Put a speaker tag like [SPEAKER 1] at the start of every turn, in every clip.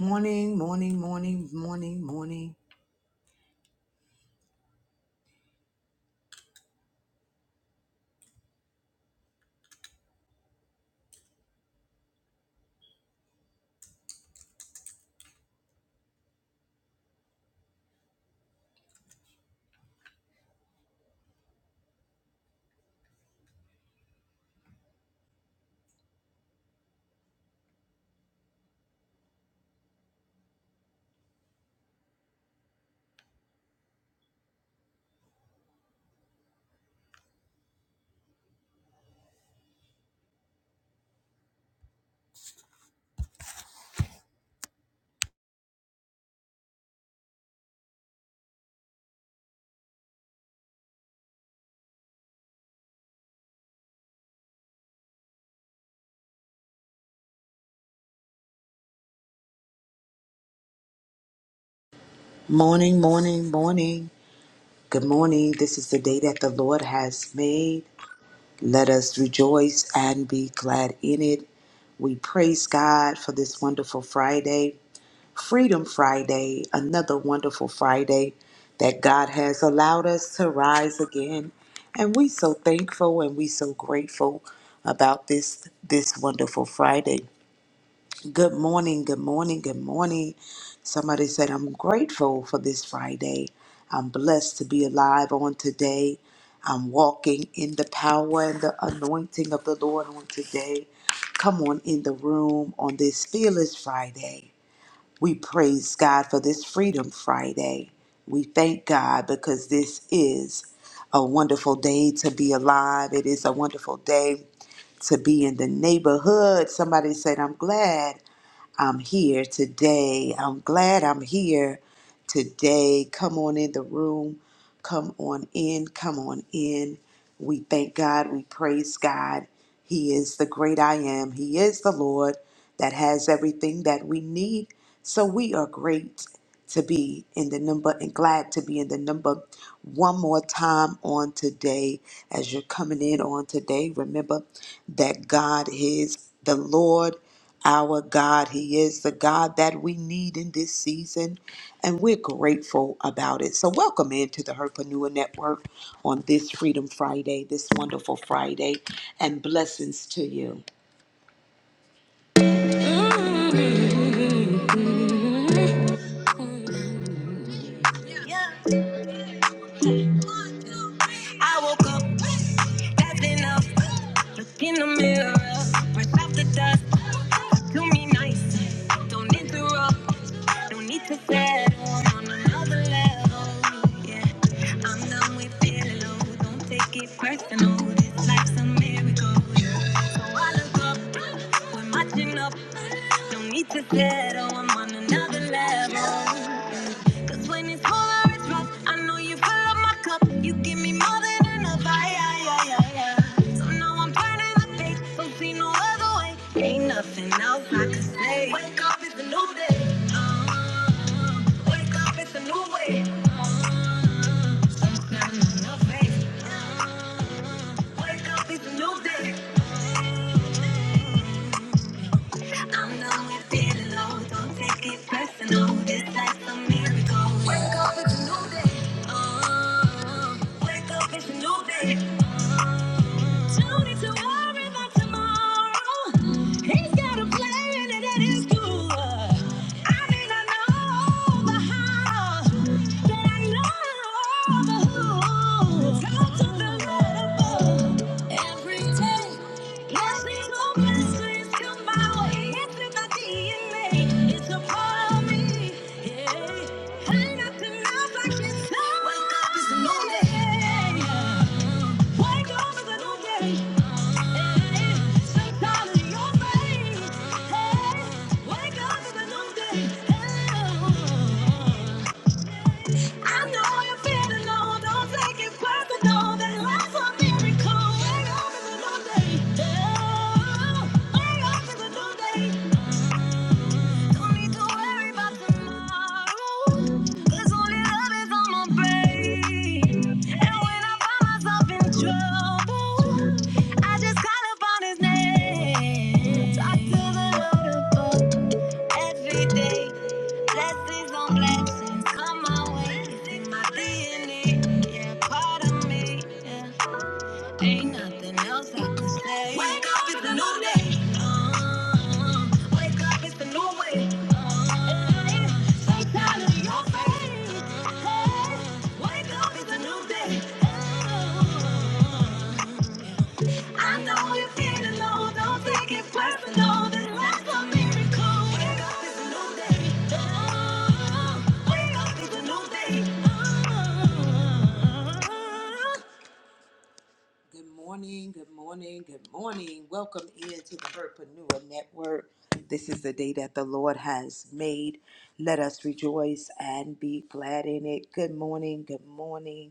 [SPEAKER 1] Morning, morning, morning, morning, morning. Morning, morning, morning. Good morning. This is the day that the Lord has made. Let us rejoice and be glad in it. We praise God for this wonderful Friday, Freedom Friday, another wonderful Friday that God has allowed us to rise again. And we so thankful and we so grateful about this this wonderful Friday. Good morning, good morning, good morning. Somebody said, I'm grateful for this Friday. I'm blessed to be alive on today. I'm walking in the power and the anointing of the Lord on today. Come on in the room on this Fearless Friday. We praise God for this Freedom Friday. We thank God because this is a wonderful day to be alive. It is a wonderful day to be in the neighborhood. Somebody said, I'm glad I'm here today. I'm glad I'm here today. Come on in the room. Come on in. Come on in. We thank God. We praise God. He is the great I am. He is the Lord that has everything that we need. So we are great to be in the number and glad to be in the number one more time on today as you're coming in on today remember that god is the lord our god he is the god that we need in this season and we're grateful about it so welcome into the herpanua network on this freedom friday this wonderful friday and blessings to you Yeah. I woke up, that's enough. Look in the mirror, brush off the dust. Talk to me nice, don't interrupt. No need to settle on another level. Yeah, I'm done with feeling low. Don't take it personal. This life's a miracle. Yeah. So I look up, we're matching up. No need to settle. I'm on another level. Cause when it's colder, it's rough, I know you fill up my cup. You give me more than enough. Aye, aye, aye, aye, aye. So now I'm turning the page. Don't see no other way. Ain't nothing else I can say. Wake up, it's a new day. Uh, wake up, it's a new way. Uh, not enough faith. Uh, wake up, it's a new day. I know you're feeling low, don't take it personal. This life's a miracle. Wake up, it's a new day. Oh, wake up, it's a new day. Oh, don't need to worry about tomorrow. He's got a plan and it is good. I may not know the how, but I know the who. Talk to the Lord. Wake up, it's a new day. I know you feel alone. Don't take it personal. That life's a miracle. Wake up, it's a new day. Oh, wake up, it's a new day. Don't need to worry about tomorrow. 'Cause only love is on my brain. And when I find myself in trouble, I just call upon His name. Talk to the Lord above every day. Blessings on blessings come my way. It's in my DNA, yeah, part of me. Yeah. Ain't nothing else I can say. Wake up, it's a new day. Uh, wake up, it's a new way. Uh, say time to your face. Hey, wake up, it's a new day. Uh, I know you feel alone. Don't take it personal. This life's a miracle. Wake up, it's a new day. Oh, wake up, it's a new day. Oh. Good morning, good morning, good morning. Welcome into the Herpreneur Network. This is the day that the Lord has made. Let us rejoice and be glad in it. Good morning, good morning.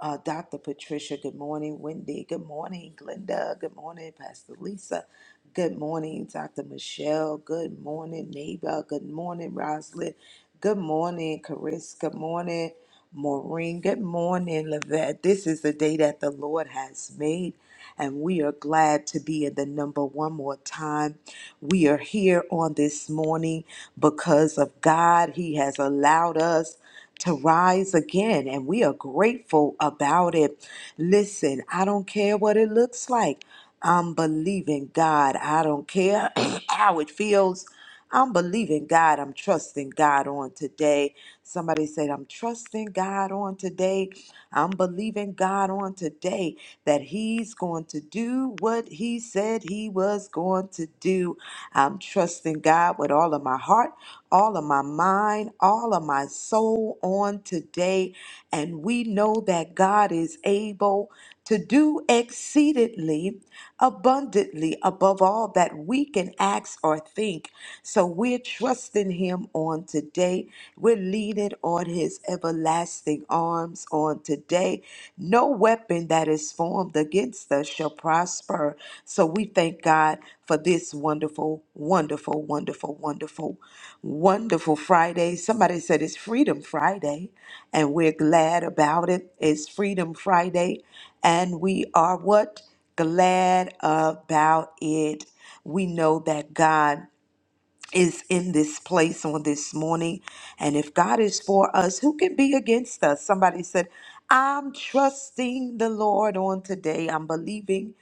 [SPEAKER 1] Uh, Dr. Patricia, good morning. Wendy, good morning. Glenda, good morning. Pastor Lisa, good morning. Dr. Michelle, good morning. Neighbor, good morning. Roslyn, good morning. Carissa, good morning. Maureen, good morning. Lavette, this is the day that the Lord has made, and we are glad to be in the number one more time. We are here on this morning because of God. He has allowed us to rise again, and we are grateful about it. Listen, I don't care what it looks like. I'm believing God. I don't care how it feels. I'm believing God. I'm trusting God on today. Somebody said, I'm trusting God on today. I'm believing God on today that He's going to do what He said He was going to do. I'm trusting God with all of my heart, all of my mind, all of my soul on today. And we know that God is able to do exceedingly abundantly above all that we can ask or think. So we're trusting Him on today. We're leaning on His everlasting arms on today. No weapon that is formed against us shall prosper. So we thank God for this wonderful, wonderful, wonderful, wonderful, wonderful Friday. Somebody said it's Freedom Friday, and we're glad about it. It's Freedom Friday, and we are what? glad about it. We know that God is in this place on this morning. And if God is for us, who can be against us? Somebody said, I'm trusting the Lord on today. I'm believing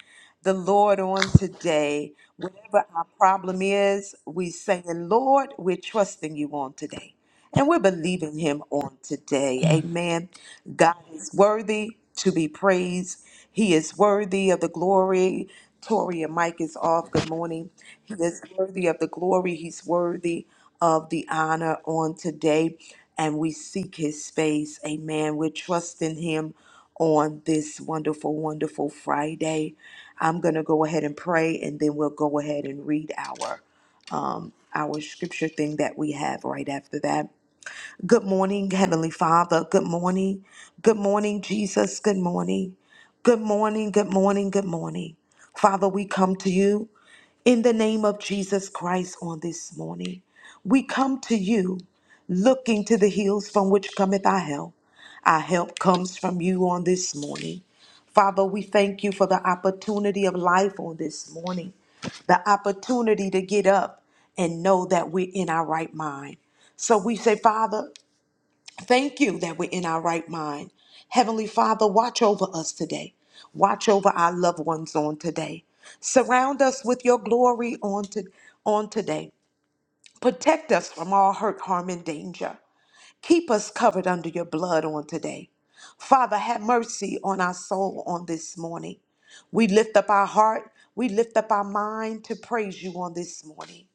[SPEAKER 1] the Lord on today. Whatever our problem is, we saying, Lord, we're trusting you on today. And we're believing him on today.
[SPEAKER 2] Mm.
[SPEAKER 1] Amen. God is worthy to be praised. He is worthy of the glory. Tori and Mike is off. Good morning. He is worthy of the glory. He's worthy of the honor on today. And we seek his face. Amen. We're trusting him on this wonderful, wonderful Friday. I'm going to go ahead and pray, and then we'll go ahead and read our our scripture thing that we have right after that. Good morning, Heavenly Father. Good morning. Good morning, Jesus. Good morning. Good morning. Good morning. Good morning. Father, we come to you in the name of Jesus Christ on this morning. We come to you looking to the hills from which cometh our help. Our help comes from you on this morning. Father, we thank you for the opportunity of life on this morning, the opportunity to get up and know that we're in our right mind. So we say, Father, Thank you that we're in our right mind. Heavenly Father, watch over us today. Watch over our loved ones on today. Surround us with your glory on, to, on today. Protect us from all hurt, harm, and danger. Keep us covered under your blood on today. Father, have mercy on our soul on this morning. We lift up our heart. We lift up our mind to praise you on this morning.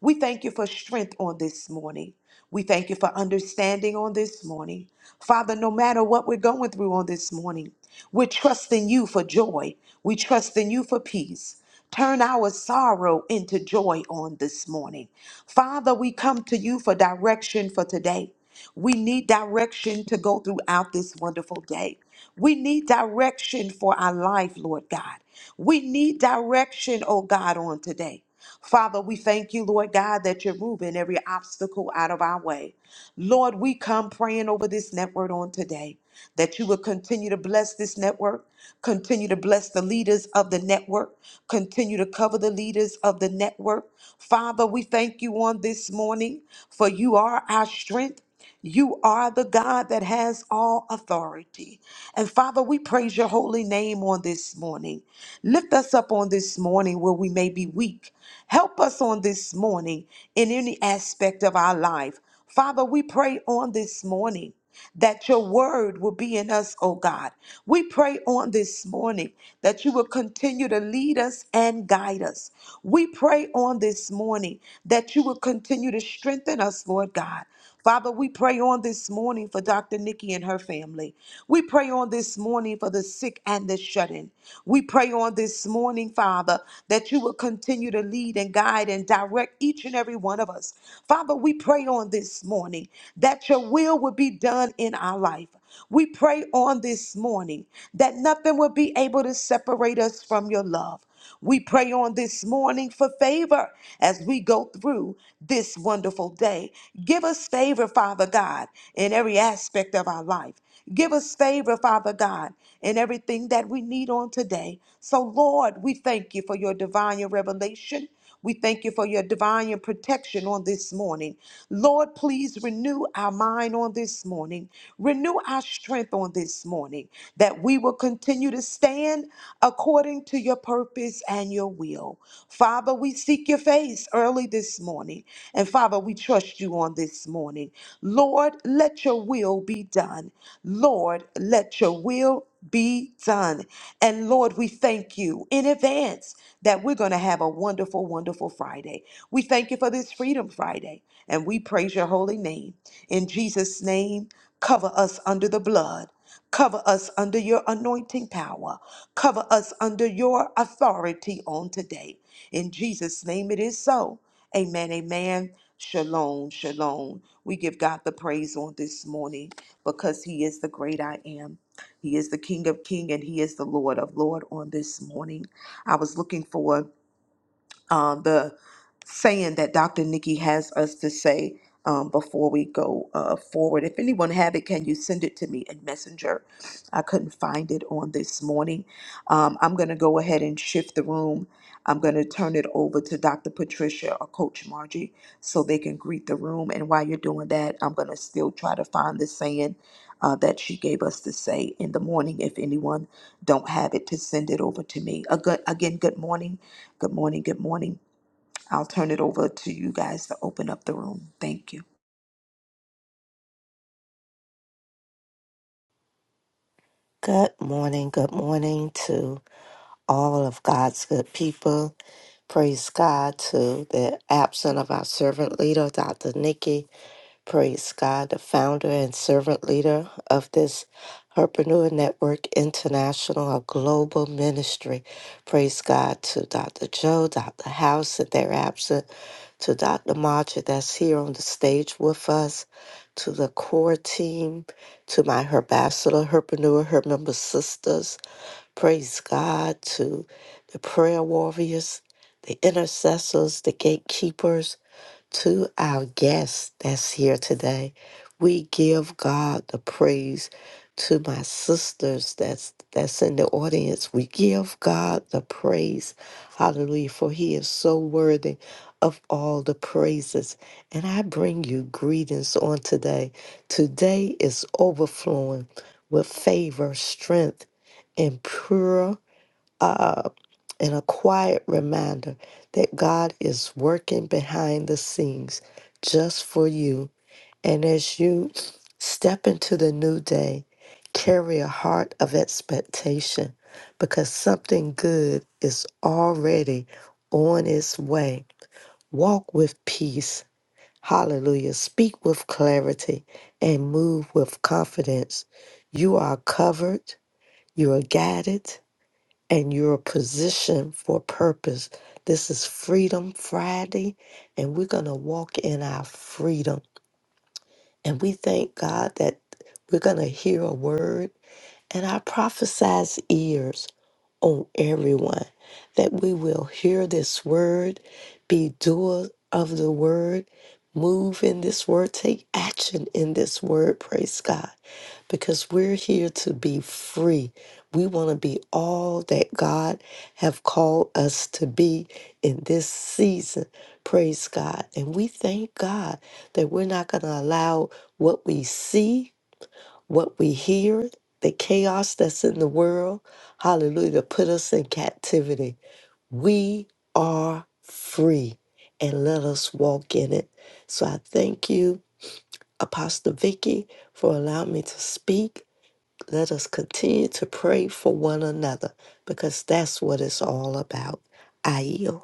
[SPEAKER 1] We thank you for strength on this morning. We thank you for understanding on this morning. Father, no matter what we're going through on this morning, we're trusting you for joy. We trust in you for peace. Turn our sorrow into joy on this morning. Father, we come to you for direction for today. We need direction to go throughout this wonderful day. We need direction for our life, Lord God. We need direction, oh God, on today. Father, we thank you, Lord God, that you're moving every obstacle out of our way. Lord, we come praying over this network on today that you will continue to bless this network, continue to bless the leaders of the network, continue to cover the leaders of the network. Father, we thank you on this morning, for you are our strength. You are the God that has all authority. And Father, we praise your holy name on this morning. Lift us up on this morning where we may be weak. Help us on this morning in any aspect of our life. Father, we pray on this morning that your word will be in us, oh God. We pray on this morning that you will continue to lead us and guide us. We pray on this morning that you will continue to strengthen us, Lord God. Father, we pray on this morning for Dr. Nikki and her family. We pray on this morning for the sick and the shut in. We pray on this morning, Father, that you will continue to lead and guide and direct each and every one of us. Father, we pray on this morning that your will would be done in our life. We pray on this morning that nothing will be able to separate us from your love. We pray on this morning for favor as we go through this wonderful day. Give us favor, Father God, in every aspect of our life. Give us favor, Father God, in everything that we need on today. So, Lord, we thank you for your divine revelation. We thank you for your divine protection on this morning. Lord, please renew our mind on this morning. Renew our strength on this morning that we will continue to stand according to your purpose and your will. Father, we seek your face early this morning. And Father, we trust you on this morning. Lord, let your will be done. Lord, let your will be done. And Lord, we thank you in advance that we're going to have a wonderful, wonderful Friday. We thank you for this Freedom Friday and we praise your holy name. In Jesus' name, cover us under the blood. Cover us under your anointing power. Cover us under your authority on today. In Jesus' name, it is so. Amen. Amen. Shalom. Shalom. We give God the praise on this morning because he is the great I am. He is the King of King and He is the Lord of Lord on this morning. I was looking for um, the saying that Dr. Nikki has us to say um, before we go uh, forward. If anyone have it, can you send it to me in Messenger? I couldn't find it on this morning. Um, I'm going to go ahead and shift the room. I'm going to turn it over to Dr. Patricia or Coach Margie so they can greet the room. And while you're doing that, I'm going to still try to find the saying uh, that she gave us to say in the morning. If anyone don't have it, to send it over to me. A good, again, good morning. Good morning. Good morning. I'll turn it over to you guys to open up the room. Thank you.
[SPEAKER 3] Good morning. Good morning to all of God's good people. Praise God to the absent of our servant leader, Dr. Nikki. Praise God, the founder and servant leader of this Herpreneur Network International, a global ministry. Praise God to Dr. Joe, Dr. House, if they're absent, to Dr. Marcher that's here on the stage with us, to the core team, to my Herbacillor, Herpreneur, her member sisters. Praise God to the prayer warriors, the intercessors, the gatekeepers to our guest that's here today. We give God the praise to my sisters that's that's in the audience. We give God the praise. Hallelujah. For he is so worthy of all the praises. And I bring you greetings on today. Today is overflowing with favor, strength, and pure. uh, and a quiet reminder that God is working behind the scenes just for you. And as you step into the new day, carry a heart of expectation because something good is already on its way. Walk with peace. Hallelujah. Speak with clarity and move with confidence. You are covered. You are guided and you're positioned for purpose. This is Freedom Friday, and we're going to walk in our freedom. And we thank God that we're going to hear a word, and I prophesize ears on everyone that we will hear this word, be doers of the word, move in this word, take action in this word. Praise God because we're here to be free. We want to be all that God have called us to be in this season. Praise God. And we thank God that we're not going to allow what we see, what we hear, the chaos that's in the world, hallelujah, to put us in captivity. We are free and let us walk in it. So I thank you, Apostle Vicky, for allowing me to speak. Let us continue to pray for one another because that's what it's all about. I yield.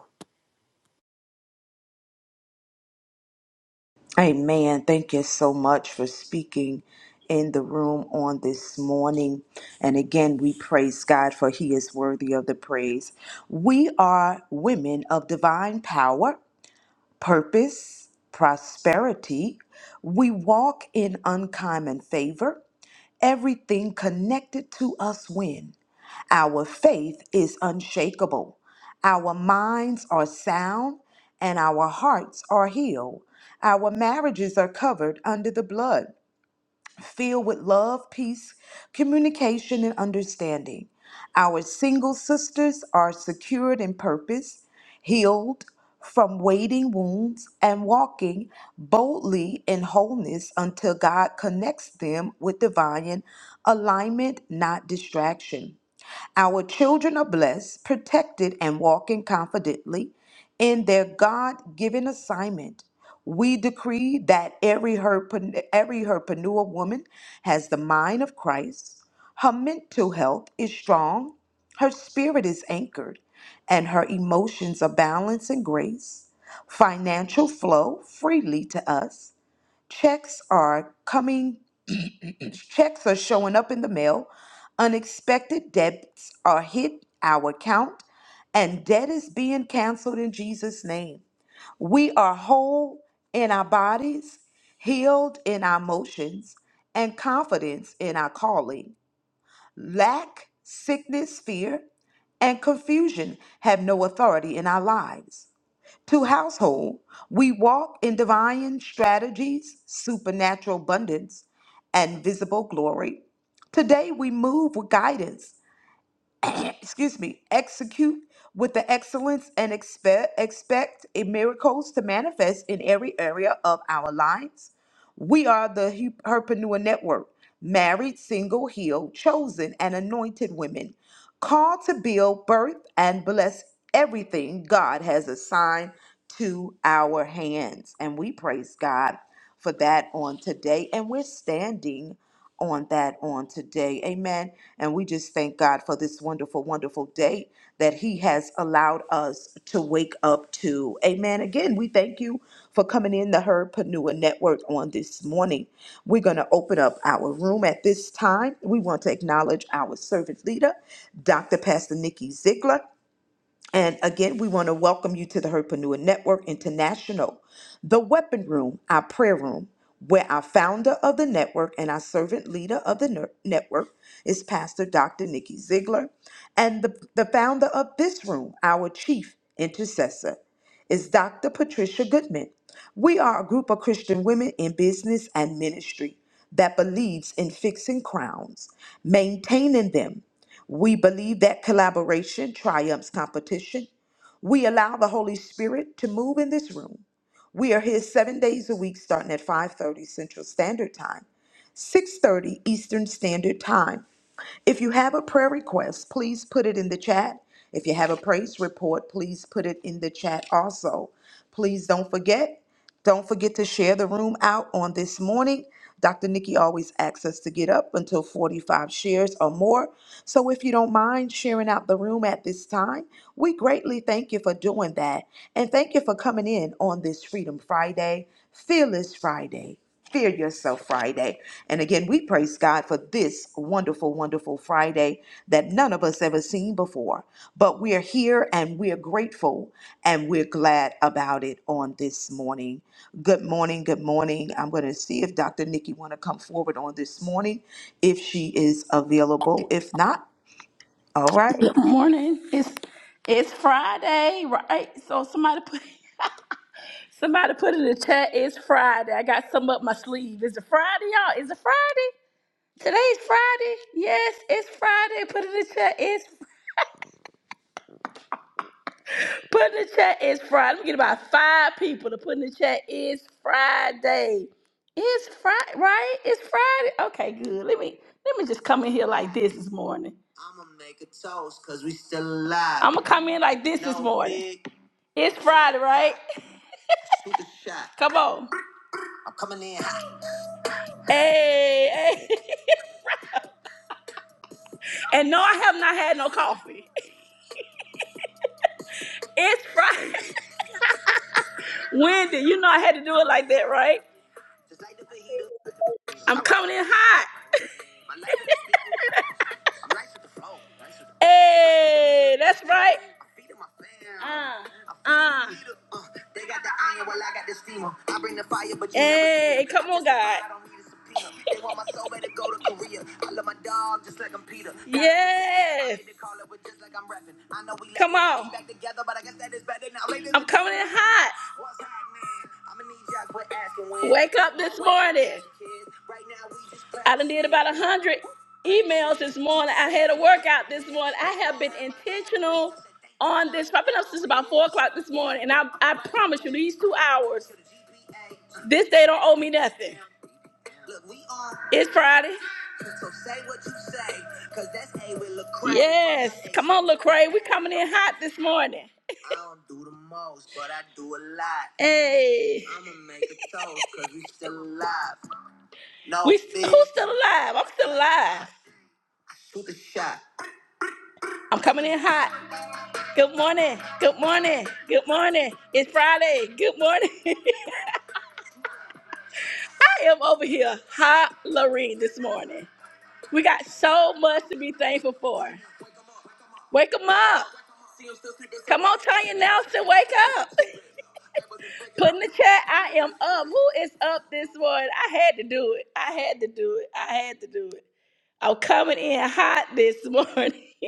[SPEAKER 1] Amen. Thank you so much for speaking in the room on this morning. And again, we praise God for He is worthy of the praise. We are women of divine power, purpose, prosperity. We walk in uncommon favor. Everything connected to us wins. Our faith is unshakable. Our minds are sound and our hearts are healed. Our marriages are covered under the blood, filled with love, peace, communication, and understanding. Our single sisters are secured in purpose, healed from waiting wounds, and walking boldly in wholeness until God connects them with divine alignment, not distraction. Our children are blessed, protected, and walking confidently in their God given assignment. We decree that every, herpen- every herpanua woman has the mind of Christ, her mental health is strong, her spirit is anchored, and her emotions are balanced in grace. Financial flow freely to us, checks are coming, checks are showing up in the mail, unexpected debts are hit our account, and debt is being canceled in Jesus' name. We are whole in our bodies, healed in our emotions, and confidence in our calling. Lack, sickness, fear, and confusion have no authority in our lives to household, we walk in divine strategies, supernatural abundance, and visible glory. Today, we move with guidance excuse me, execute with the excellence and expect expect a miracles to manifest in every area of our lives. We are the Hu- Herpreneur Network, married, single, healed, chosen, and anointed women, called to build, birth, and bless everything God has assigned to our hands. And we praise God for that on today. And we're standing on that on today. Amen. And we just thank God for this wonderful, wonderful day that He has allowed us to wake up to. Amen. Again, we thank you for coming in the Herpanua Network on this morning. We're going to open up our room at this time. We want to acknowledge our servant leader, Dr. Pastor Nikki Ziegler. And again, we want to welcome you to the Herpanua Network International, the weapon room, our prayer room, where our founder of the network and our servant leader of the ner- network is Pastor Dr. Nikki Ziegler. And the, the founder of this room, our chief intercessor, is Dr. Patricia Goodman. We are a group of Christian women in business and ministry that believes in fixing crowns, maintaining them, we believe that collaboration triumphs competition. We allow the Holy Spirit to move in this room. We are here 7 days a week starting at 5:30 Central Standard Time, 6:30 Eastern Standard Time. If you have a prayer request, please put it in the chat. If you have a praise report, please put it in the chat also. Please don't forget, don't forget to share the room out on this morning. Dr. Nikki always asks us to get up until 45 shares or more. So if you don't mind sharing out the room at this time, we greatly thank you for doing that. And thank you for coming in on this Freedom Friday, Fearless Friday. Fear Yourself Friday. And again, we praise God for this wonderful, wonderful Friday that none of us ever seen before. But we're here and we're grateful and we're glad about it on this morning. Good morning, good morning. I'm going to see if Dr. Nikki want to come forward on this morning, if she is available. If not, all right.
[SPEAKER 4] Morning. It's it's Friday, right? So somebody put somebody put in the chat. It's Friday. I got some up my sleeve. Is it Friday, y'all? Is it Friday? Today's Friday. Yes, it's Friday. Put in the chat. It's Put in the chat is Friday. Let me get about five people to put in the chat. It's Friday. It's Friday, right? It's Friday. Okay, good. Let me let me just come in here like this this morning. I'ma make a toast cause we still alive. I'ma come in like this this No morning. big- It's Friday, right? Come on. Hey, hey. And no, I have not had no coffee. It's Friday. Wendy, you know I had to do it like that, right? I'm coming in hot. Hey, that's right. Uh, uh. Hey, come on, God. Yes. Come on. I'm coming in hot. Wake up this morning. I done did about a hundred emails this morning. I had a workout this morning. I have been intentional on this. I've been up since about four o'clock this morning, and I, I promise you, these two hours, this day don't owe me nothing. It's Friday. Yes, come on, Lecrae. We coming in hot this morning. Hey. We st- who's still alive? I'm still alive. I'm coming in hot. Good morning. Good morning. Good morning. It's Friday. Good morning. I am over here hollering this morning. We got so much to be thankful for. Wake 'em up. Come on, Tanya Nelson, wake up. Put in the chat, I am up. Who is up this morning? I had to do it. I had to do it. I had to do it. I'm coming in hot this morning.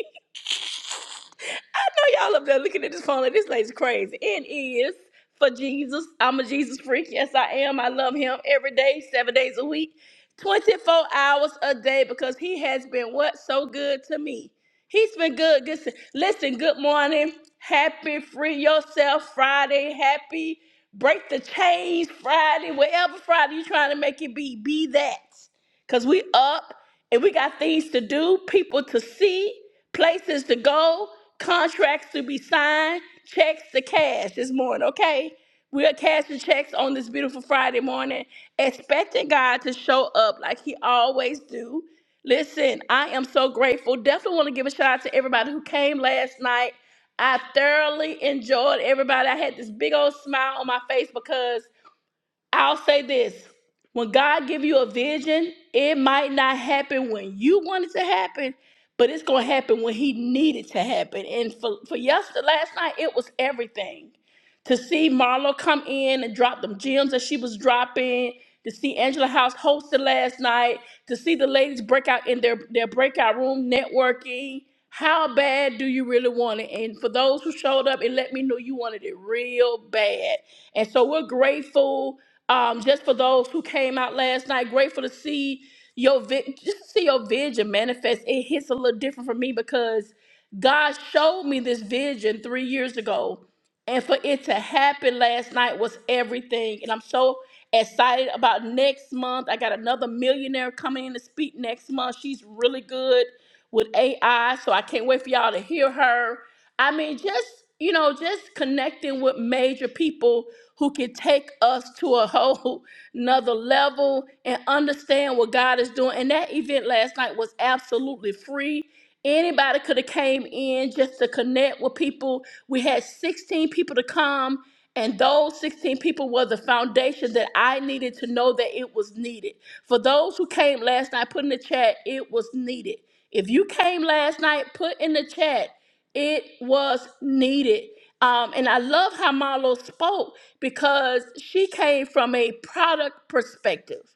[SPEAKER 4] I know y'all up there looking at this phone like this lady's crazy. It is for Jesus. I'm a Jesus freak. Yes, I am. I love him every day, seven days a week, 24 hours a day because he has been what? So good to me. He's been good. good Listen, good morning. Happy Free Yourself Friday. Happy Break the Chains Friday. Whatever Friday you're trying to make it be, be that. Because we up and we got things to do, people to see, places to go, contracts to be signed, checks to cash this morning, okay? We are cashing checks on this beautiful Friday morning, expecting God to show up like he always do. Listen, I am so grateful. Definitely want to give a shout out to everybody who came last night. I thoroughly enjoyed everybody. I had this big old smile on my face because I'll say this. When God give you a vision, it might not happen when you want it to happen, but it's going to happen when he needed to happen. And for, for yesterday, last night, it was everything to see Marlo come in and drop them gems that she was dropping, to see Angela House hosted last night, to see the ladies break out in their, their breakout room networking. How bad do you really want it? And for those who showed up, it let me know you wanted it real bad. And so we're grateful um, just for those who came out last night. Grateful to see your vi- just to see your vision manifest. It hits a little different for me because God showed me this vision three years ago and for it to happen last night was everything. And I'm so excited about next month. I got another millionaire coming in to speak next month. She's really good with AI, so I can't wait for y'all to hear her. I mean, just, you know, just connecting with major people who can take us to a whole another level and understand what God is doing. And that event last night was absolutely free. Anybody could have came in just to connect with people we had 16 people to come, and those 16 people were the foundation that I needed to know that it was needed. For those who came last night, put in the chat, it was needed. If you came last night, put in the chat, it was needed. Um, and I love how Marlo spoke because she came from a product perspective.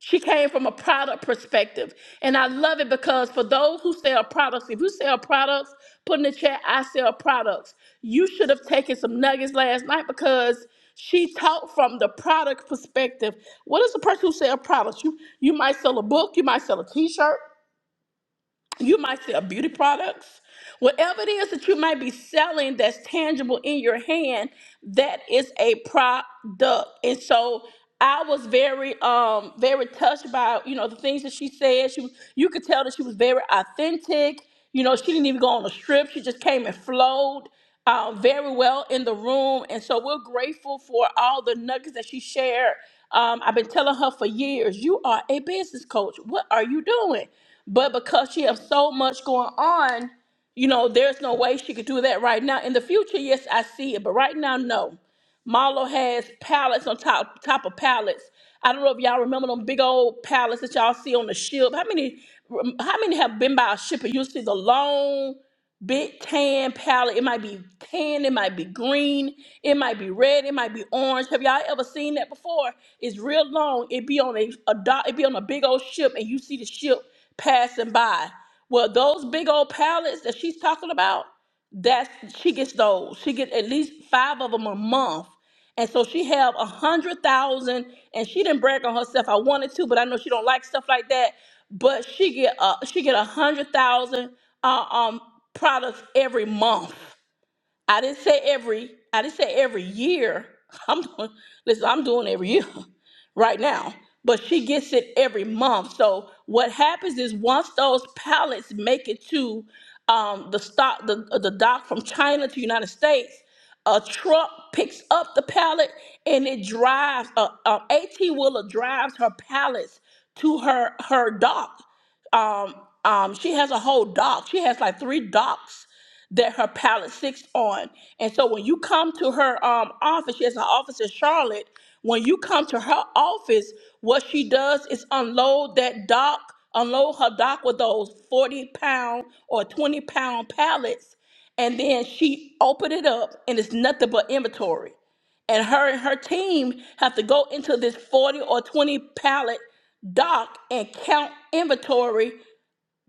[SPEAKER 4] She came from a product perspective. And I love it because for those who sell products, if you sell products, put in the chat, I sell products. You should have taken some nuggets last night because she taught from the product perspective. What is the person who sell products? You you might sell a book, you might sell a t-shirt, you might sell beauty products. Whatever it is that you might be selling that's tangible in your hand, that is a product. And so I was very, um, very touched by, you know, the things that she said. She was, you could tell that she was very authentic. You know, she didn't even go on a strip. She just came and flowed uh, very well in the room. And so we're grateful for all the nuggets that she shared. Um, I've been telling her for years, you are a business coach. What are you doing? But because she has so much going on, you know, there's no way she could do that right now. In the future, yes, I see it, but right now, no. Marlo has pallets on top top of pallets. I don't know if y'all remember them big old pallets that y'all see on the ship. How many how many have been by a ship and you see the long? big tan palette. It might be tan, it might be green, it might be red, it might be orange. Have y'all ever seen that before? It's real long. It be on a, a dock, it be on a big old ship, and you see the ship passing by. Well, those big old palettes that she's talking about. That's she gets those. She get at least five of them a month. And so she have a hundred thousand, and she didn't brag on herself. I wanted to, but I know she don't like stuff like that. But she get uh she get a hundred thousand uh, um products every month. I didn't say every. I didn't say every year. I'm doing. Listen, I'm doing every year right now. But she gets it every month. So what happens is once those pallets make it to um, the stock, the uh, the dock from China to United States, a truck picks up the pallet and it drives. A, a AT wheeler drives her pallets to her her dock um, um, she has a whole dock. She has like three docks that her palette sits on. And so when you come to her um, office, she has an office in Charlotte. When you come to her office, what she does is unload that dock, unload her dock with those 40 pound or 20 pound pallets. And then she open it up and it's nothing but inventory and her and her team have to go into this 40 or 20 pallet dock and count inventory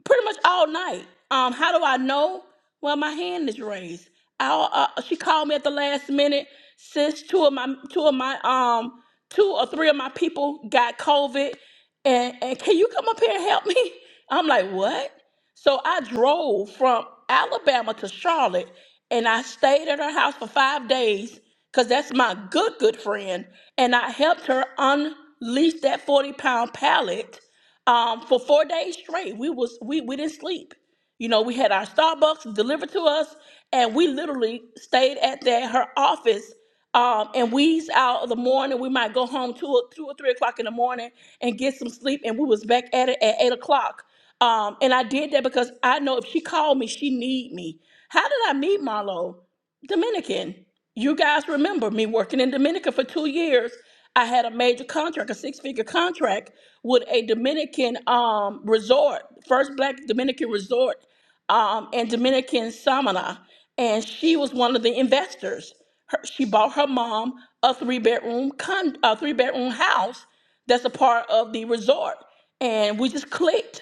[SPEAKER 4] pretty much all night. Um, how do I know? Well, my hand is raised. I, uh, she called me at the last minute since two of my two of my um two or three of my people got COVID, and and can you come up here and help me? I'm like, what? So I drove from Alabama to Charlotte and I stayed at her house for five days because that's my good, good friend. And I helped her unleash that 40 pound pallet um, for four days straight. We was we, we didn't sleep. You know, we had our Starbucks delivered to us, and we literally stayed at that her office. Um, and we's out of the morning. We might go home two or two or three o'clock in the morning and get some sleep. And we was back at it at eight o'clock. Um, and I did that because I know if she called me, she need me. How did I meet Marlo? Dominican. You guys remember me working in Dominica for two years. I had a major contract, a six-figure contract with a Dominican um, resort, first black Dominican resort um, and Dominican Samana. And she was one of the investors. Her, she bought her mom a three-bedroom con, a three-bedroom house that's a part of the resort. And we just clicked.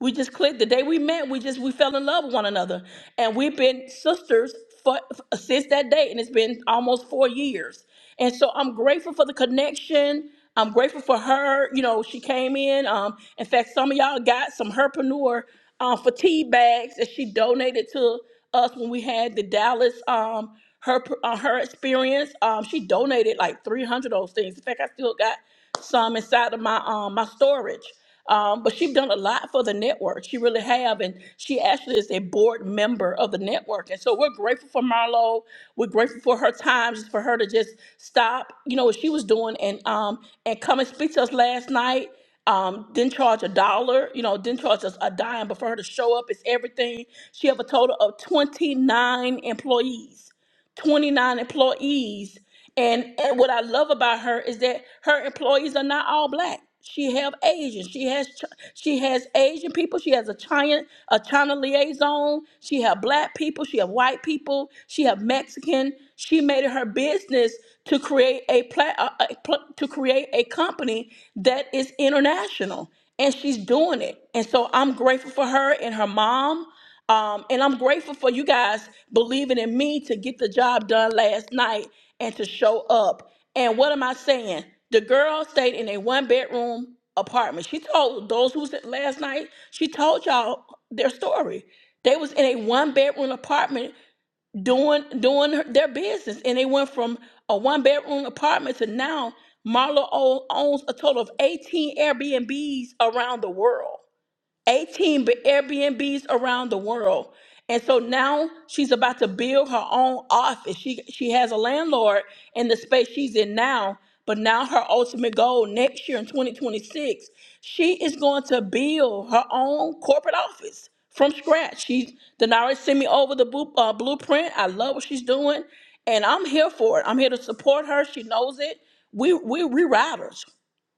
[SPEAKER 4] We just clicked the day we met. We just we fell in love with one another, and we've been sisters for since that day, and it's been almost four years. And so I'm grateful for the connection. I'm grateful for her. You know, she came in. Um, in fact, some of y'all got some herpreneur um, fatigue bags that she donated to us when we had the Dallas um her uh, her experience. Um, she donated like 300 of those things. In fact, I still got some inside of my um my storage. Um, but she's done a lot for the network. She really have, and she actually is a board member of the network. And so we're grateful for Marlo. We're grateful for her time, just for her to just stop, you know, what she was doing, and um, and come and speak to us last night. Um, didn't charge a dollar, you know, didn't charge us a dime, but for her to show up is everything. She have a total of 29 employees. 29 employees. And, and what I love about her is that her employees are not all black. She have Asian. She has Ch- she has Asian people. She has a China a China liaison. She have black people. She have white people. She have Mexican. She made it her business to create a, pla- a, a pl- to create a company that is international, and she's doing it. And so I'm grateful for her and her mom. Um, and I'm grateful for you guys believing in me to get the job done last night and to show up. And what am I saying? The girl stayed in a one bedroom apartment. She told those who said last night, she told y'all their story. They was in a one bedroom apartment doing doing her- their business, and they went from a one bedroom apartment to now Marlo o- owns a total of 18 Airbnbs around the world. 18 B- Airbnbs around the world. And so now she's about to build her own office. She she has a landlord in the space she's in now, but now her ultimate goal next year in 2026, she is going to build her own corporate office from scratch. She's Denari sent me over the blu- uh, blueprint. I love what she's doing, and I'm here for it. I'm here to support her. She knows it. We we we riders.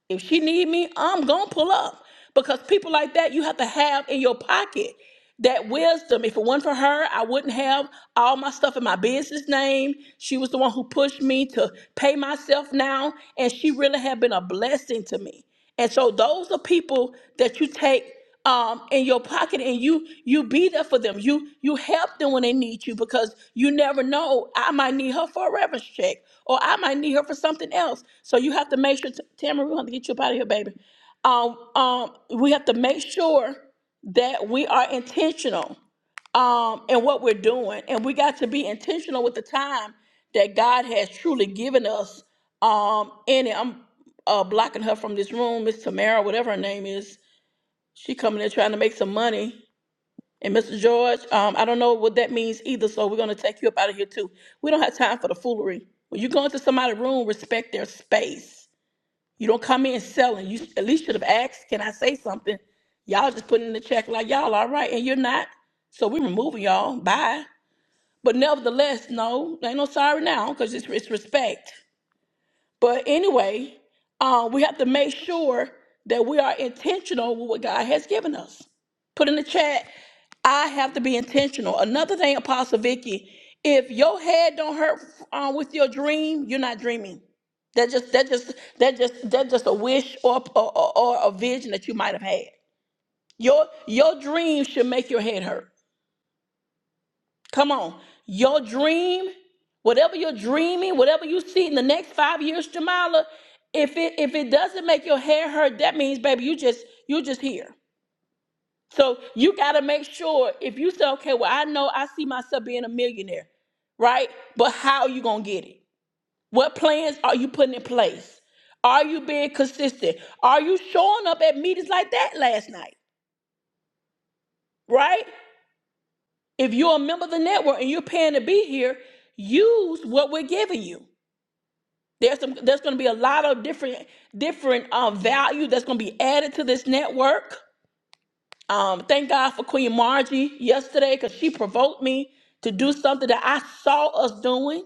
[SPEAKER 4] If she need me, I'm gonna pull up because people like that you have to have in your pocket that wisdom. If it wasn't for her, I wouldn't have all my stuff in my business name. She was the one who pushed me to pay myself now, and she really have been a blessing to me. And so those are people that you take um, in your pocket and you you be there for them. You you help them when they need you because you never know. I might need her for a reference check or I might need her for something else. So you have to make sure, Tamara, we're going to get you up out of here, baby. Um, um, we have to make sure that we are intentional um, in what we're doing. And we got to be intentional with the time that God has truly given us um, in I'm uh, blocking her from this room, Miss Tamara, whatever her name is. She coming in trying to make some money. And Mr. George, um, I don't know what that means either, so we're gonna take you up out of here too. We don't have time for the foolery. When you go into somebody's room, respect their space. You don't come in selling. You at least should have asked, can I say something? Y'all just putting in the check like y'all all right, and you're not. So we're removing y'all. Bye. But nevertheless, no, ain't no sorry now, because it's, it's respect. But anyway, uh, we have to make sure that we are intentional with what God has given us. Put in the chat, I have to be intentional. Another thing, Apostle Vicky, if your head don't hurt uh, with your dream, you're not dreaming. That just that just that just that just a wish or, or or or a vision that you might have had. Your your dream should make your head hurt. Come on. Your dream, whatever you're dreaming, whatever you see in the next five years, Jamala, if it if it doesn't make your hair hurt, that means, baby, you just you just here. So you gotta make sure if you say, okay, well, I know I see myself being a millionaire, right? But how are you gonna get it? What plans are you putting in place? Are you being consistent? Are you showing up at meetings like that last night? Right? If you're a member of the network and you're paying to be here, use what we're giving you. There's some, there's going to be a lot of different different uh, value that's going to be added to this network. Um, thank God for Queen Margie yesterday because she provoked me to do something that I saw us doing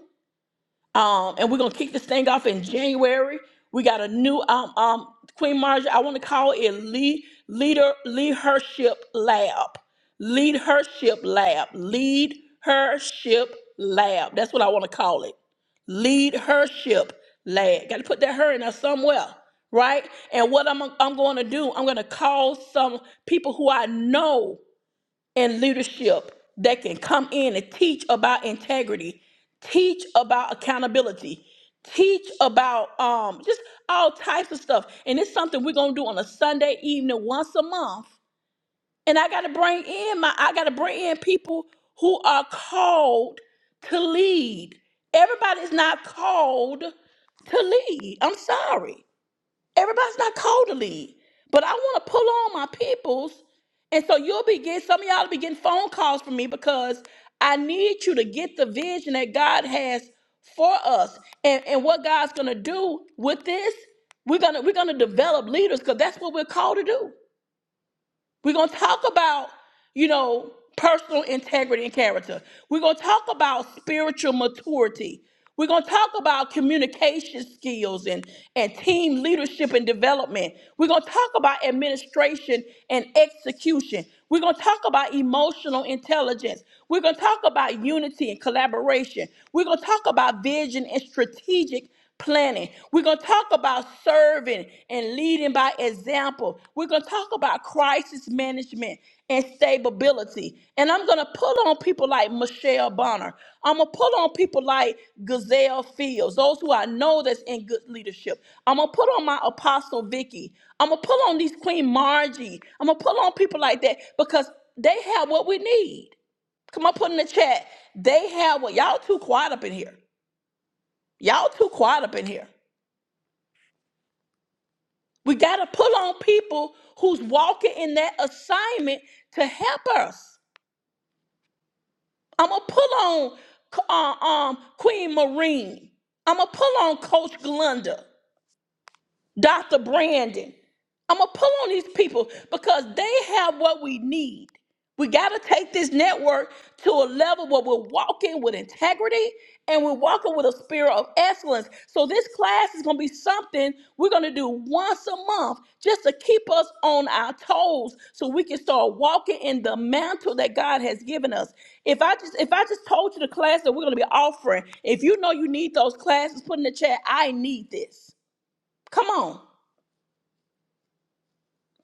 [SPEAKER 4] um, and we're gonna kick this thing off in January. We got a new um, um, Queen Marjorie. I want to call it lead leader leadership lab, lead hership lab, lead hership lab. That's what I want to call it. Lead hership lab. Got to put that her in there somewhere, right? And what I'm I'm going to do, I'm going to call some people who I know and leadership that can come in and teach about integrity, teach about accountability, teach about um, just all types of stuff. And it's something we're gonna do on a Sunday evening once a month. And I gotta bring in my I gotta bring in people who are called to lead. Everybody's not called to lead. I'm sorry. Everybody's not called to lead, but I want to pull on my peoples. And so you'll be getting some of y'all will be getting phone calls from me because I need you to get the vision that God has for us. And, and what God's gonna do with this, we're gonna we're gonna develop leaders because that's what we're called to do. We're going to talk about, you know, personal integrity and character. We're going to talk about spiritual maturity. We're going to talk about communication skills and, and team leadership and development. We're going to talk about administration and execution. We're going to talk about emotional intelligence. We're going to talk about unity and collaboration. We're going to talk about vision and strategic planning. We're going to talk about serving and leading by example. We're going to talk about crisis management and stability. And I'm going to pull on people like Michelle Bonner. I'm going to pull on people like Gazelle Fields, those who I know that's in good leadership. I'm going to pull on my apostle Vicky. I'm going to pull on these Queen Margie. I'm going to pull on people like that because they have what we need. Come on, put in the chat. They have what y'all too quiet up in here. Y'all too quiet up in here. We got to pull on people who's walking in that assignment to help us. I'm going to pull on uh, um, Queen Marine. I'm going to pull on Coach Glenda. Dr. Brandon. I'm gonna pull on these people because they have what we need. We gotta take this network to a level where we're walking with integrity and we're walking with a spirit of excellence. So this class is gonna be something we're gonna do once a month just to keep us on our toes so we can start walking in the mantle that God has given us. If I just if I just told you the class that we're gonna be offering, if you know you need those classes, put in the chat, I need this. Come on.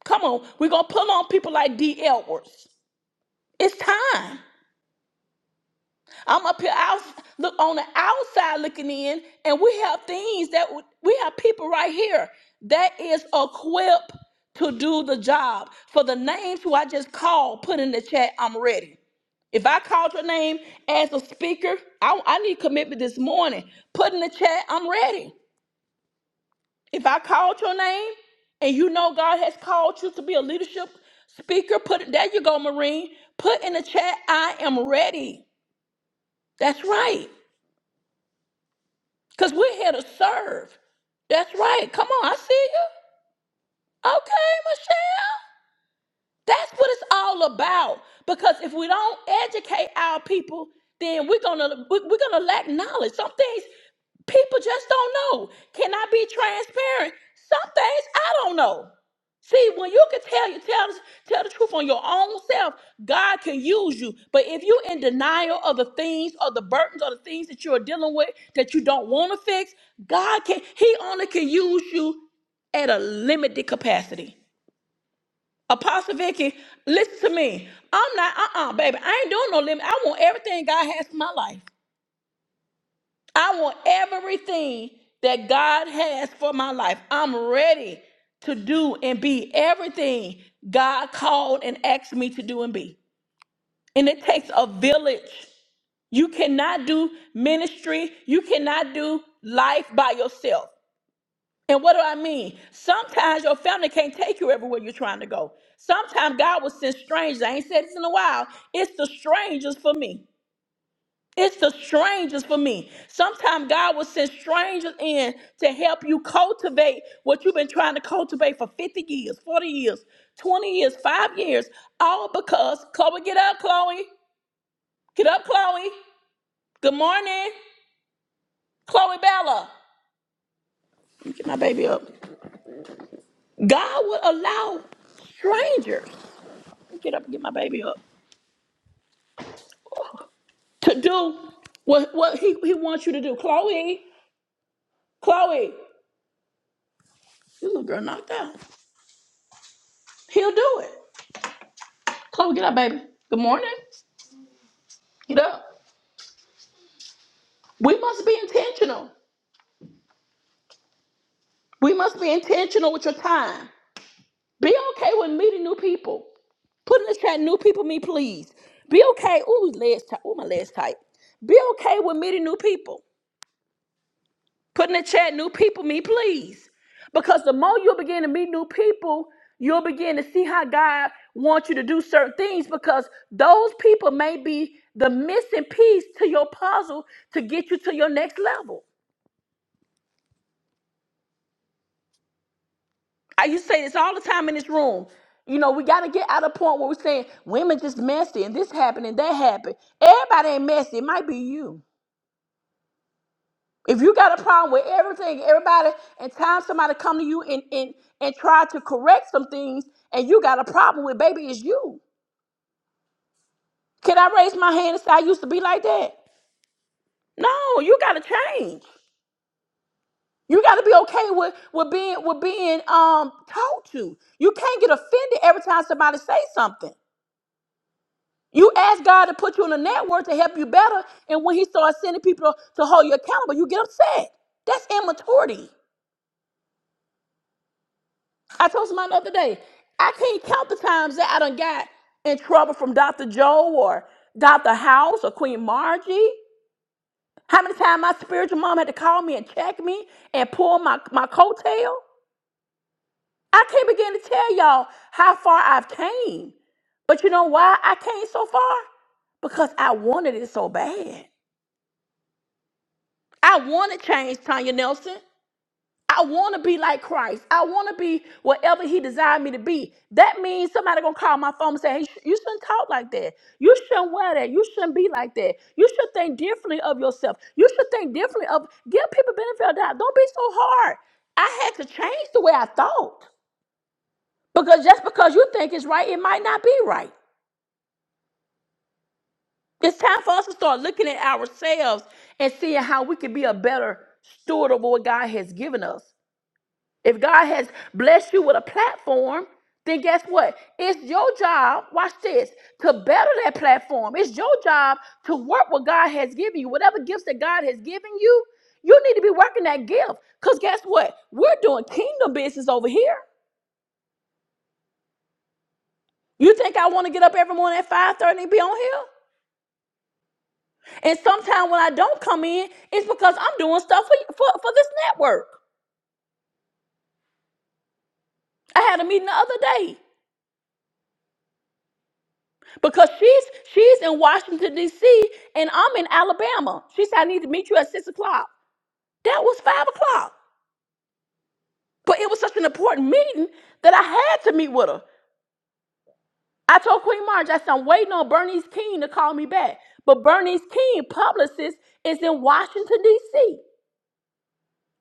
[SPEAKER 4] Come on, we're gonna pull on people like D. Edwards. It's time. I'm up here out, look on the outside looking in, and we have things that w- we have people right here that is equipped to do the job. For the names who I just called, put in the chat. I'm ready. If I called your name as a speaker, I, I need commitment this morning. Put in the chat. I'm ready. If I called your name and you know God has called you to be a leadership speaker, put it there you go, Marine. Put in the chat, I am ready. That's right. Because we're here to serve. That's right. Come on, I see you. Okay, Michelle. That's what it's all about. Because if we don't educate our people, then we're gonna we- we're gonna lack knowledge. Some things people just don't know. Can I be transparent? Some things I don't know. See, when you can tell you tell tell the truth on your own self, God can use you. But if you're in denial of the things or the burdens or the things that you're dealing with that you don't want to fix, God can He only can use you at a limited capacity. Apostle Vicky, listen to me. I'm not, uh-uh, baby. I ain't doing no limit. I want everything God has for my life. I want everything that God has for my life. I'm ready to do and be everything God called and asked me to do and be. And it takes a village. You cannot do ministry. You cannot do life by yourself. And what do I mean? Sometimes your family can't take you everywhere you're trying to go. Sometimes God will send strangers. I ain't said this in a while. It's the strangers for me. It's the strangers for me. Sometimes God will send strangers in to help you cultivate what you've been trying to cultivate for 50 years, 40 years, 20 years, five years, all because Chloe, get up, Chloe. Get up, Chloe. Good morning, Chloe Bella. Let me get my baby up. God will allow strangers. Get up and get my baby up. To do what what he, he wants you to do. Chloe, Chloe, you little girl knocked out. He'll do it. Chloe, get up, baby. Good morning. Get up. We must be intentional. We must be intentional with your time. Be okay with meeting new people. Put in the chat, new people me, please. Be okay. Ooh, legs tight. Ooh, my legs tight. Be okay with meeting new people. Put in the chat, new people, me, please. Because the more you'll begin to meet new people, you'll begin to see how God wants you to do certain things because those people may be the missing piece to your puzzle to get you to your next level. I used to say this all the time in this room. You know, we got to get out of the point where we're saying women just messy and this happened and that happened. Everybody ain't messy. It might be you. If you got a problem with everything, everybody, and time somebody come to you and and and try to correct some things, and you got a problem with, baby, it's you. Can I raise my hand and say I used to be like that? No, you got to change. You got to be okay with with being with being um told to. You can't get offended every time somebody say something. You ask God to put you in a network to help you better, and when He starts sending people to hold you accountable, you get upset. That's immaturity. I told somebody the other day, I can't count the times that I done got in trouble from Dr. Joe or Dr. House or Queen Margie. How many times my spiritual mom had to call me and check me and pull my, my coattail? I can't begin to tell y'all how far I've came. But you know why I came so far? Because I wanted it so bad. I wanted change, Tanya Nelson. I want to be like Christ. I want to be whatever He designed me to be. That means somebody gonna call my phone and say, "Hey, sh- you shouldn't talk like that. You shouldn't wear that. You shouldn't be like that. You should think differently of yourself. You should think differently of give people benefit of the doubt. Don't be so hard." I had to change the way I thought because just because you think it's right, it might not be right. It's time for us to start looking at ourselves and seeing how we can be a better steward of what God has given us. If God has blessed you with a platform, then guess what? It's your job, watch this, to better that platform. It's your job to work what God has given you. Whatever gifts that God has given you, you need to be working that gift. Because guess what? We're doing kingdom business over here. You think I want to get up every morning at 5:30 and be on here? And sometimes when I don't come in, it's because I'm doing stuff for, for, for this network. I had a meeting the other day. because she's she's in Washington D.C. and I'm in Alabama. She said I need to meet you at six o'clock. That was five o'clock, but it was such an important meeting that I had to meet with her. I told Queen Marge, I said I'm waiting on Bernice King to call me back, but Bernice King publicist is in Washington D.C.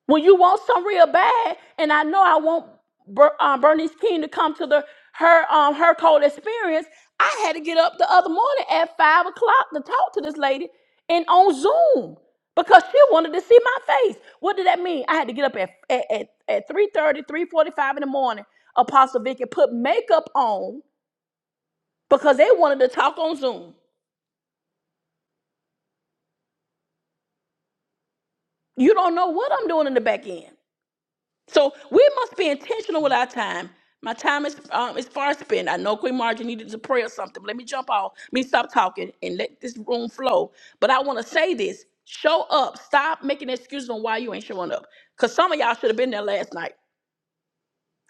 [SPEAKER 4] When you want some real bad, and I know I want Ber- um, Bernice King to come to the her um her cold experience, I had to get up the other morning at five o'clock to talk to this lady and on Zoom because she wanted to see my face. What did that mean? I had to get up at at at, at 3:45 in the morning. Apostle Vicky put makeup on because they wanted to talk on Zoom. You don't know what I'm doing in the back end. So we must be intentional with our time. My time is um, is far spent. I know Queen Margie needed to pray or something. Let me jump off. Let me stop talking and let this room flow. But I want to say this: show up. Stop making excuses on why you ain't showing up. Cause some of y'all should have been there last night.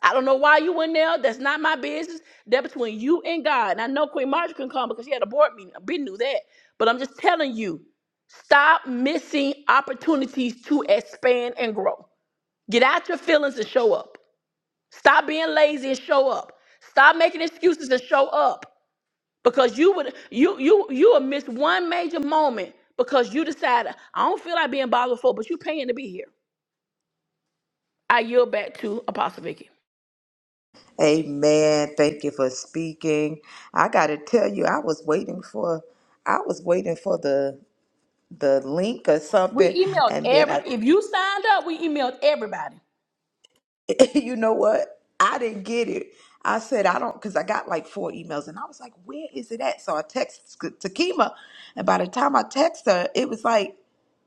[SPEAKER 4] I don't know why you went there. That's not my business. That between you and God. And I know Queen Margie couldn't come because she had a board meeting. I been knew that. But I'm just telling you, stop missing opportunities to expand and grow. Get out your feelings and show up. Stop being lazy and show up. Stop making excuses and show up because you would you you you will miss one major moment because you decided I don't feel like being bothered for, but you paying to be here. I yield back to Apostle Vicky.
[SPEAKER 1] Amen. Thank you for speaking. I got to tell you, I was waiting for, I was waiting for the the link or something,
[SPEAKER 4] We emailed
[SPEAKER 1] and then
[SPEAKER 4] every
[SPEAKER 1] I
[SPEAKER 4] if you signed up, we emailed everybody.
[SPEAKER 1] you know what? I didn't get it. I said, I don't, because I got like four emails and I was like, where is it at? So I texted Takima, and by the time I text her, it was like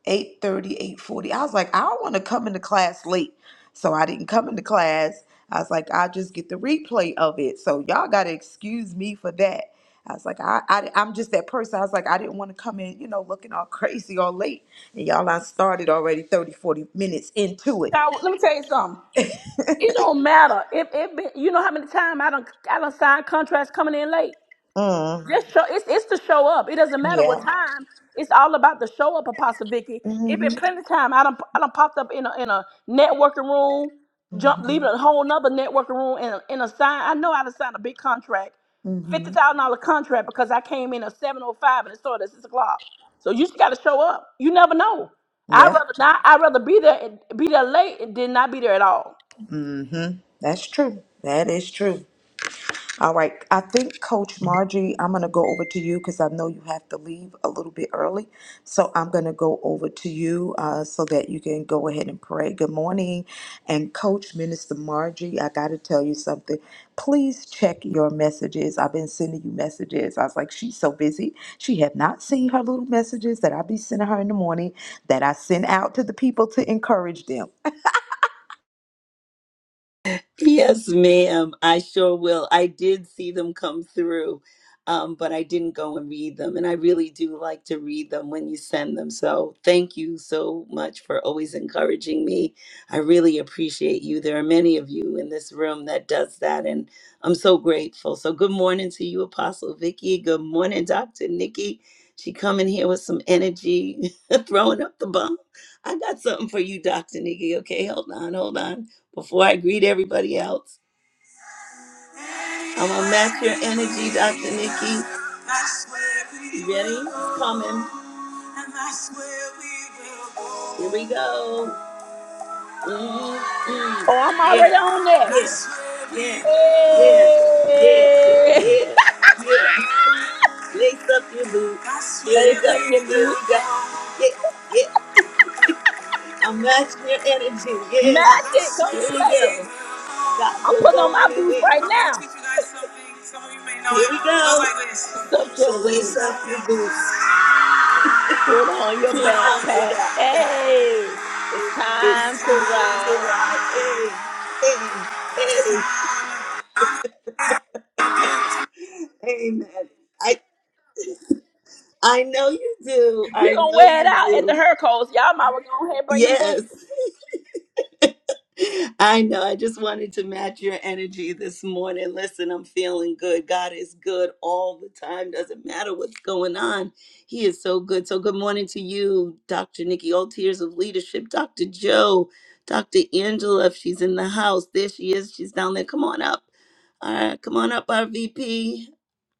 [SPEAKER 1] eight thirty, eight forty. I was like, I don't want to come into class late. So I didn't come into class. I was like, I'll just get the replay of it. So y'all got to excuse me for that. I was like, I, I, I'm just that person. I was like, I didn't want to come in, you know, looking all crazy or late. And y'all, I started already thirty, forty minutes into it.
[SPEAKER 4] Now, let me tell you something. It don't matter if if you know how many times I don't I don't sign contracts coming in late.
[SPEAKER 1] Mm,
[SPEAKER 4] Just show it's it's to show up. It doesn't matter
[SPEAKER 1] yeah.
[SPEAKER 4] what time. It's all about the show up, Apostle Vicky. It been
[SPEAKER 1] Mm-hmm.
[SPEAKER 4] plenty of time. I done I done popped up in a in a networking room, jump leaving a whole nother networking room in a, in a sign. I know I done signed a big contract, fifty
[SPEAKER 1] Mm-hmm.
[SPEAKER 4] thousand dollar contract because I came in at seven oh five and it started at six o'clock. So you just gotta show up. You never know. i
[SPEAKER 1] Yeah.
[SPEAKER 4] rather not i rather be there and be there late and did not be there at all.
[SPEAKER 1] Mm-hmm. That's true. That is true. All right. I think, Coach Margie, I'm going to go over to you because I know you have to leave a little bit early. So I'm going to go over to you uh, so that you can go ahead and pray. Good morning. And, Coach Minister Margie, I got to tell you something. Please check your messages. I've been sending you messages. I was like, she's so busy. She have not seen her little messages that I be sending her in the morning that I send out to the people to encourage them.
[SPEAKER 5] Yes, ma'am. I sure will. I did see them come through, um, but I didn't go and read them. And I really do like to read them when you send them. So thank you so much for always encouraging me. I really appreciate you. There are many of you in this room that does that, and I'm so grateful. So good morning to you, Apostle Vicky. Good morning, Dr. Nikki. She coming here with some energy, throwing up the bomb. I got something for you, Dr. Nikki. Okay, hold on, hold on before I greet everybody else. I'm gonna match your energy, Dr. Nikki. You ready? It's coming. Here we go. Mm, mm.
[SPEAKER 4] Oh, I'm
[SPEAKER 5] Yeah,
[SPEAKER 4] already on that.
[SPEAKER 5] yeah, yeah, yeah, yeah,
[SPEAKER 4] Hey,
[SPEAKER 5] yeah, yeah. Lace up your boots. Here
[SPEAKER 4] lace
[SPEAKER 5] we go.
[SPEAKER 4] up your
[SPEAKER 5] Here we
[SPEAKER 4] boots.
[SPEAKER 5] go. Yeah, Yeah. I'm matching your energy. Yeah.
[SPEAKER 4] Magic, don't
[SPEAKER 5] Here we
[SPEAKER 4] play it.
[SPEAKER 5] go. God
[SPEAKER 4] I'm
[SPEAKER 5] will
[SPEAKER 4] putting on
[SPEAKER 5] go
[SPEAKER 4] my boots
[SPEAKER 5] anywhere.
[SPEAKER 4] right
[SPEAKER 5] I'm going to
[SPEAKER 4] now.
[SPEAKER 5] teach you guys something. Some of you may know Here it. Here we go. It goes like this.
[SPEAKER 4] Accept your
[SPEAKER 5] So lace
[SPEAKER 4] boots.
[SPEAKER 5] up your boots.
[SPEAKER 4] Put on your
[SPEAKER 5] Put on your
[SPEAKER 4] backpack.
[SPEAKER 5] backpack.
[SPEAKER 4] Hey, it's time
[SPEAKER 5] It's
[SPEAKER 4] to
[SPEAKER 5] time to
[SPEAKER 4] ride.
[SPEAKER 5] ride. Hey, hey, hey. Amen. I, I know you do.
[SPEAKER 4] we
[SPEAKER 5] I
[SPEAKER 4] going to
[SPEAKER 5] know
[SPEAKER 4] wear it
[SPEAKER 5] you
[SPEAKER 4] out at the
[SPEAKER 5] do.
[SPEAKER 4] Hercos. Y'all might want to go ahead and bring them boots.
[SPEAKER 5] Yes. I know. I just wanted to match your energy this morning. Listen, I'm feeling good. God is good all the time. Doesn't matter what's going on. He is so good. So, good morning to you, Dr. Nikki, all tears of leadership, Dr. Joe, Dr. Angela. If she's in the house, there she is. She's down there. Come on up. All right. Come on up, RVP.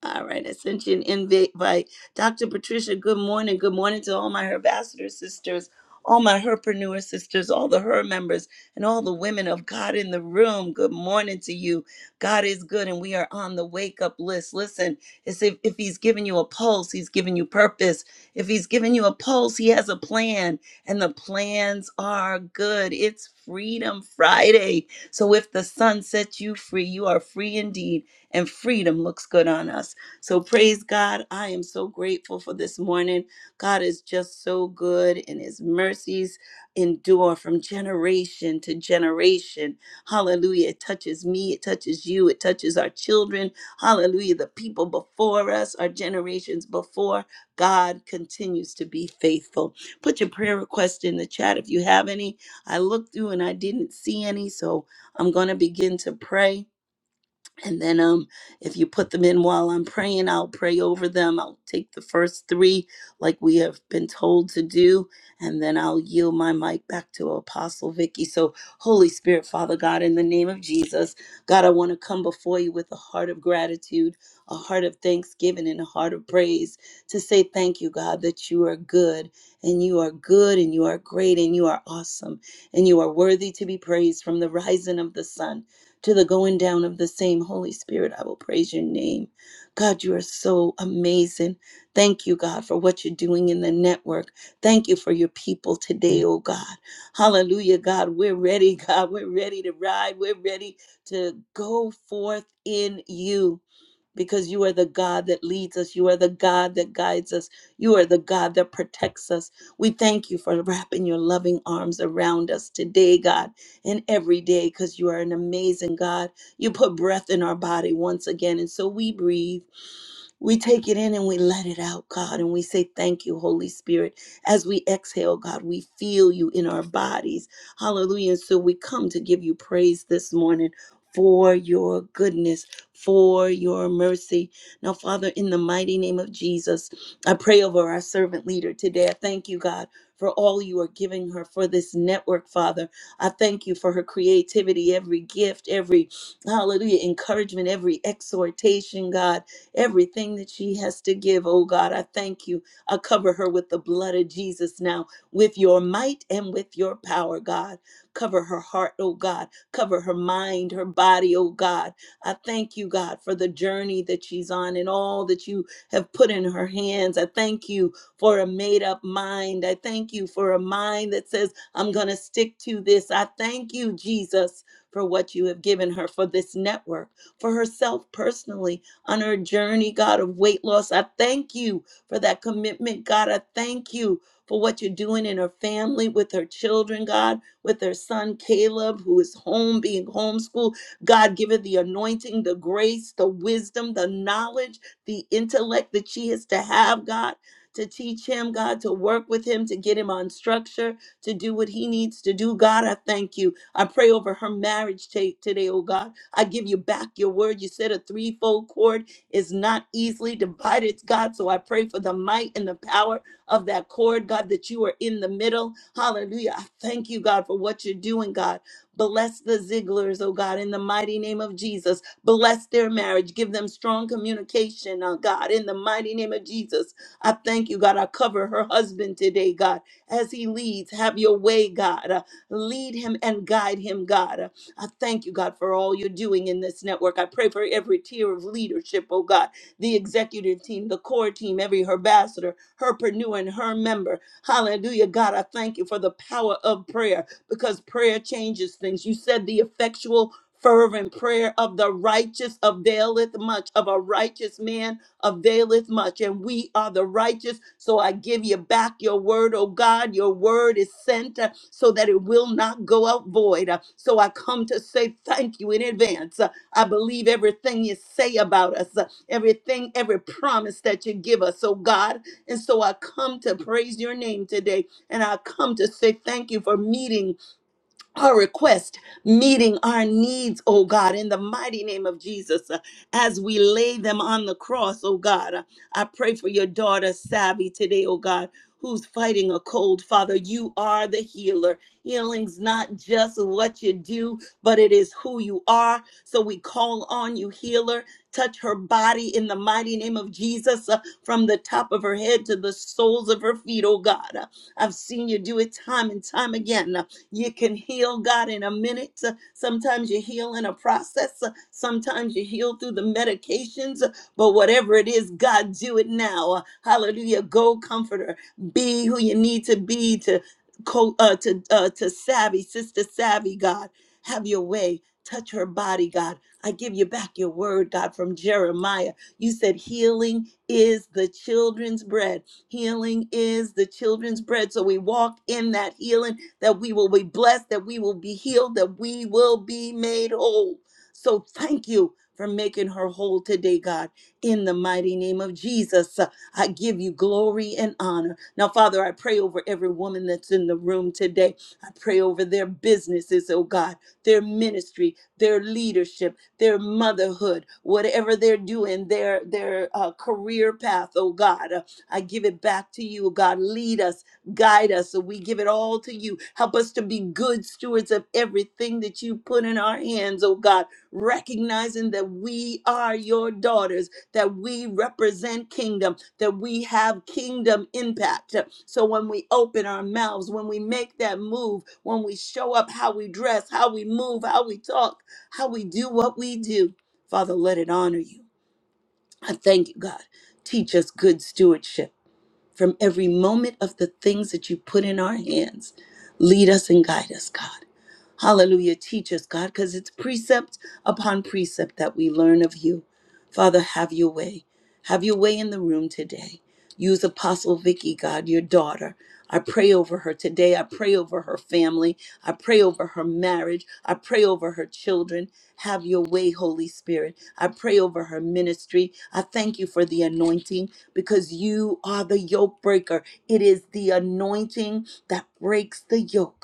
[SPEAKER 5] All right. I sent you an invite. Dr. Patricia, good morning. Good morning to all my Herbassador sisters, all my Herpreneur sisters, all the Her members and all the women of God in the room. Good morning to you. God is good, and we are on the wake up list. Listen, it's if, if He's giving you a pulse, He's giving you purpose. If He's giving you a pulse, He has a plan, and the plans are good. It's Freedom Friday. So if the sun sets you free, you are free indeed, and freedom looks good on us. So praise God. I am so grateful for this morning. God is just so good in His mercies endure from generation to generation. Hallelujah. It touches me, it touches you, it touches our children. Hallelujah. The people before us, our generations before, God continues to be faithful. Put your prayer request in the chat if you have any. I looked through and I didn't see any, so I'm going to begin to pray. And then um if you put them in while I'm praying, I'll pray over them. I'll take the first 3 like we have been told to do, and then I'll yield my mic back to Apostle Vicky. So, Holy Spirit, Father God, in the name of Jesus, God, I want to come before you with a heart of gratitude, a heart of thanksgiving and a heart of praise to say thank you, God, that you are good and you are good and you are great and you are awesome and you are worthy to be praised from the rising of the sun to the going down of the same Holy Spirit. I will praise your name. God, you are so amazing. Thank you, God, for what you're doing in the network. Thank you for your people today, oh God. Hallelujah, God. We're ready, God. We're ready to ride. We're ready to go forth in you because you are the God that leads us. You are the God that guides us. You are the God that protects us. We thank you for wrapping your loving arms around us today, God, and every day because you are an amazing God. You put breath in our body once again, and so we breathe. We take it in and we let it out, God, and we say thank you, Holy Spirit. As we exhale, God, we feel you in our bodies. Hallelujah. And so we come to give you praise this morning for your goodness, for your mercy. Now, Father, in the mighty name of Jesus, I pray over our servant leader today. I thank you, God. For all you are giving her for this network, Father. I thank you for her creativity, every gift, every hallelujah, encouragement, every exhortation, God everything that she has to give. Oh God, I thank you. I cover her with the blood of Jesus now, with your might and with your power, God. Cover her heart, oh God. Cover her mind, her body, oh God. I thank you, God, for the journey that she's on and all that you have put in her hands. I thank you for a made up mind. I thank you for a mind that says, I'm going to stick to this. I thank you, Jesus, for what you have given her, for this network, for herself personally on her journey, God, of weight loss. I thank you for that commitment, God. I thank you for what you're doing in her family, with her children, God, with her son Caleb, who is home being homeschooled. God, give her the anointing, the grace, the wisdom, the knowledge, the intellect that she is to have, God. To teach him, God, to work with him, to get him on structure, to do what he needs to do. God, I thank you. I pray over her marriage ta- today, oh God. I give you back your word. You said a threefold cord is not easily divided, God. So I pray for the might and the power of that cord, God, that you are in the middle. Hallelujah. I thank you, God, for what you're doing, God. Bless the Zigglers, oh God, in the mighty name of Jesus. Bless their marriage. Give them strong communication, oh God, in the mighty name of Jesus. I thank you, God. I cover her husband today, God, as he leads. Have your way, God. Uh, lead him and guide him, God. I thank you, God, for all you're doing in this network. I pray for every tier of leadership, oh God, the executive team, the core team, every ambassador, herpreneur, and her member. Hallelujah, God, I thank you for the power of prayer because prayer changes things. You said the effectual, fervent prayer of the righteous availeth much, of a righteous man availeth much, and we are the righteous. So I give you back your word, oh God. Your word is sent uh, so that it will not go out void. Uh, So I come to say thank you in advance. Uh, I believe everything you say about us, uh, everything, every promise that you give us, oh God. And so I come to praise your name today, and I come to say thank you for meeting our request, meeting our needs, oh God, in the mighty name of Jesus, uh, as we lay them on the cross, oh God. Uh, I pray for your daughter, Savvy, today, oh God, who's fighting a cold. Father, you are the healer. Healing's not just what you do, but it is who you are. So we call on you, healer. Touch her body in the mighty name of Jesus, uh, from the top of her head to the soles of her feet, oh God. Uh, I've seen you do it time and time again. You can heal God in a minute. Uh, Sometimes you heal in a process. Uh, Sometimes you heal through the medications. Uh, But whatever it is, God, do it now. Uh, Hallelujah. Go, comforter. Be who you need to be to co- uh, to uh, to savvy, sister savvy. God, have your way. Touch her body, God. I give you back your word, God, from Jeremiah. You said healing is the children's bread. Healing is the children's bread. So we walk in that healing that we will be blessed, that we will be healed, that we will be made whole. So thank you for making her whole today, God. In the mighty name of Jesus, uh, I give you glory and honor. Now, Father, I pray over every woman that's in the room today. I pray over their businesses, oh God, their ministry, their leadership, their motherhood, whatever they're doing, their their uh, career path, oh God. Uh, I give it back to you, God. Lead us Guide us, so we give it all to you. Help us to be good stewards of everything that you put in our hands, oh God, recognizing that we are your daughters, that we represent kingdom, that we have kingdom impact. So when we open our mouths, when we make that move, when we show up, how we dress, how we move, how we talk, how we do what we do, Father, let it honor you. I thank you, God. Teach us good stewardship from every moment of the things that you put in our hands. Lead us and guide us, God. Hallelujah. Teach us, God, because it's precept upon precept that we learn of you. Father, have your way. Have your way in the room today. Use Apostle Vicky, God, your daughter. I pray over her today. I pray over her family. I pray over her marriage. I pray over her children. Have your way, Holy Spirit. I pray over her ministry. I thank you for the anointing because you are the yoke breaker. It is the anointing that breaks the yoke.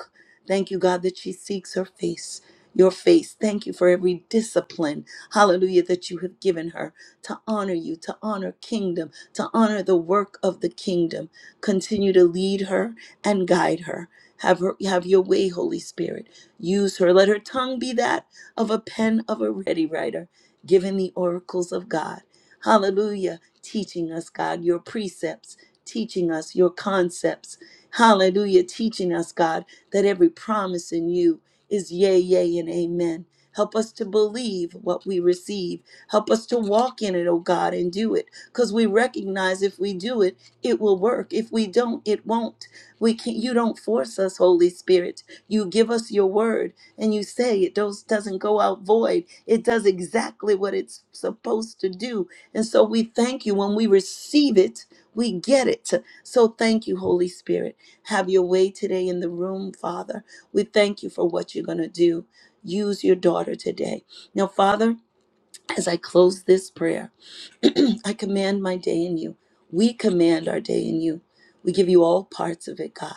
[SPEAKER 5] Thank you, God, that she seeks her face, your face. Thank you for every discipline, hallelujah, that you have given her to honor you, to honor kingdom, to honor the work of the kingdom. Continue to lead her and guide her. Have her have your way, Holy Spirit. Use her. Let her tongue be that of a pen of a ready writer, given the oracles of God. Hallelujah. Teaching us, God, your precepts, teaching us your concepts. Hallelujah. Teaching us, God that every promise in you is yea, yea, and amen. Help us to believe what we receive. Help us to walk in it, oh God, and do it. Because we recognize if we do it, it will work. If we don't, it won't. We can not you don't force us, Holy Spirit. You give us your word and you say it does, doesn't go out void. It does exactly what it's supposed to do. And so we thank you when we receive it, we get it. So thank you, Holy Spirit. Have your way today in the room, Father. We thank you for what you're going to do. Use your daughter today. Now, Father, as I close this prayer, I command my day in you. We command our day in you. We give you all parts of it, God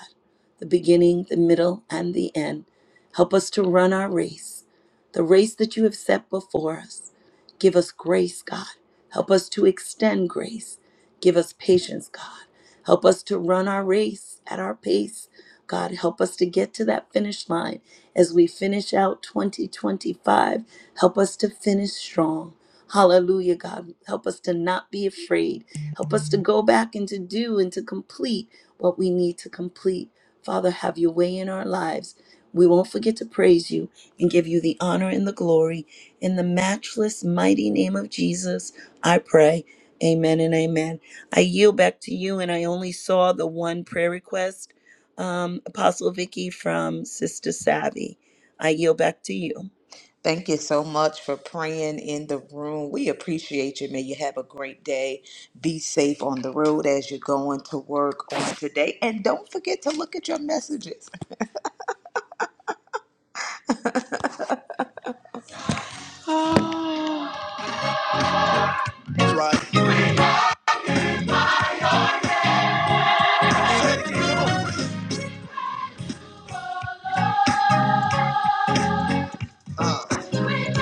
[SPEAKER 5] the beginning, the middle, and the end. Help us to run our race, the race that you have set before us. Give us grace, God. Help us to extend grace. Give us patience, God. Help us to run our race at our pace. God, help us to get to that finish line as we finish out 2025. Help us to finish strong. Hallelujah, God. Help us to not be afraid. Help us to go back and to do and to complete what we need to complete. Father, have your way in our lives. We won't forget to praise you and give you the honor and the glory. In the matchless, mighty name of Jesus, I pray. Amen and amen. I yield back to you, and I only saw the one prayer request, um, Apostle Vicky from Sister Savvy. I yield back to you.
[SPEAKER 1] Thank you so much for praying in the room. We appreciate you. May you have a great day. Be safe on the road as you're going to work on today. And don't forget to look at your messages. Yes,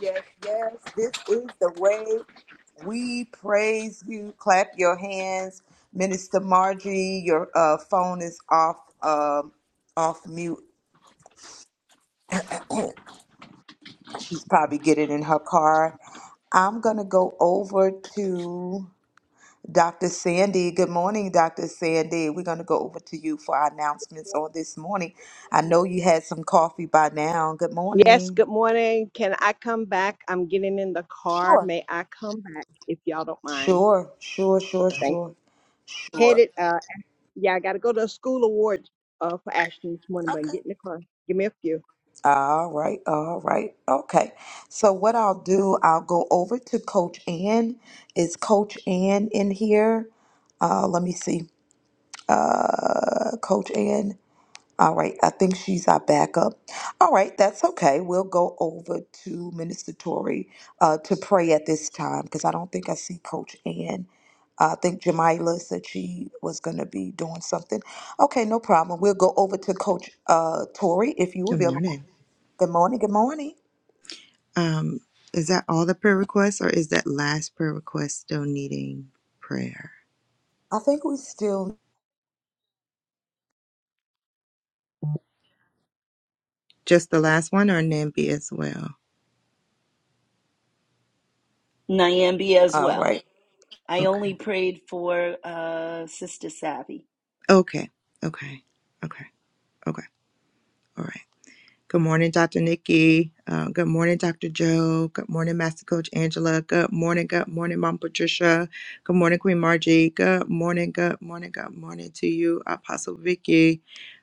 [SPEAKER 1] yes, yes. This is the way we praise you. Clap your hands. Minister Margie, your uh, phone is off um, off mute. She's probably getting in her car. I'm going to go over to Dr. Sandy. Good morning, Dr. Sandy. We're going to go over to you for our announcements on this morning. I know you had some coffee by now. Good
[SPEAKER 6] Yes,
[SPEAKER 1] morning.
[SPEAKER 6] good morning. Can I come back? I'm getting in the car.
[SPEAKER 1] Sure.
[SPEAKER 6] May I come back if y'all don't mind?
[SPEAKER 1] Sure, sure, sure,
[SPEAKER 6] Thank
[SPEAKER 1] sure,
[SPEAKER 6] you.
[SPEAKER 1] sure.
[SPEAKER 6] Headed, uh, yeah, I got to go to a school award uh, for Ashton this morning, but i get in the car. Give me a few.
[SPEAKER 1] All right, all right. Okay. So, what I'll do, I'll go over to Coach Ann. Is Coach Ann in here? Uh, let me see. Uh, Coach Ann. All right, I think she's our backup. All right, that's okay. We'll go over to Minister Tory uh, to pray at this time because I don't think I see Coach Ann. I think Jamila said she was going to be doing something. Okay, no problem. We'll go over to Coach uh, Tory if you're
[SPEAKER 2] Good
[SPEAKER 1] available.
[SPEAKER 2] morning.
[SPEAKER 1] Good morning. Good morning.
[SPEAKER 2] Um, is that all the prayer requests, or is that last prayer request still needing prayer?
[SPEAKER 1] I think we still.
[SPEAKER 2] Just the last one, or Nambi as well?
[SPEAKER 5] Nyambi as
[SPEAKER 1] All
[SPEAKER 5] well.
[SPEAKER 1] right.
[SPEAKER 5] I
[SPEAKER 2] Okay.
[SPEAKER 5] only prayed for uh, Sister Savvy.
[SPEAKER 2] Okay. Okay. Okay. Okay. All right. Good morning, Dr. Nikki. Uh, good morning, Dr. Joe. Good morning, Master Coach Angela. Good morning. Good morning, Mom Patricia. Good morning, Queen Margie. Good morning. Good morning. Good morning to you, Apostle Vicky.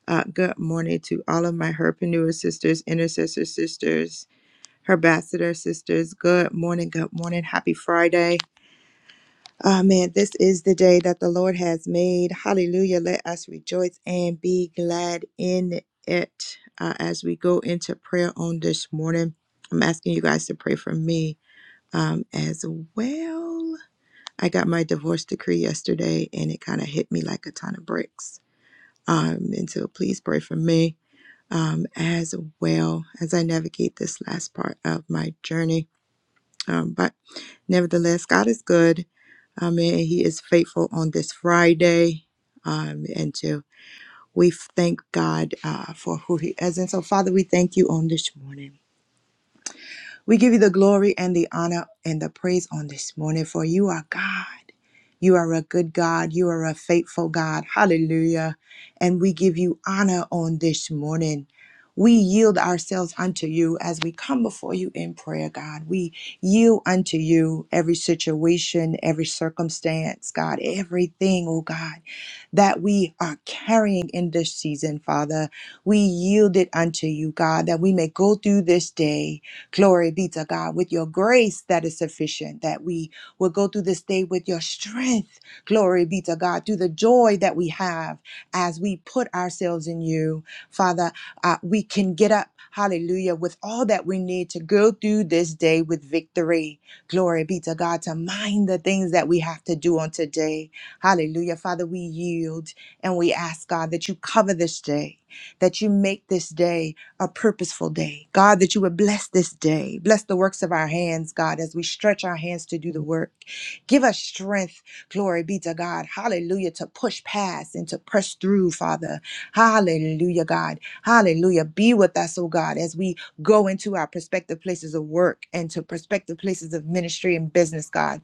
[SPEAKER 2] Uh, good morning to all of my herpreneur sisters, intercessor sisters. Herbassador sisters, good morning, good morning, happy Friday. Ah man, this is the day that the Lord has made. Hallelujah. Let us rejoice and be glad in it uh, as we go into prayer on this morning. I'm asking you guys to pray for me um, as well. I got my divorce decree yesterday and it kind of hit me like a ton of bricks. Um, and so please pray for me um, as well as I navigate this last part of my journey. Um, but nevertheless, God is good. Um, and He is faithful on this Friday. Um, and to we thank God uh, for who He is. And so, Father, we thank you on this morning. We give you the glory and the honor and the praise on this morning, for you are God. You are a good God. You are a faithful God. Hallelujah. And we give you honor on this morning. We yield ourselves unto you as we come before you in prayer, God. We yield unto you every situation, every circumstance, God, everything, oh God, that we are carrying in this season, Father. We yield it unto you, God, that we may go through this day Glory be to God. With your grace that is sufficient, that we will go through this day with your strength. Glory be to God. Through the joy that we have as we put ourselves in you, Father, uh, we can get up. Hallelujah, with all that we need to go through this day with victory. Glory be to God to mind the things that we have to do on today. Hallelujah. Father, we yield and we ask God that you cover this day, that you make this day a purposeful day. God, that you would bless this day. Bless the works of our hands, God, as we stretch our hands to do the work. Give us strength, glory be to God. Hallelujah, to push past and to press through, Father. Hallelujah, God. Hallelujah. Be with us, oh God, as we go into our prospective places of work and to prospective places of ministry and business, God.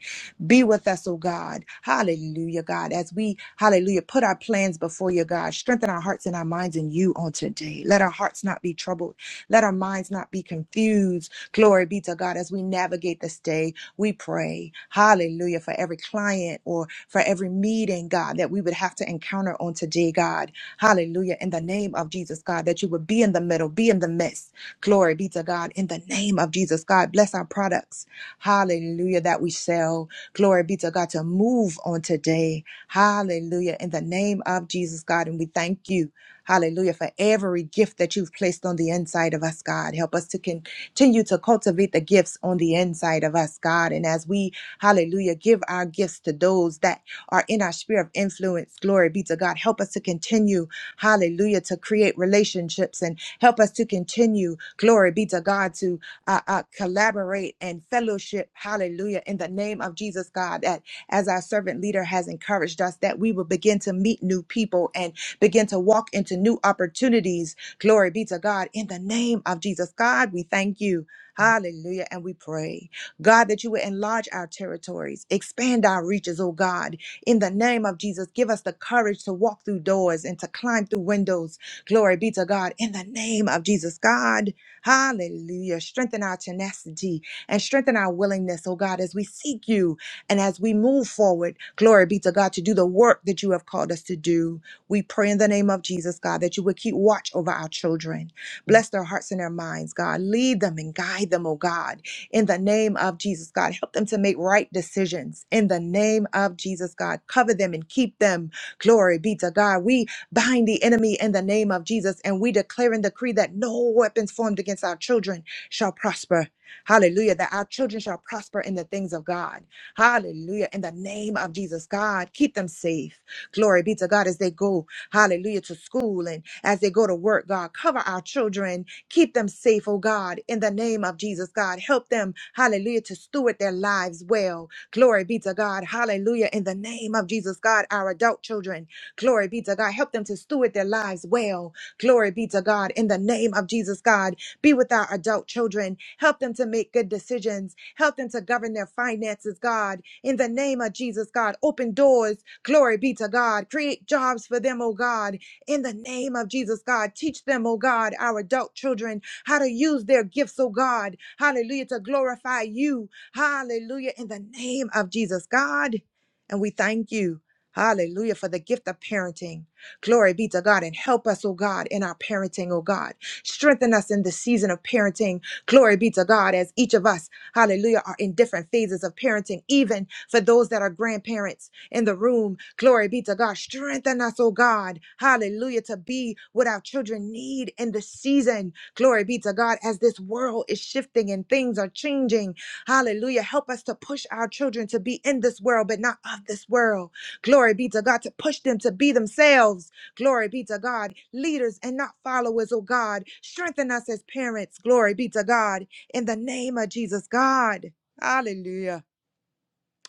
[SPEAKER 2] Be with us, oh God. Hallelujah, God. As we, hallelujah, put our plans before you, God. Strengthen our hearts and our minds in you on today. Let our hearts not be troubled. Let our minds not be confused. Glory be to God. As we navigate this day, we pray, hallelujah, for every client or for every meeting, God, that we would have to encounter on today, God. Hallelujah. In the name of Jesus, God, that you would be in the middle, be in the midst. Glory be to God. In the name of Jesus, God, bless our products. Hallelujah, that we sell. Glory be to God to move on today. Hallelujah. In the name of Jesus, God. And we thank you. Hallelujah. For every gift that you've placed on the inside of us, God. Help us to continue to cultivate the gifts on the inside of us, God. And as we, hallelujah, give our gifts to those that are in our sphere of influence, glory be to God. Help us to continue, hallelujah, to create relationships and help us to continue, glory be to God, to uh, uh, collaborate and fellowship. Hallelujah. In the name of Jesus, God, that as our servant leader has encouraged us, that we will begin to meet new people and begin to walk into new opportunities. Glory be to God. In the name of Jesus, God, we thank you. Hallelujah. And we pray, God, that you would enlarge our territories, expand our reaches, oh God. In the name of Jesus, give us the courage to walk through doors and to climb through windows. Glory be to God. In the name of Jesus, God. Hallelujah. Strengthen our tenacity and strengthen our willingness, oh God, as we seek you and as we move forward. Glory be to God to do the work that you have called us to do. We pray in the name of Jesus, God, that you would keep watch over our children. Bless their hearts and their minds, God. Lead them and guide them, oh God, in the name of Jesus, God. Help them to make right decisions in the name of Jesus, God. Cover them and keep them. Glory be to God. We bind the enemy in the name of Jesus. And we declare and decree that no weapons formed against our children shall prosper. Hallelujah. That our children shall prosper in the things of God. Hallelujah. In the name of Jesus, God, keep them safe. Glory be to God as they go, hallelujah, to school and as they go to work, God. Cover our children. Keep them safe, oh God, in the name of Jesus, God. Help them, hallelujah, to steward their lives well. Glory be to God. Hallelujah. In the name of Jesus, God, our adult children. Glory be to God. Help them to steward their lives well. Glory be to God. In the name of Jesus, God, be with our adult children. Help them to make good decisions. Help them to govern their finances, God. In the name of Jesus, God, open doors. Glory be to God. Create jobs for them, oh God. In the name of Jesus, God, teach them, oh God, our adult children, how to use their gifts, oh God. Hallelujah, to glorify you. Hallelujah, in the name of Jesus, God. And we thank you. Hallelujah for the gift of parenting. Glory be to God and help us, oh God, in our parenting, oh God. Strengthen us in the season of parenting. Glory be to God as each of us, hallelujah, are in different phases of parenting, even for those that are grandparents in the room. Glory be to God. Strengthen us, oh God, hallelujah, to be what our children need in the season. Glory be to God as this world is shifting and things are changing. Hallelujah. Help us to push our children to be in this world, but not of this world. Glory be to God to push them to be themselves. Glory be to God. Leaders and not followers, oh God. Strengthen us as parents. Glory be to God. In the name of Jesus, God. Hallelujah.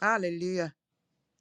[SPEAKER 2] Hallelujah.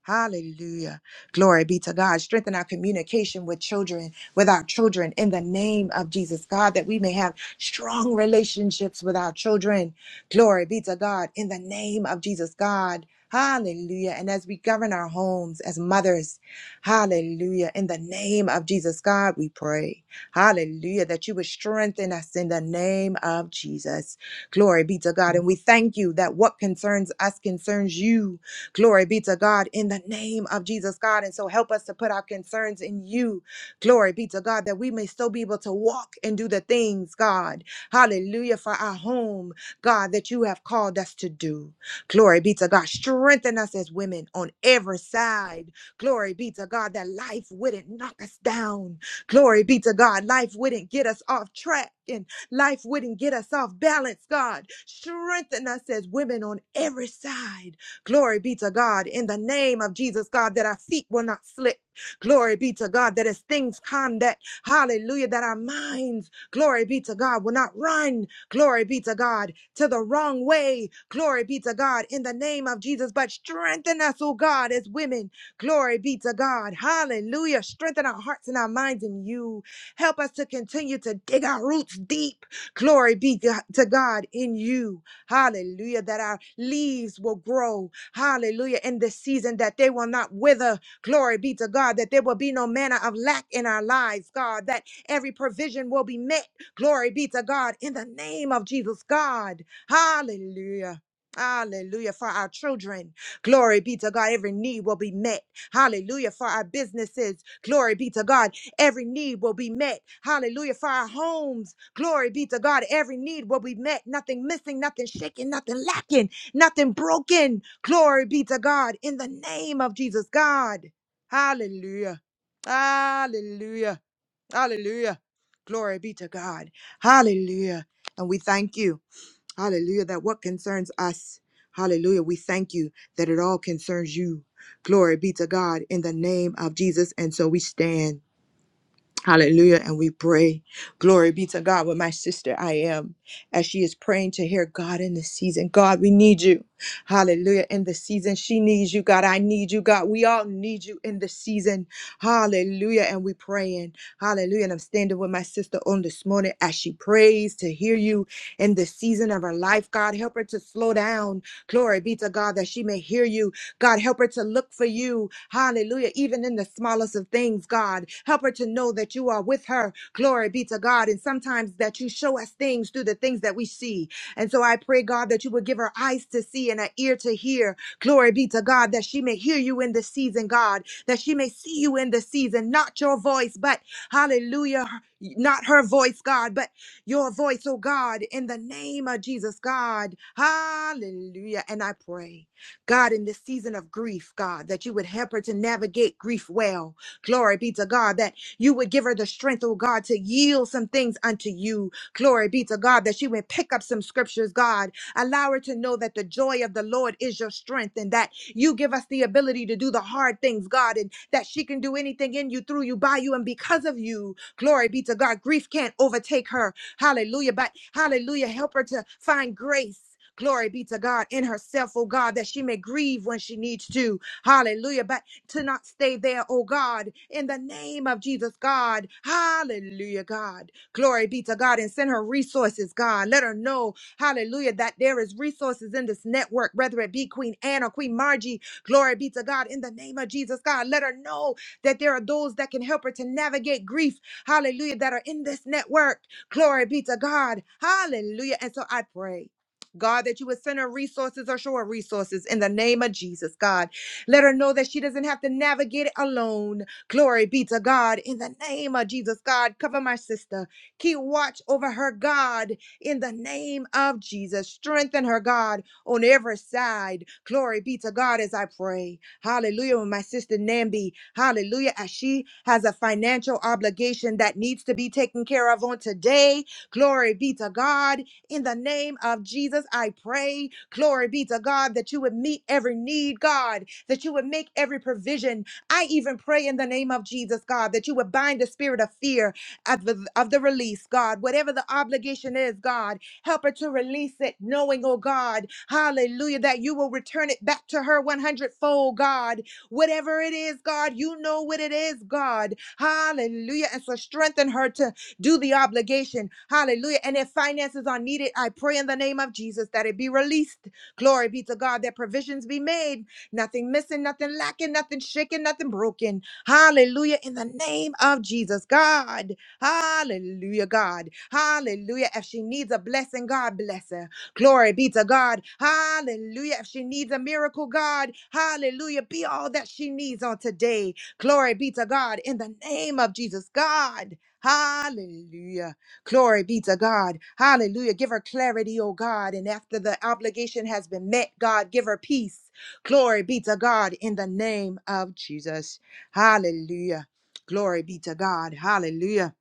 [SPEAKER 2] Hallelujah. Glory be to God. Strengthen our communication with children, with our children in the name of Jesus, God, that we may have strong relationships with our children. Glory be to God in the name of Jesus, God. Hallelujah. And as we govern our homes as mothers, hallelujah. In the name of Jesus, God, we pray. Hallelujah. That you would strengthen us in the name of Jesus. Glory be to God. And we thank you that what concerns us concerns you. Glory be to God in the name of Jesus, God. And so help us to put our concerns in you. Glory be to God that we may still be able to walk and do the things, God. Hallelujah for our home, God, that you have called us to do. Glory be to God. Strengthen us as women on every side. Glory be to God that life wouldn't knock us down. Glory be to God. Life wouldn't get us off track and life wouldn't get us off balance, God. Strengthen us as women on every side. Glory be to God in the name of Jesus, God, that our feet will not slip. Glory be to God that as things come, that hallelujah, that our minds, glory be to God, will not run, glory be to God, to the wrong way. Glory be to God in the name of Jesus, but strengthen us, oh God, as women. Glory be to God. Hallelujah. Strengthen our hearts and our minds in you. Help us to continue to dig our roots deep. Glory be to to God in you. Hallelujah. That our leaves will grow. Hallelujah. In this season, that they will not wither. Glory be to God, that there will be no manner of lack in our lives, God, that every provision will be met. Glory be to God. In the name of Jesus, God. Hallelujah. Hallelujah. For our children. Glory be to God. Every need will be met. Hallelujah. For our businesses, glory be to God. Every need will be met. Hallelujah. For our homes, glory be to God. Every need will be met. Nothing missing, nothing shaken, nothing lacking, nothing broken. Glory be to God. In the name of Jesus, God. Hallelujah. Hallelujah. Hallelujah. Glory be to God. Hallelujah. And we thank you. Hallelujah. That what concerns us. Hallelujah. We thank you that it all concerns you. Glory be to God in the name of Jesus. And so we stand. Hallelujah. And we pray. Glory be to God with my sister I am as she is praying to hear God in this season. God, we need you. Hallelujah. In the season, she needs you. God, I need you. God, we all need you in the season. Hallelujah. And we praying. Hallelujah. And I'm standing with my sister on this morning as she prays to hear you in the season of her life. God, help her to slow down. Glory be to God that she may hear you God, help her to look for you. Hallelujah. Even in the smallest of things, God, help her to know that you are with her. Glory be to God. And sometimes that you show us things through the things that we see. And so I pray, God, that you would give her eyes to see and an ear to hear. Glory be to God, that she may hear you in this season, God, that she may see you in this season, not your voice, but hallelujah, not her voice, God, but your voice, oh God, in the name of Jesus, God. Hallelujah. And I pray. God, in this season of grief, God, that you would help her to navigate grief well. Glory be to God, that you would give her the strength, oh God, to yield some things unto you. Glory be to God, that she would pick up some scriptures, God. Allow her to know that the joy of the Lord is your strength and that you give us the ability to do the hard things, God, and that she can do anything in you, through you, by you, and because of you. Glory be to God. Grief can't overtake her. Hallelujah. But hallelujah. Help her to find grace. Glory be to God in herself, oh God, that she may grieve when she needs to. Hallelujah. But to not stay there, oh God, in the name of Jesus, God. Hallelujah, God. Glory be to God and send her resources, God. Let her know, hallelujah, that there is resources in this network, whether it be Queen Anne or Queen Margie. Glory be to God in the name of Jesus, God. Let her know that there are those that can help her to navigate grief, hallelujah, that are in this network. Glory be to God. Hallelujah. And so I pray. God, that you would send her resources or show her resources in the name of Jesus, God. Let her know that she doesn't have to navigate it alone. Glory be to God in the name of Jesus, God. Cover my sister. Keep watch over her, God, in the name of Jesus. Strengthen her, God, on every side. Glory be to God as I pray. Hallelujah. When my sister Nambi, hallelujah, as she has a financial obligation that needs to be taken care of on today. Glory be to God. In the name of Jesus, I pray. Glory be to God that you would meet every need, God, that you would make every provision. I even pray in the name of Jesus, God, that you would bind the spirit of fear of the, of the release, God, whatever the obligation is, God. Help her to release it, knowing, oh God, hallelujah, that you will return it back to her 100 fold, God. Whatever it is, God, you know what it is, God. Hallelujah. And so strengthen her to do the obligation. Hallelujah. And if finances are needed, I pray in the name of Jesus that it be released. Glory be to God, that provisions be made. Nothing missing, nothing lacking, nothing shaken, nothing broken. Hallelujah. In the name of Jesus, God. Hallelujah, God. Hallelujah. If she needs a blessing, God bless her. Glory be to God. Hallelujah. If she needs a miracle, God, hallelujah. Be all that she needs on today. Glory be to God. In the name of Jesus, God. Hallelujah. Glory be to God. Hallelujah. Give her clarity, oh God. And after the obligation has been met, God, give her peace. Glory be to God in the name of Jesus. Hallelujah. Glory be to God. Hallelujah.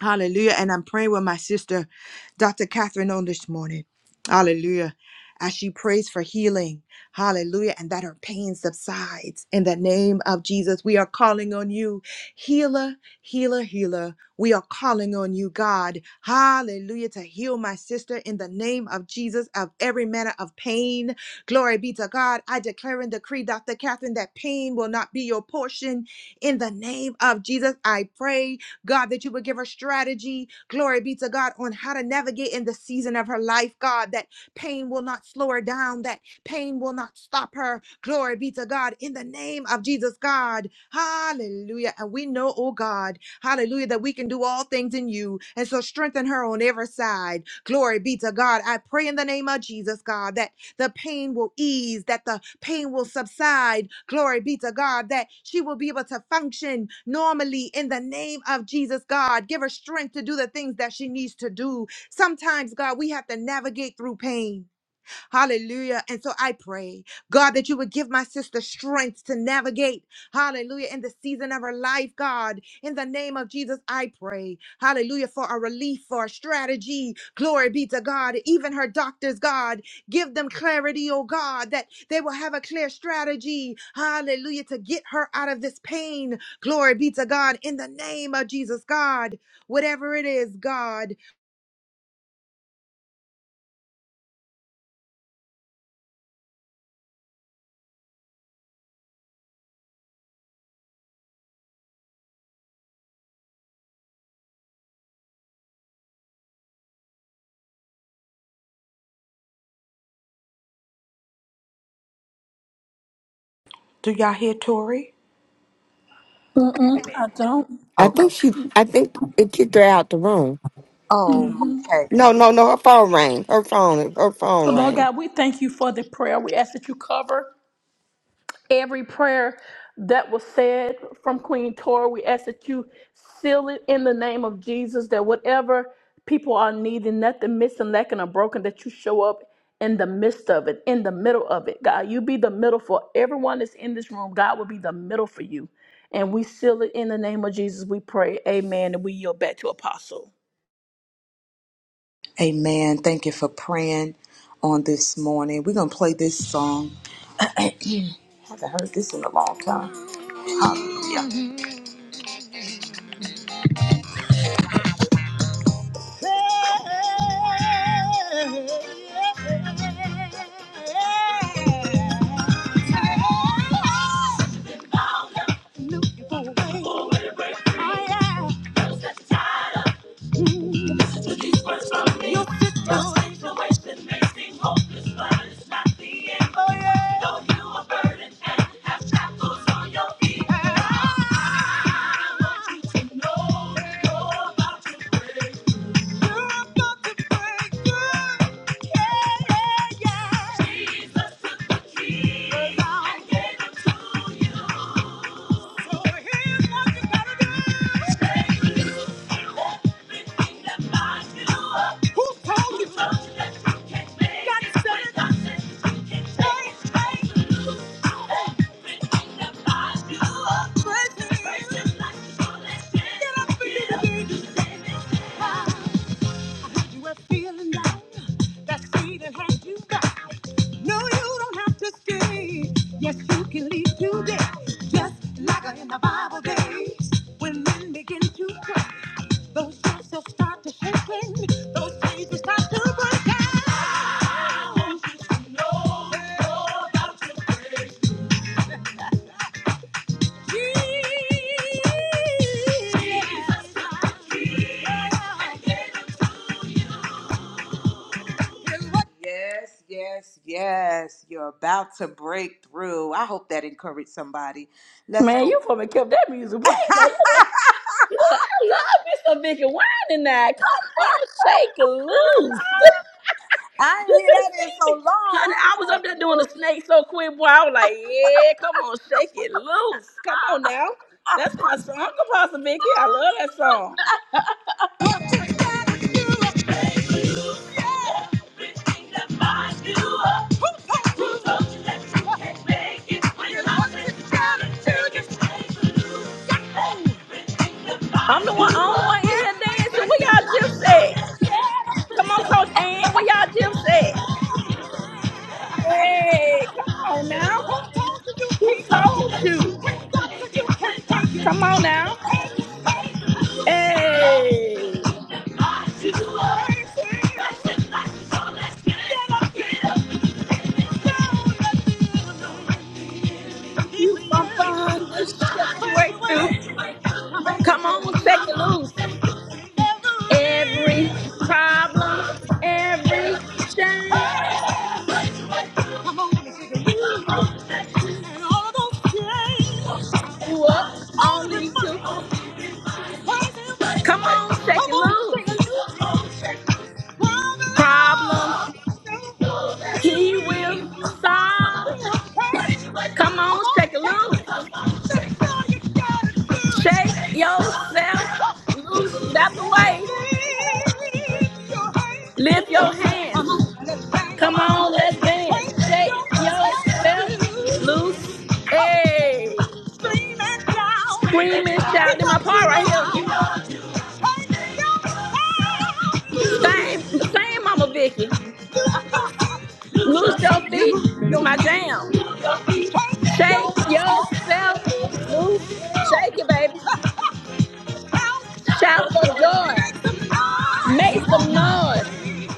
[SPEAKER 2] Hallelujah. And I'm praying with my sister, Dr. Catherine, on this morning. Hallelujah. As she prays for healing. Hallelujah. And that her pain subsides. In the name of Jesus, we are calling on you, healer, healer, healer. We are calling on you, God. Hallelujah. To heal my sister in the name of Jesus of every manner of pain. Glory be to God. I declare and decree, Dr. Catherine, that pain will not be your portion. In the name of Jesus, I pray God, that you would give her strategy, glory be to God, on how to navigate in the season of her life, God, that pain will not slow her down, that pain will not stop her, glory be to God, in the name of Jesus, God, hallelujah. And we know, oh God, hallelujah, that we can do all things in you, and so strengthen her on every side, glory be to God. I pray in the name of Jesus, God, that the pain will ease, that the pain will subside. Glory be to God, that she will be able to function normally in the name of Jesus, God. Give her strength to do the things that she needs to do. Sometimes, God, we have to navigate through pain. Hallelujah. And so I pray, God, that you would give my sister strength to navigate, hallelujah, in the season of her life, God. In the name of Jesus, I pray, hallelujah, for a relief, for a strategy. Glory be to God. Even her doctors, God, give them clarity, oh God, that they will have a clear strategy, hallelujah, to get her out of this pain. Glory be to God. In the name of Jesus, God, whatever it is, God.
[SPEAKER 1] Do y'all hear Tori?
[SPEAKER 4] Mm-mm, I don't.
[SPEAKER 7] I
[SPEAKER 1] Okay.
[SPEAKER 7] think she. I think it kicked her out the room.
[SPEAKER 1] Oh, okay.
[SPEAKER 7] No, no, no. Her phone rang. Her phone. Her
[SPEAKER 4] So,
[SPEAKER 7] phone
[SPEAKER 4] Lord
[SPEAKER 7] rang.
[SPEAKER 4] God, we thank you for the prayer. We ask that you cover. every prayer that was said from Queen Tora. We ask that you seal it in the name of Jesus, that whatever people are needing, nothing missing, lacking, or broken, that you show up in the midst of it, in the middle of it. God, you be the middle for everyone that's in this room. God will be the middle for you. And we seal it in the name of Jesus. We pray. Amen. And we yield back to Apostle.
[SPEAKER 1] Amen. Thank you for praying on this morning. We're going to play this song. I haven't heard this in a long time. Hallelujah. Praise him. Praise him like the Holy Spirit. Get up and do the thing. You were feeling down. That feeling had you back. No, you don't have to stay. Yes, you can leave today. Just like in the Bible days. When men begin to pray, those yourself start to shaking. Yes, yes, yes. You're about to break through. I hope that encouraged somebody. Let's
[SPEAKER 4] Man,
[SPEAKER 1] go.
[SPEAKER 4] you probably kept that music
[SPEAKER 1] I
[SPEAKER 4] playing. Now, you know, you I love Mr. Vicky Wine tonight. Come on, shake it loose.
[SPEAKER 1] ain't
[SPEAKER 4] You
[SPEAKER 1] hear
[SPEAKER 4] could have
[SPEAKER 1] that in
[SPEAKER 4] seen
[SPEAKER 1] so
[SPEAKER 4] me. Honey, I was
[SPEAKER 1] long.
[SPEAKER 4] up there doing the snake so quick, boy. I was like, yeah, come on, shake it loose. Come on now. That's my song, Apostle Vicky. I love that song.
[SPEAKER 1] Thank you.
[SPEAKER 4] I'm the one, only one in here dancing. Where y'all gyps at? Come on, Coach Ann. Where y'all gyps at? Hey, come on now. Who told you? Come on now. Hey, if
[SPEAKER 1] Come
[SPEAKER 4] you from bondage, shake you right through. Come on, shake it loose. every problem, every shame grew up only to come on, shake it loose. Problems he will solve. Come on, shake it loose. Shake yourself loose. Get out the way.
[SPEAKER 1] on,
[SPEAKER 4] Lift your hands.
[SPEAKER 1] Make some
[SPEAKER 4] Come on, let's dance. Shake yourself loose. Hey. Scream and shout in my part right here. Same, same, Mama Vicky. Loose your feet. This is my jam. Shake yourself loose. Shake it, baby. Shout for joy. Make some noise.
[SPEAKER 1] noise!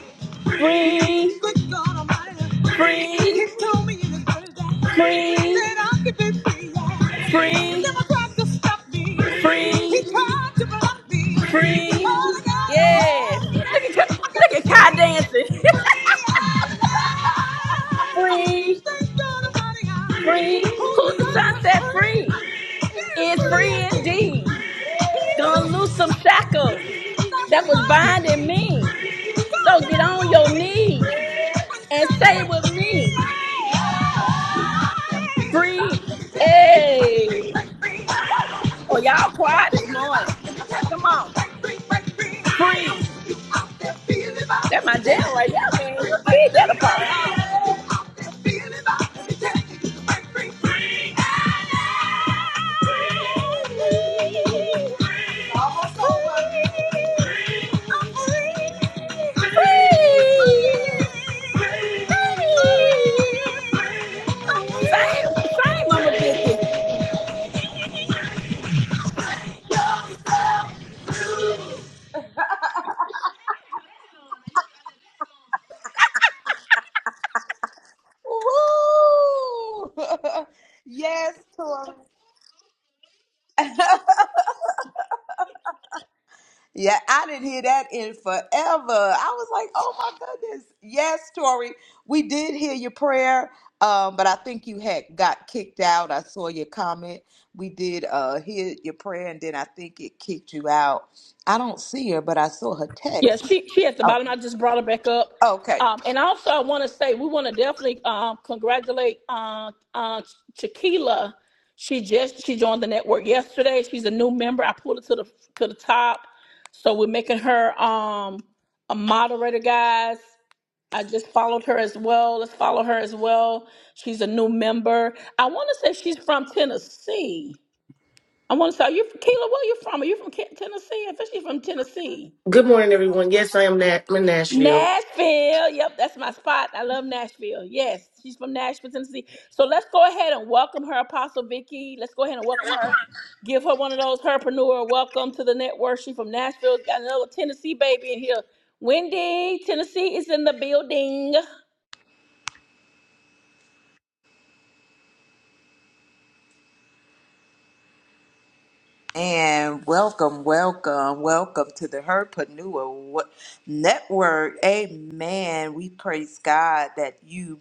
[SPEAKER 4] Free,
[SPEAKER 1] Good God Almighty,
[SPEAKER 4] free,
[SPEAKER 1] He told me in His word that
[SPEAKER 4] free,
[SPEAKER 1] I could be free. yeah. The
[SPEAKER 4] free,
[SPEAKER 1] devil tried to stop me. He
[SPEAKER 4] free,
[SPEAKER 1] tried to block me.
[SPEAKER 4] free.
[SPEAKER 1] All I got
[SPEAKER 4] Yes.
[SPEAKER 1] oh,
[SPEAKER 4] Look at
[SPEAKER 1] I
[SPEAKER 4] Ka-
[SPEAKER 1] got the
[SPEAKER 4] look at Kai
[SPEAKER 1] key.
[SPEAKER 4] dancing.
[SPEAKER 1] Free at last.
[SPEAKER 4] free,
[SPEAKER 1] Thank God Almighty,
[SPEAKER 4] free.
[SPEAKER 1] I- who
[SPEAKER 4] Who
[SPEAKER 1] the
[SPEAKER 4] the
[SPEAKER 1] sun
[SPEAKER 4] sun set free
[SPEAKER 1] free.
[SPEAKER 4] is free indeed. Gonna loose some shackles that was binding me. So get on your knees. And say it with me. Free. Hey. Oh, y'all quiet this morning. Come on.
[SPEAKER 1] Break
[SPEAKER 4] Free.
[SPEAKER 1] free, break free. Woo!
[SPEAKER 4] That my jam right there, man. You did that apart. Free. Free. Same, same, Mama Vicky.
[SPEAKER 1] yes, Tori. Yeah, I didn't hear that in forever. I was like, oh my goodness. Yes, Tori, we did hear your prayer, um, but I think you had got kicked out. I saw your comment. We did uh, hear your prayer, and then I think it kicked you out. I don't see her, but I saw her
[SPEAKER 4] Yeah,
[SPEAKER 1] text.
[SPEAKER 4] she she at the
[SPEAKER 1] Oh,
[SPEAKER 4] bottom. I just brought her back up.
[SPEAKER 1] okay.
[SPEAKER 4] Um, and also, I want to say we want to definitely um, congratulate uh, uh, Chiquila. She just she joined the network yesterday. She's a new member. I pulled her to the to the top, so we're making her um, a moderator, guys. I just followed her as well. Let's follow her as well. She's a new member. I want to say she's from Tennessee. I want to say, are you Keila? Where you from? Are you from Ke- Tennessee? I think she's from Tennessee.
[SPEAKER 8] Good morning, everyone. Yes, I am Nat- I'm in Nashville.
[SPEAKER 4] Nashville. Yep, that's my spot. I love Nashville. Yes, she's from Nashville, Tennessee. So let's go ahead and welcome her, Apostle Vicky. Let's go ahead and welcome her. Give her one of those herpreneur welcome to the network. She's from Nashville. Got another Tennessee baby in here. Wendy, Tennessee is in the building.
[SPEAKER 1] And welcome, welcome, welcome to the Herpanua Network. Amen. We praise God that you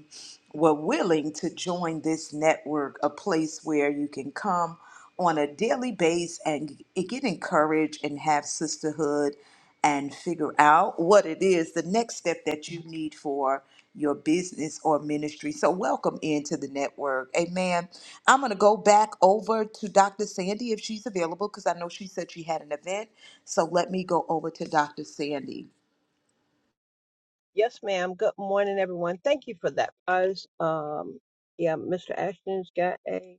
[SPEAKER 1] were willing to join this network, a place where you can come on a daily base and get encouraged and have sisterhood and figure out what it is the next step that you need for your business or ministry. So welcome into the network. Amen. I'm going to go back over to Dr. Sandy if she's available because I know she said she had an event. So let me go over to Dr. Sandy.
[SPEAKER 6] Yes, ma'am. Good morning, everyone. Thank you for that. Guys, um, yeah, Mr. Ashton's got a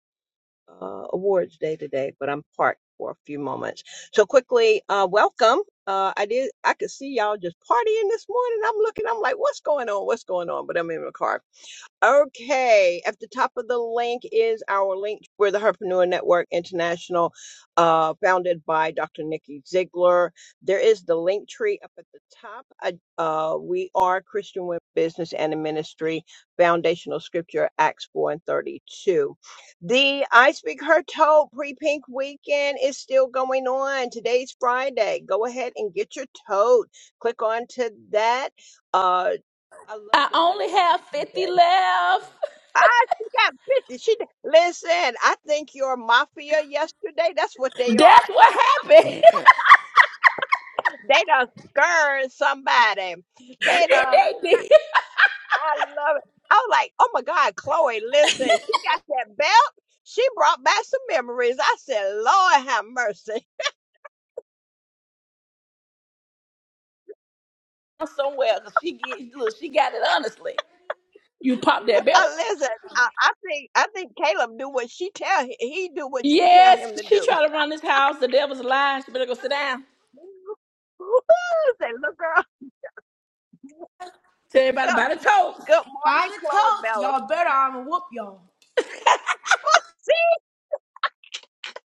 [SPEAKER 6] uh, awards day today, but I'm parked for a few moments. So quickly, uh, welcome. Uh, I did. I could see y'all just partying this morning. I'm looking. I'm like, what's going on? What's going on? But I'm in the car. Okay, at the top of the link is our link. We're the Herpreneur Network International, uh, founded by Dr. Nikki Ziegler. There is the link tree up at the top. I, uh, we are Christian Women Business and in Ministry, foundational scripture, Acts 4 and 32. The I Speak Her Toe pre pink weekend is still going on. Today's Friday. Go ahead and get your tote. Click on to that. Uh, I
[SPEAKER 4] I
[SPEAKER 6] love the
[SPEAKER 4] only
[SPEAKER 6] reel
[SPEAKER 4] have
[SPEAKER 6] yesterday.
[SPEAKER 4] 50 left.
[SPEAKER 6] Ah, she got 50. She d- listen, I think your mafia yesterday, that's what they are.
[SPEAKER 4] That's what happened.
[SPEAKER 6] They done scared somebody. They
[SPEAKER 4] and
[SPEAKER 6] done
[SPEAKER 4] they did
[SPEAKER 6] I love it. I was like, oh my God, Chloe, listen, she got that belt. She brought back some memories. I said, Lord have mercy.
[SPEAKER 4] somewhere. 'cause She get, look, she got it honestly. You pop that
[SPEAKER 6] Uh,
[SPEAKER 4] belt.
[SPEAKER 6] listen, I, I think I think Caleb do what she tell he, he do what she tell him
[SPEAKER 4] Yes,
[SPEAKER 6] to
[SPEAKER 4] she
[SPEAKER 6] do.
[SPEAKER 4] tried to run this house. The devil's lying. She better go sit down.
[SPEAKER 6] Say, look girl,
[SPEAKER 4] Tell
[SPEAKER 6] good,
[SPEAKER 4] everybody about the toast.
[SPEAKER 6] good morning, Chloe Bella.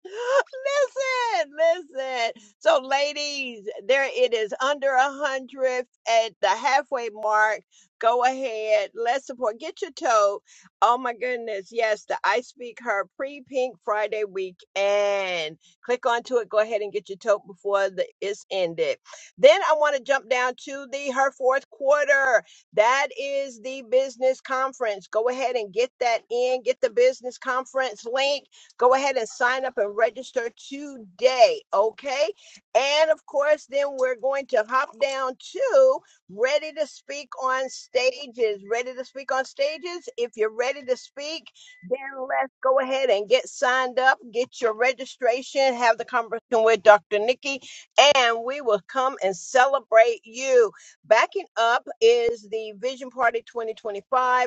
[SPEAKER 6] listen, listen. So, ladies, there it is under a hundred at the halfway mark. Go ahead, let's support. Get your tote. Oh my goodness, yes, the I Speak Her pre Pink Friday weekend. Click onto it. Go ahead and get your tote before the, it's ended. Then I want to jump down to the her fourth quarter. That is the business conference. Go ahead and get that in. Get the business conference link Go ahead and sign up and register today, okay? And of course, then we're going to hop down to Ready to Speak on Stages. Ready to Speak on Stages. If you're ready to speak, then let's go ahead and get signed up, get your registration, have the conversation with Dr. Nikki, and we will come and celebrate you. Backing up is the Vision Party 2025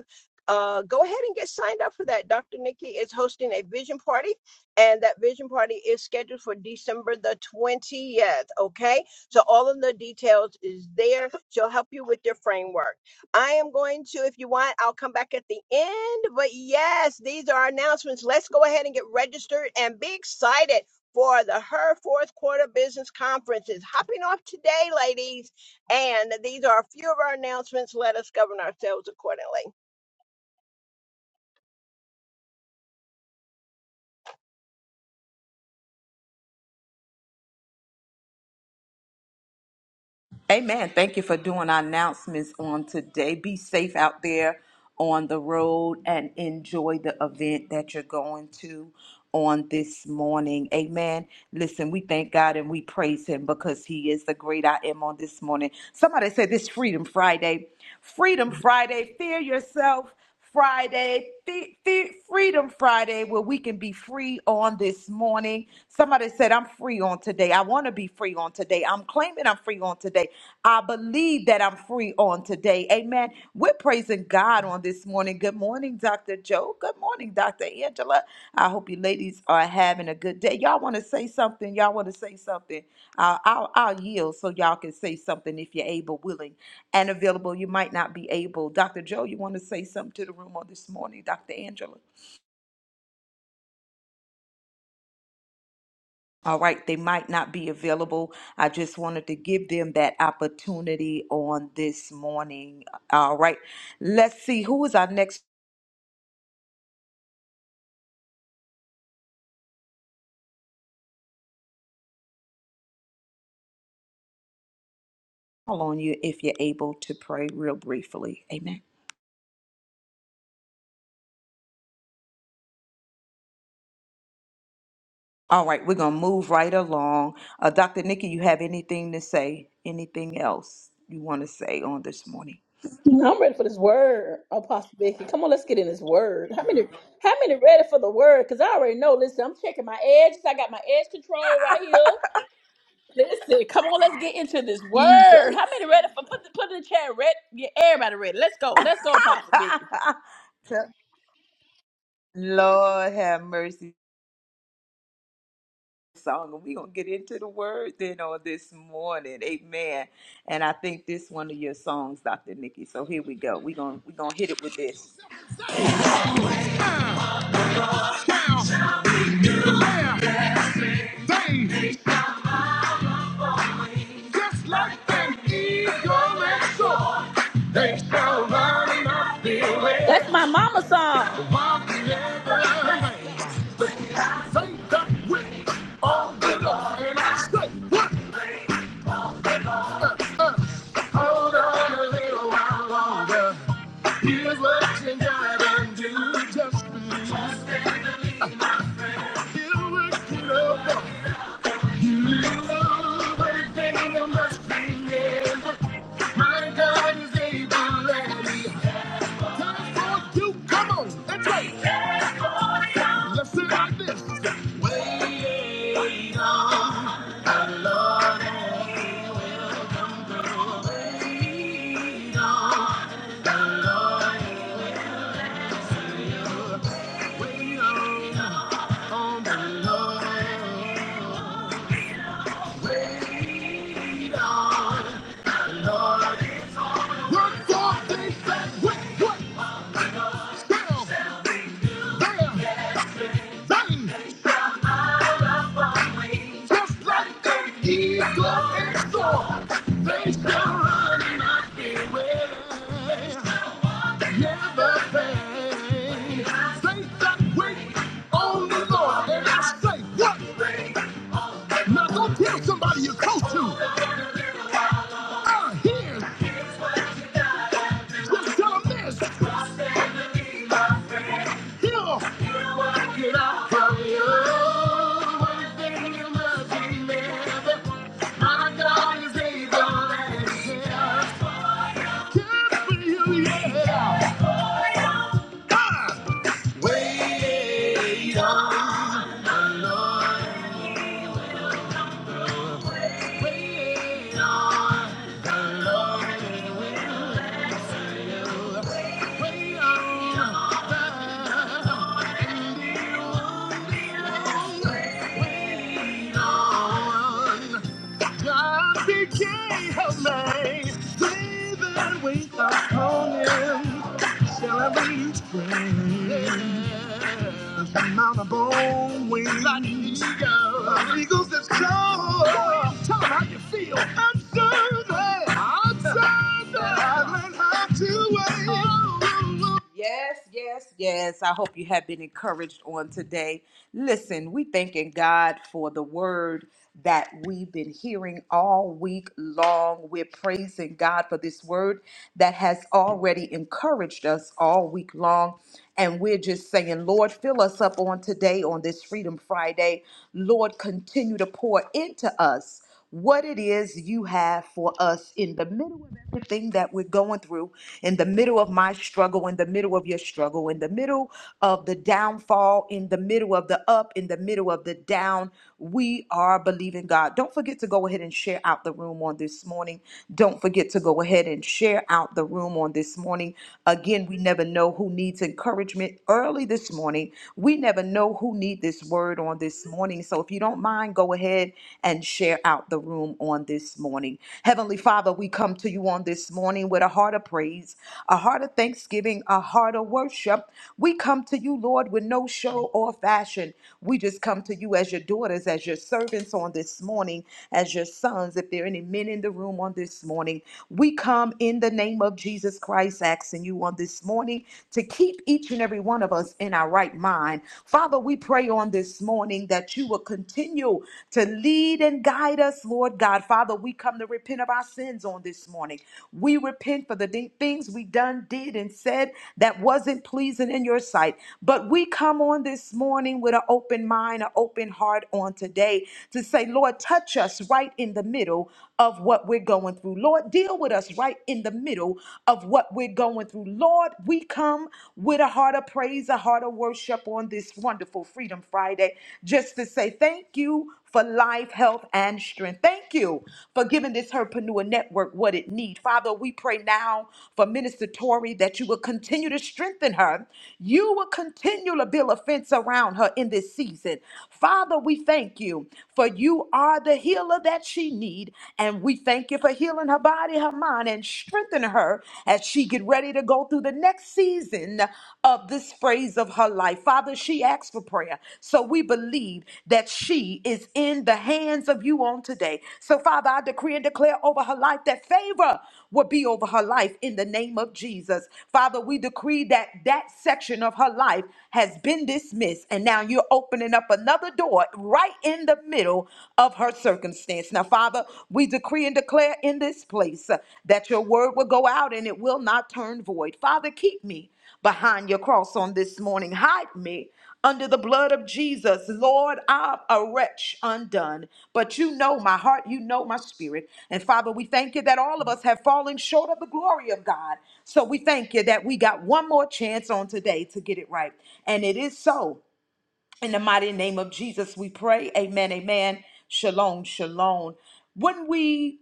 [SPEAKER 6] uh, go ahead and get signed up for that. Dr. Nikki is hosting a vision party, and that vision party is scheduled for December the 20th. Okay, so all of the details is there. She'll help you with your framework. I am going to, if you want, I'll come back at the end. But yes, these are our announcements. Let's go ahead and get registered and be excited. For the Her Fourth Quarter Business Conference is hopping off today, ladies. And these are a few of our announcements. Let us govern ourselves accordingly.
[SPEAKER 1] Amen. Thank you for doing our announcements on today. Be safe out there on the road and enjoy the event that you're going to on this morning. Amen. Listen, we thank God and we praise Him because He is the great I am on this morning. Somebody said this Freedom Friday. Freedom Friday. Fear yourself. Friday, Fe- Fe- Freedom Friday, where we can be free on this morning. Somebody said, I'm free on today. I want to be free on today. I'm claiming I'm free on today. I believe that I'm free on today. Amen. We're praising God on this morning. Good morning, Dr. Dr. Joe. Good morning, Dr. Angela. I hope you ladies are having a good day. Y'all want to say something? Y'all want to say something? Uh, I'll, I'll yield so y'all can say something if you're able, willing, and available. You might not be able. Dr. Joe, you want to say something to the room on this morning, Dr. Angela? All right, they might not be available. I just wanted to give them that opportunity on this morning. All right, let's see who is our next call on you if you're able to pray real briefly. Amen. All right, we're gonna move right along. Uh, Dr. Nikki, you have anything to say? Anything else you want to say on this morning?
[SPEAKER 4] I'm ready for this word, Apostle Becky. Come on, let's get in this word. How many how many ready for the word? Because I already know. Listen, I'm checking my edges. I got my edge control right here. Listen, come on, let's get into this
[SPEAKER 1] Jesus.
[SPEAKER 4] word. How many ready for put the put in the chat ready? Get everybody ready. Let's go. Let's go, Apostle Becky.
[SPEAKER 1] Lord have mercy song and we're gonna get into the word then on this morning amen and i think this one of your songs dr nikki so here we go we're gonna we're gonna hit it with this just like an eagle and soar, they shall run and not be
[SPEAKER 4] That's
[SPEAKER 1] weary.
[SPEAKER 4] my mama song.
[SPEAKER 1] Walk together Say that with all the love hold on a little while longer. Here's what you gotta do. Just believe that you work it over. You love everything you must be in. My God is able and Time for you. Come on, let's Let's sing like this. Wait on, wait on, wait on. on the Lord, Lord, Lord. Wherefore they said, What, what? Still, there, vain, just like an eagle and soar. They shall run and not be weary, never faint. They that wait on the Lord, and I say, What? Now go tell somebody you're close to. I hear. Tell him get out from you. One thing you must remember. My God is able and he'll for you, yeah. Ah! God became a man. David, wait upon him. Shall I be strength? I'm on bone wing like an eagle. An eagle's as strong. Tell 'em how you feel. I'm serving. I'm serving. I learned how to wait. Yes, yes, yes. I hope you have been encouraged on today. Listen, we thanking God for the word that we've been hearing all week long. We're praising God for this word that has already encouraged us all week long. And we're just saying, Lord, fill us up on today on this Freedom Friday. Lord, continue to pour into us what it is you have for us in the middle of everything that we're going through, in the middle of my struggle, in the middle of your struggle, in the middle of the downfall, in the middle of the up, in the middle of the down. We are believing God. Don't forget to go ahead and share out the room on this morning. Don't forget to go ahead and share out the room on this morning. Again, we never know who needs encouragement early this morning. We never know who need this word on on this morning. So if you don't mind, go ahead and share out the room on this morning. Heavenly Father, we come to you on this morning with a heart of praise, a heart of thanksgiving, a heart of worship. We come to you, Lord, with no show or fashion. We just come to you as your daughters, as your servants on this morning, as your sons. If there are any men in the room on this morning, we come in the name of Jesus Christ, asking you on this morning to keep each and every one one of us in our right mind. Father, we pray on this morning that you will continue to lead and guide us, Lord God. Father, we come to repent of our sins on this morning. We repent for the di- things we done, did, and said that wasn't pleasing in your sight. But we come on this morning with an open mind, an open heart on today to say, Lord, touch us right in the middle of what we're going through. Lord, deal with us right in the middle of what what we're going through. Lord, we come with a heart of praise, a heart of worship on this wonderful Freedom Friday, just to say thank you for life, health, and strength. Thank you for giving this Herpreneur Network what it needs. Father, we pray now for Minister Tori that you will continue to strengthen her. You will continue to build a fence around her in this season. Father, we thank you for you are the healer that she needs, and we thank Thank you for healing her body, her mind, and strengthening her as she get ready to go through the next season of this phase of her life. Father, she asks for prayer. So we believe that she is in the hands of you on today. So Father, I decree and declare over her life that favor will be over her life in the name of Jesus. Father, we decree that that section of her life has been dismissed and now you're opening up another door right in the middle middle of her circumstance. Now, Father, we decree and declare in this place uh, that your word will go out and it will not turn void. Father, keep me behind your cross on this morning. Hide me under the blood of Jesus. Lord, I'm a wretch undone, but you know my heart, you know my spirit. And Father, we thank you that all of us have fallen short of the glory of God. So we thank you that we got one more chance on today to get it right. And it is so. In the mighty name of Jesus, we pray. Amen. Amen. Shalom. Shalom. When we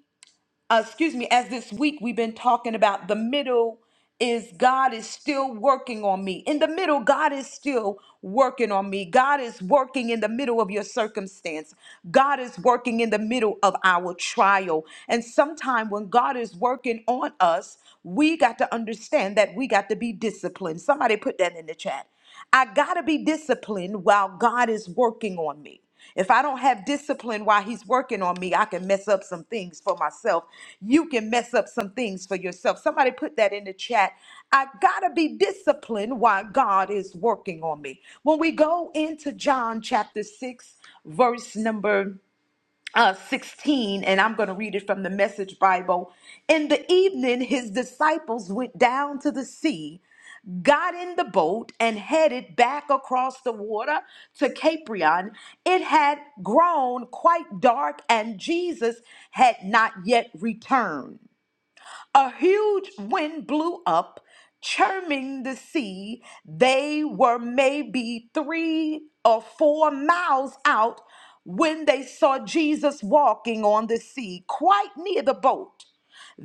[SPEAKER 1] uh, excuse me, as this week we've been talking about the middle is God is still working on me. In the middle, God is still working on me. God is working in the middle of your circumstance. God is working in the middle of our trial. And sometime when God is working on us, we got to understand that we got to be disciplined. Somebody put that in the chat. I got to be disciplined while God is working on me. If I don't have discipline while he's working on me, I can mess up some things for myself. You can mess up some things for yourself. Somebody put that in the chat. I gotta be disciplined while God is working on me. When we go into John chapter 6, verse number uh, 16, and I'm going to read it from the Message Bible. In the evening, his disciples went down to the sea got in the boat and headed back across the water to Capernaum. it had grown quite dark and Jesus had not yet returned. A huge wind blew up, churning the sea. They were maybe three or four miles out when they saw Jesus walking on the sea, quite near the boat.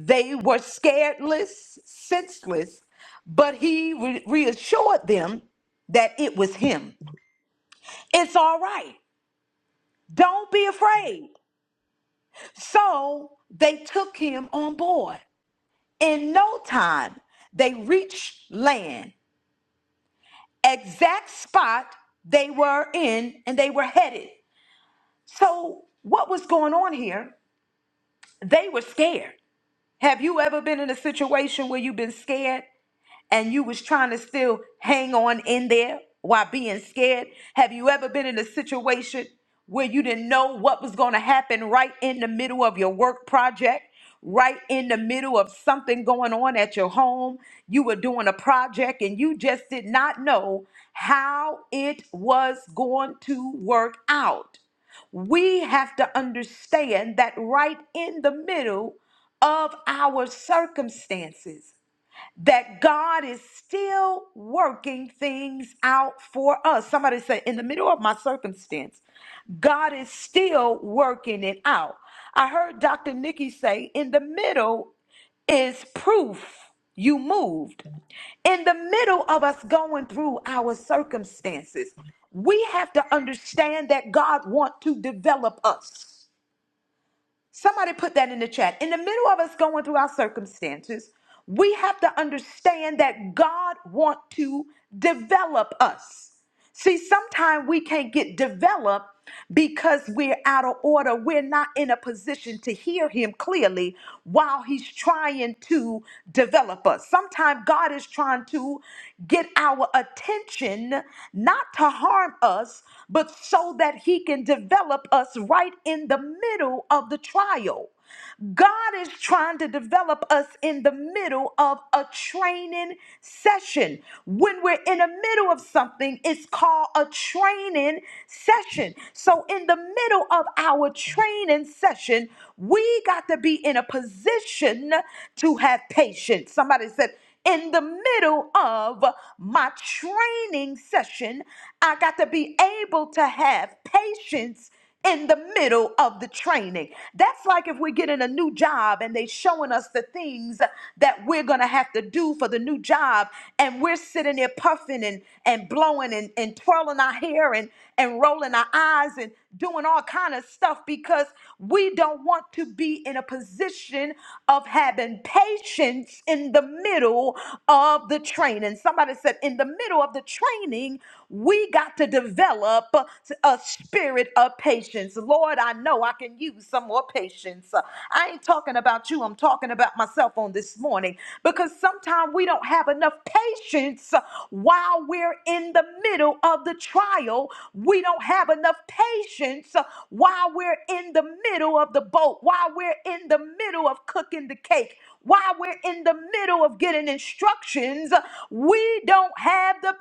[SPEAKER 1] They were scaredless, senseless, but he re- reassured them that it was him. It's all right. Don't be afraid. So they took him on board. In no time, they reached land, exact spot they were in and they were headed. So, what was going on here? They were scared. Have you ever been in a situation where you've been scared? and you was trying to still hang on in there while being scared? Have you ever been in a situation where you didn't know what was going to happen right in the middle of your work project? Right in the middle of something going on at your home, you were doing a project and you just did not know how it was going to work out. We have to understand that right in the middle of our circumstances that God is still working things out for us. Somebody said, in the middle of my circumstance, God is still working it out. I heard Dr. Nikki say, in the middle is proof you moved. In the middle of us going through our circumstances, we have to understand that God wants to develop us. Somebody put that in the chat. In the middle of us going through our circumstances, we have to understand that God wants to develop us. See, sometimes we can't get developed because we're out of order. We're not in a position to hear him clearly while he's trying to develop us. Sometimes God is trying to get our attention, not to harm us, but so that he can develop us right in the middle of the trial. God is trying to develop us in the middle of a training session. When we're in the middle of something, it's called a training session. So, in the middle of our training session, we got to be in a position to have patience. Somebody said, in the middle of my training session, I got to be able to have patience in the middle of the training. That's like if we're getting a new job and they showing us the things that we're gonna have to do for the new job, and we're sitting there puffing and, and blowing and, and twirling our hair and, and rolling our eyes and doing all kind of stuff because we don't want to be in a position of having patience in the middle of the training. Somebody said in the middle of the training, we got to develop a spirit spirit of patience. Lord, I know I can use some more patience. Uh, I ain't talking about you, I'm talking about myself on this morning because sometimes we don't have enough patience uh, while we're in the middle of the trial. We don't have enough patience uh, while we're in the middle of the boat, while we're in the middle of cooking the cake while we're in the middle of getting instructions, we don't have the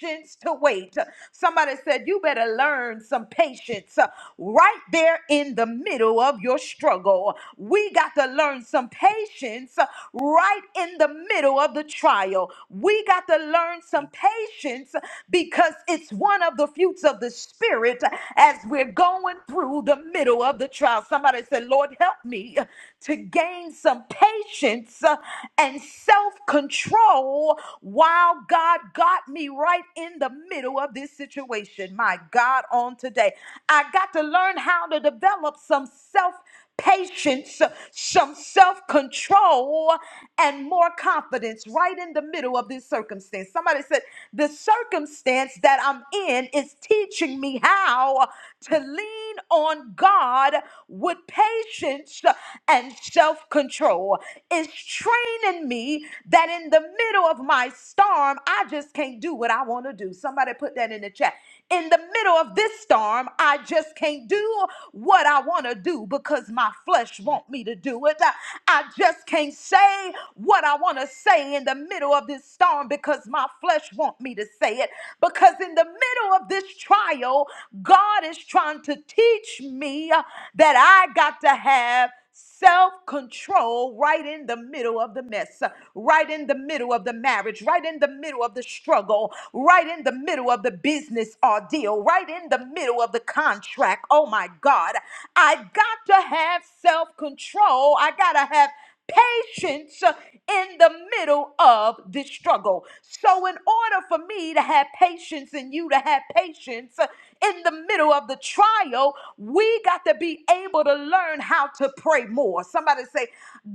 [SPEAKER 1] patience to wait. Somebody said, You better learn some patience uh, right there in the middle of your struggle. We got to learn some patience uh, right in the middle of the trial. We got to learn some patience because it's one of the fruits of the Spirit as we're going through the middle of the trial. Somebody said, Lord, help me to gain some patience uh, and self control while God got me right in the middle of this situation. My God, on today, I got to learn how to develop some self patience, some self control, and more confidence right in the middle of this circumstance. Somebody said, The circumstance that I'm in is teaching me how to lean on God with patience and self control. It's training me that in the middle of my storm, I just can't do what I want to do. Somebody put that in the chat in the middle of this storm, I just can't do what I want to do because my flesh want me to do it. I I just can't say what I want to say in the middle of this storm because my flesh want me to say it. Because in the middle of this trial, God is trying to teach me uh, that I got to have self control right in the middle of the mess, right in the middle of the marriage, right in the middle of the struggle, right in the middle of middle of the business ordeal, right in the middle of the contract. Oh my God. I got to have self control. I got to have patience in the middle of this struggle. So, in order for me to have patience and you to have patience, in the middle of the trial, we got to be able to learn how to pray more. Somebody say,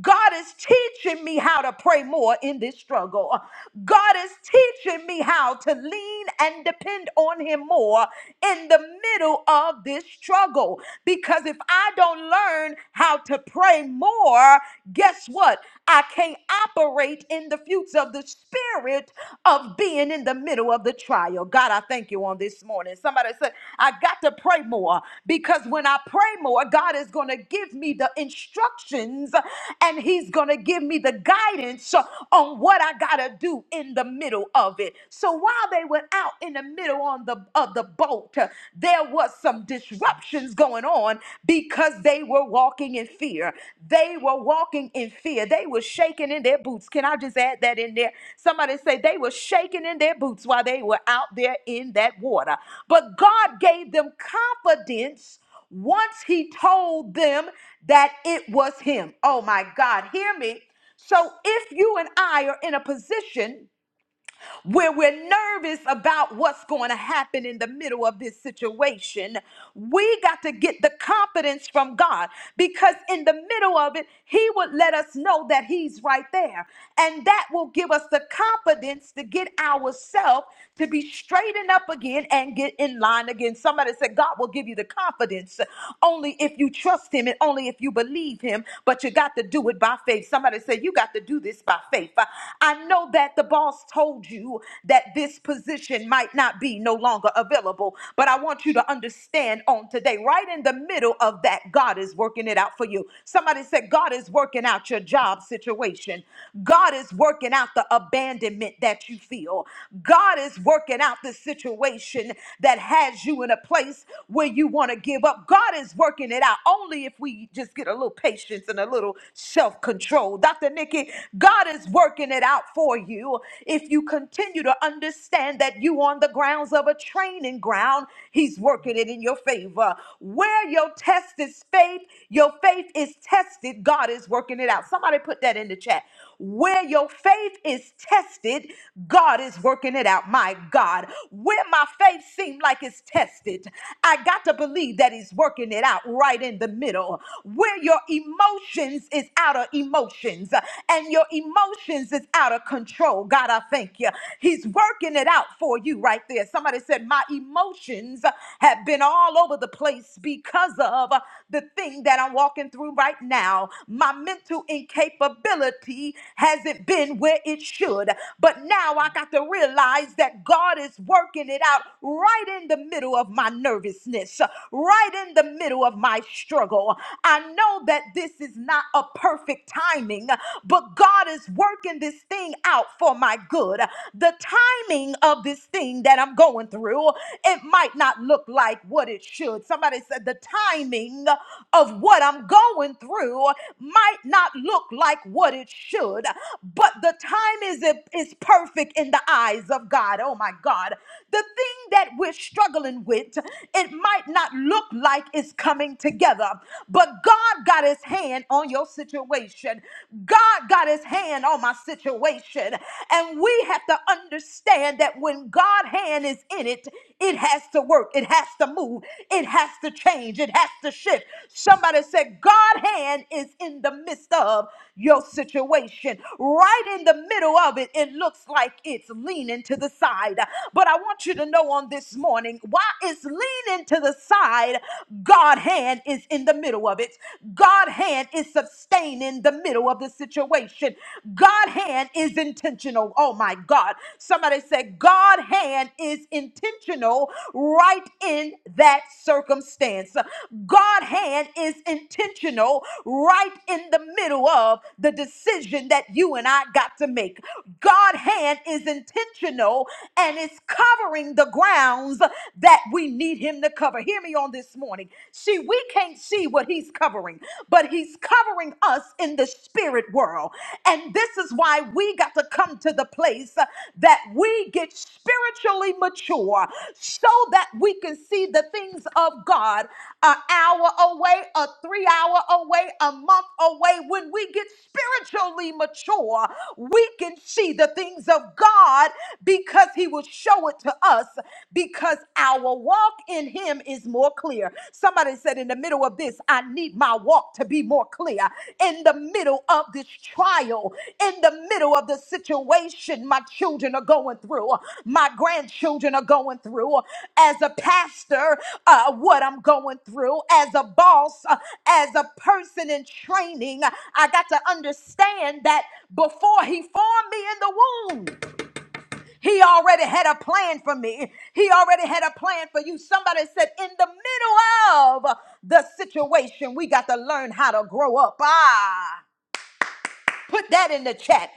[SPEAKER 1] God is teaching me how to pray more in this struggle. God is teaching me how to lean and depend on Him more in the middle of this struggle. Because if I don't learn how to pray more, guess what? I can't operate in the fruits of the spirit of being in the middle of the trial. God, I thank you on this morning. Somebody said, I got to pray more because when I pray more, God is going to give me the instructions and He's going to give me the guidance on what I got to do in the middle of it. So while they were out in the middle on the of the boat, there was some of disruptions going on because they were walking in fear. They were walking in fear. They were shaking in their boots. Can I just add that in there? Somebody say they were shaking in their boots while they were out there in that water. But God gave them confidence once He told them that it was Him. Oh my God, hear me. So if you and I are in a position where we're nervous about what's going to happen in the middle of this situation, we got to get the confidence from God because in the middle of it, He would let us know that He's right there. And that will give us the confidence to get ourselves to be straightened up again and get in line again. Somebody said, God will give you the confidence only if you trust Him and only if you believe Him, but you got to do it by faith. Somebody said, You got to do this by faith. I. I know that the boss told you that this position might not be no longer available, but I want you to understand on today, right in the middle of that, God is working it out for you. Somebody said, God is working out your job situation. God is working out the abandonment that you feel. God is working out the situation that has you in a place where you want to give up. God is working it out only if we just get a little patience and a little self control. Dr. Nikki, it. God is working it out for you. If you continue to understand that you on the grounds of a training ground, He's working it in your favor. Where your test is faith, your faith is tested. God is working it out. Somebody put that in the chat. Where your faith is tested, God is working it out. My God, where my faith seems like it's tested, I got to believe that He's working it out right in the middle. Where your emotions is out of emotions uh, and your emotions is out of control, God, I thank you. He's working it out for you right there. Somebody said, My emotions have been all over the place because of the thing that I'm walking through right now, my mental incapability hasn't been where it should. But now I got to realize that God is working it out right in the middle of my nervousness, right in the middle of my struggle. I know that this is not a perfect timing, but God is working this thing out for my good. The timing of this thing that I'm going through, it might not look look like what it should. Somebody said the timing of what I'm going through might not look like what it should, but the time is, is perfect in the eyes of God. Oh my God. The thing that we're struggling with, it might not look like it's coming together, but God got his hand on your situation. God got his hand on my situation. And we have to understand understand that when God's hand is in it, it has to work, it has to move, it has to change, it has to shift. Somebody said, God's hand is in the midst of your situation. Right in the middle of it, it looks like it's leaning to the side. But I want you to know on this morning why it's leaning to the side, God's hand is in the middle of it. God's hand is sustaining the middle of the situation situation. God hand is intentional. Oh my God. Somebody said God hand is intentional right in that circumstance. God hand is intentional right in the middle of the decision that you and I got to make. God hand is intentional and it's covering the grounds that we need him to cover. Hear me on this morning. See, we can't see see what he's covering, but he's covering us in the spirit world. And this is why we got to come to the place uh, that we get spiritually mature so that we can see the things of God an hour away, a three hour away, a month away. When we get spiritually mature, we can see the things of God because He will show it to us. Because our walk in Him is more clear. Somebody said, In the middle of this, I need my walk to be more clear. In the middle of this trial, in the middle of the situation my children are going through, my grandchildren are going through, as a pastor, uh, what I'm going through, as a boss, uh, as a person in training, I got to understand that before He formed me in the womb. He already had a plan for me. He already had a plan for you. Somebody said, in the middle of the situation, we got to learn how to grow up. Ah, Put that in the chat.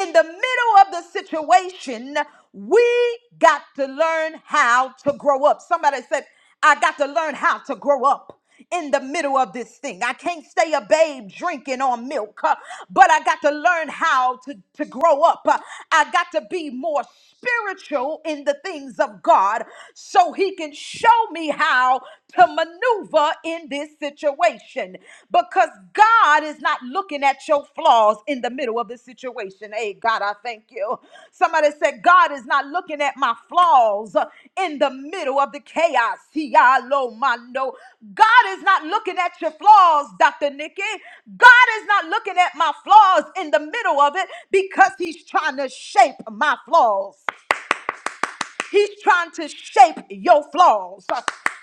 [SPEAKER 1] In the middle of the situation, we got to learn how to grow up. Somebody said, I got to learn how to grow up in the middle of this thing. I can't stay a babe drinking on milk, uh, but I got to learn how to, to grow up. Uh, I got to be more spiritual in the things of God so He can show me how to maneuver maneuver in this situation because God is not looking at your flaws in the middle of the situation. Hey, God, I thank you. Somebody said, God is not looking at my flaws in the middle of the chaos. He, I, lo, God is not looking at your flaws, Dr. Nikki. God is not looking at my flaws in the middle of it because He's trying to shape my flaws. He's trying to shape your flaws.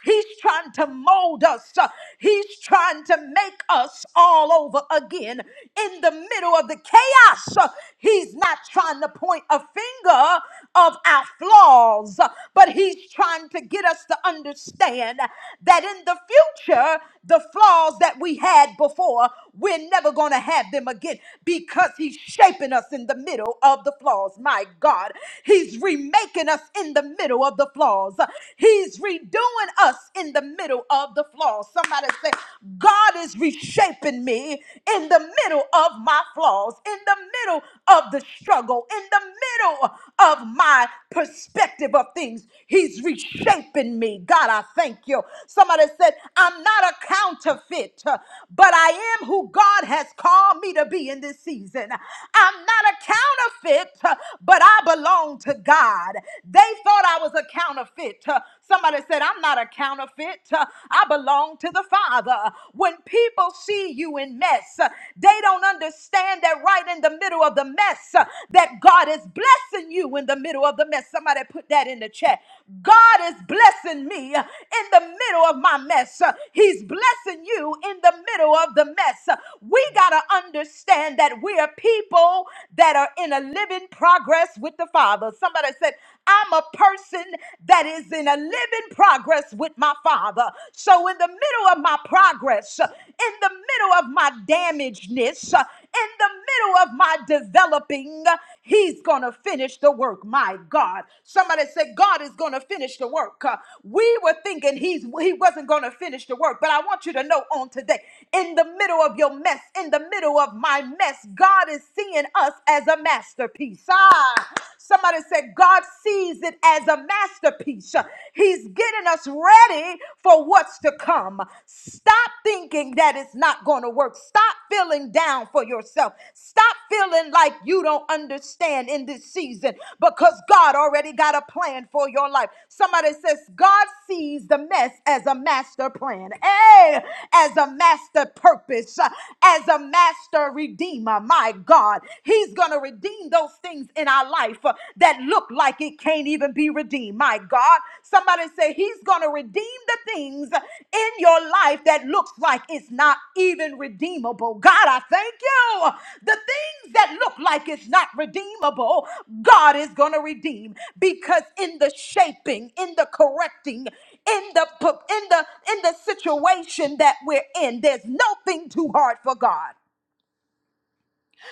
[SPEAKER 1] He's trying to mold us. He's trying to make us all over again. In the middle of the chaos, he's not trying to point a finger of our flaws, but he's trying to get us to understand that in the future, the flaws that we had before, we're never going to have them again because he's shaping us in the middle of the flaws. My God, he's remaking us in the middle of the flaws. He's redoing us in the middle of the flaws. Somebody say, God is reshaping me in the middle of my flaws, in the middle of the struggle, in the middle of my perspective of things. He's reshaping me. God, I thank you. Somebody said, I'm not a counterfeit, but I am who God has called me to be in this season. I'm not a counterfeit, but I belong to God. They thought I was a counterfeit. Uh, Somebody said, I'm not a counterfeit. Uh, I belong to the Father. When people see you in mess, uh, they don't understand that right in the middle of the mess, uh, that God is blessing you in the middle of the mess. Somebody put that in the chat. God is blessing me uh, in the middle of my mess. Uh, He's blessing you in the middle of the mess. Uh, We got to understand that we are people that are in alignment living progress with the Father. Somebody said, I'm a person that is in a living progress with my Father. So, in the middle of my progress, in the middle of my damagedness, in the middle of my developing, He's going to finish the work. My God. Somebody said, God is going to finish the work. Uh, We were thinking he's, He wasn't going to finish the work, but I want you to know on today, in the middle of your mess, in the middle of my mess, God is seeing seeing us as a masterpiece. Ah, somebody said God sees it as a masterpiece. He's getting us ready for what's to come. Stop thinking that it's not going to work. Stop feeling down for yourself. Stop feeling like you don't understand in this season because God already got a plan for your life. Somebody says God sees the mess as a master plan. Hey, as a master purpose, as a master redeemer redeemer, my God. He's going to redeem those things in our life uh, that look like it can't even be redeemed, my God. Somebody say, He's going to redeem the things in your life that looks like it's not even redeemable. God, I thank you. The things that look like it's not redeemable, God is going to redeem because in the shaping, in the correcting, in the in the in the situation that we're in, there's nothing too hard for God.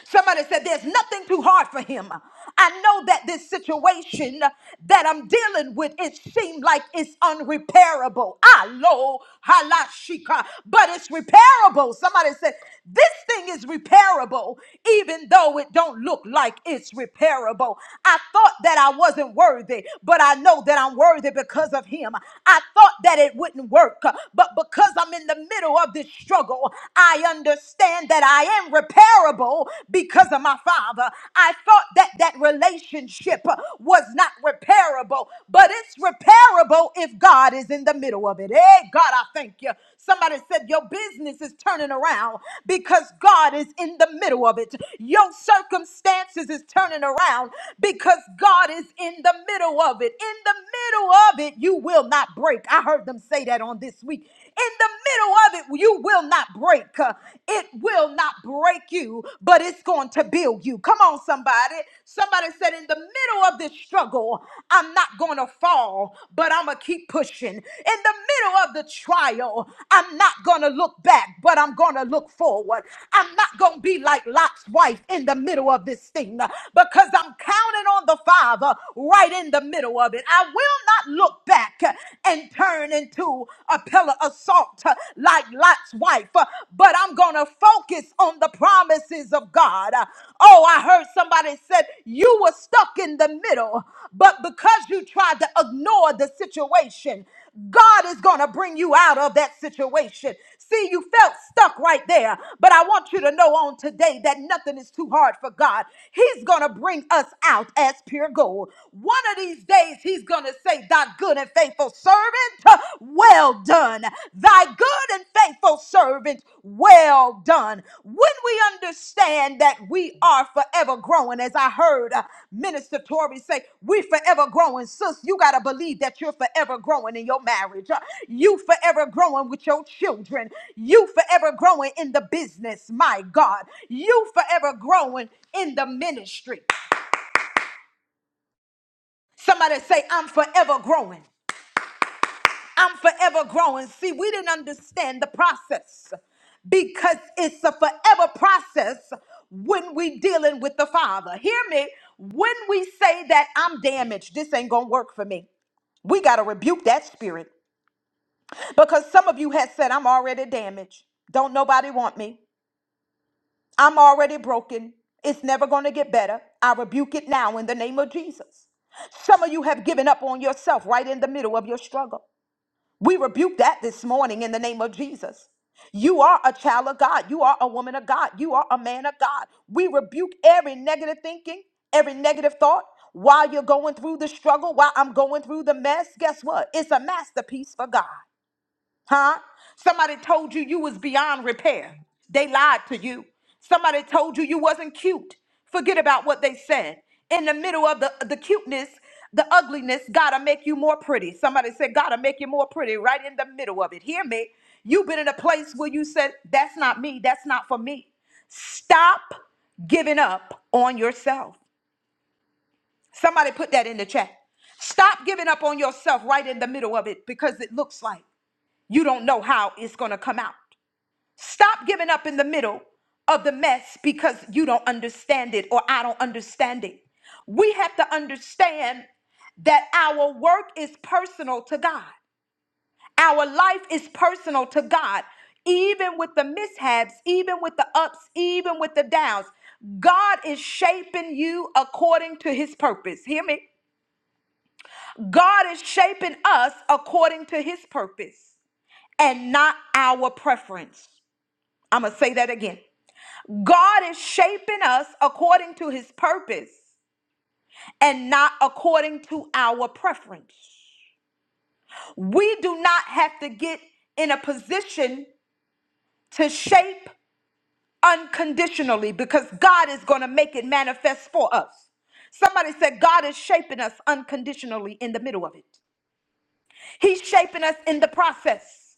[SPEAKER 1] Somebody said, There's nothing too hard for him. I know that this situation that I'm dealing with, it seemed like it's unrepairable. I lo halashika, but it's repairable. Somebody said, This thing is repairable, even though it don't look like it's repairable. I thought that I wasn't worthy, but I know that I'm worthy because of him. I thought that it wouldn't work, but because I'm in the middle of this struggle, I understand understand that I am repairable because of my father. I thought that that relationship was not repairable, but it's repairable if God is in the middle of it. Hey, God, I thank you. Somebody said your business is turning around because God is in the middle of it. Your circumstances is turning around because God is in the middle of it. In the middle of it, you will not break. I heard them say that on this week in the middle of it, you will not break. Uh, It will not break you, but it's going to build you. Come on, somebody. Somebody said, In the middle of this struggle, I'm not going to fall, but I'm going to keep pushing. In the middle of the trial, I'm not going to look back, but I'm going to look forward. I'm not going to be like Lot's wife in the middle of this thing uh, because I'm counting on the Father right in the middle of it. I will not look back and turn into a pillar of salt uh, like Lot's wife. Uh, But I'm going to focus on the promises of God. Uh, Oh, I heard somebody said you were stuck in the middle, but because you tried to ignore the situation, God is going to bring you out of that situation. See, you felt stuck right there, but I want you to know on today that nothing is too hard for God. He's going to bring us out as pure gold. One of these days, He's going to say, Thy good and faithful servant, well done. Thy good and faithful servant, well done. When we understand that we are forever growing. As I heard uh, Minister Tori say, we forever growing. Sis, you got to believe that you're forever growing in your marriage. Uh, You forever growing with your children. You forever growing in the business, my God. You forever growing in the ministry. Somebody say, I'm forever growing. I'm forever growing. See, we didn't understand the process because it's a forever process when we dealing with the Father. Hear me. When we say that I'm damaged, this ain't gonna work for me. We gotta rebuke that spirit because some of you have said, "I'm already damaged. Don't nobody want me. I'm already broken. It's never gonna get better." I rebuke it now in the name of Jesus. Some of you have given up on yourself right in the middle of your struggle. We rebuke that this morning in the name of Jesus. You are a child of God. You are a woman of God. You are a man of God. We rebuke every negative thinking, every negative thought. While you're going through the struggle, while I'm going through the mess, guess what? It's a masterpiece for God. Huh? Somebody told you you was beyond repair. They lied to you. Somebody told you you wasn't cute. Forget about what they said. In the middle of the, the cuteness, the ugliness, gotta make you more pretty. Somebody said, gotta make you more pretty right in the middle of it. Hear me. You've been in a place where you said, That's not me. That's not for me. Stop giving up on yourself. Somebody put that in the chat. Stop giving up on yourself right in the middle of it because it looks like you don't know how it's going to come out. Stop giving up in the middle of the mess because you don't understand it or I don't understand it. We have to understand that our work is personal to God, our life is personal to God. Even with the mishaps, even with the ups, even with the downs, God is shaping you according to his purpose. Hear me? God is shaping us according to his purpose and not our preference. I'm going to say that again. God is shaping us according to his purpose and not according to our preference. We do not have to get in a position to shape unconditionally because God is going to make it manifest for us. Somebody said God is shaping us unconditionally in the middle of it. He's shaping us in the process.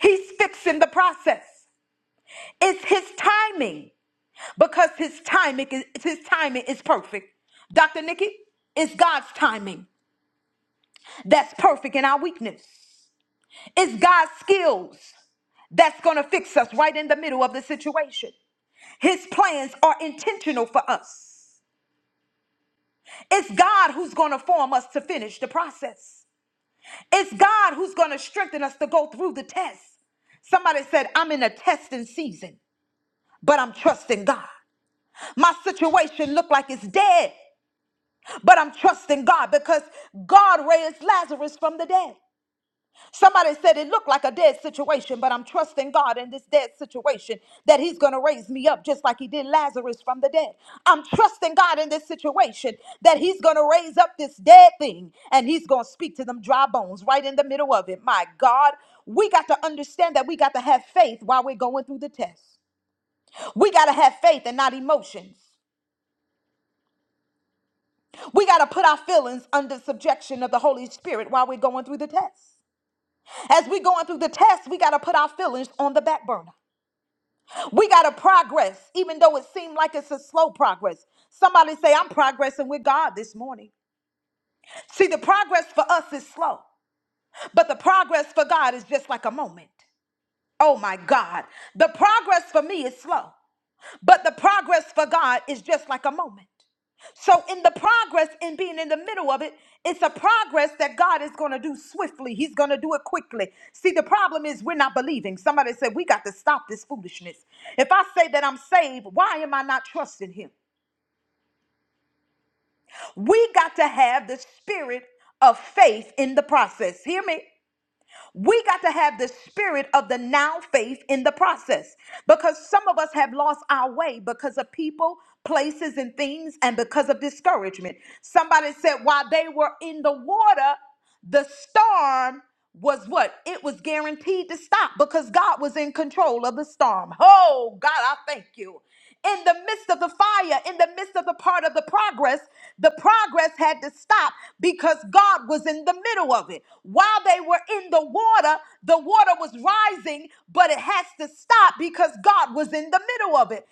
[SPEAKER 1] He's fixing the process. It's his timing. because his timing is his timing is perfect. Dr. Nikki, it's God's timing that's perfect in our weakness. It's God's skills that's going to fix us right in the middle of the situation. His plans are intentional for us. It's God who's going to form us to finish the process. It's God who's going to strengthen us to go through the test. Somebody said, I'm in a testing season, but I'm trusting God. My situation looked like it's dead, But I'm trusting God because God raised Lazarus from the dead. Somebody said it looked like a dead situation, but I'm trusting God in this dead situation that He's going to raise me up just like He did Lazarus from the dead. I'm trusting God in this situation that He's going to raise up this dead thing and He's going to speak to them dry bones right in the middle of it. My God, we got to understand that we got to have faith while we're going through the test. We got to have faith and not emotions. We got to put our feelings under subjection of the Holy Spirit while we're going through the test. As we're going through the test, we got to put our feelings on the back burner. We got to progress, even though it seemed like it's a slow progress. Somebody say, I'm progressing with God this morning. See, the progress for us is slow, but the progress for God is just like a moment. Oh my God. The progress for me is slow, but the progress for God is just like a moment. So, in the progress, in being in the middle of it, it's a progress that God is going to do swiftly. He's going to do it quickly. See, the problem is we're not believing. Somebody said, We got to stop this foolishness. If I say that I'm saved, why am I not trusting Him? We got to have the spirit of faith in the process. Hear me? We got to have the spirit of the now faith in the process because some of us have lost our way because of people, places, and things, and because of discouragement. Somebody said while they were in the water, the storm was what? It was guaranteed to stop because God was in control of the storm. Oh, God, I thank you in the midst of the fire, in the midst of the part of the progress, the progress had to stop because God was in the middle of it. While they were in the water, the water was rising, but it has to stop because God was in the middle of it.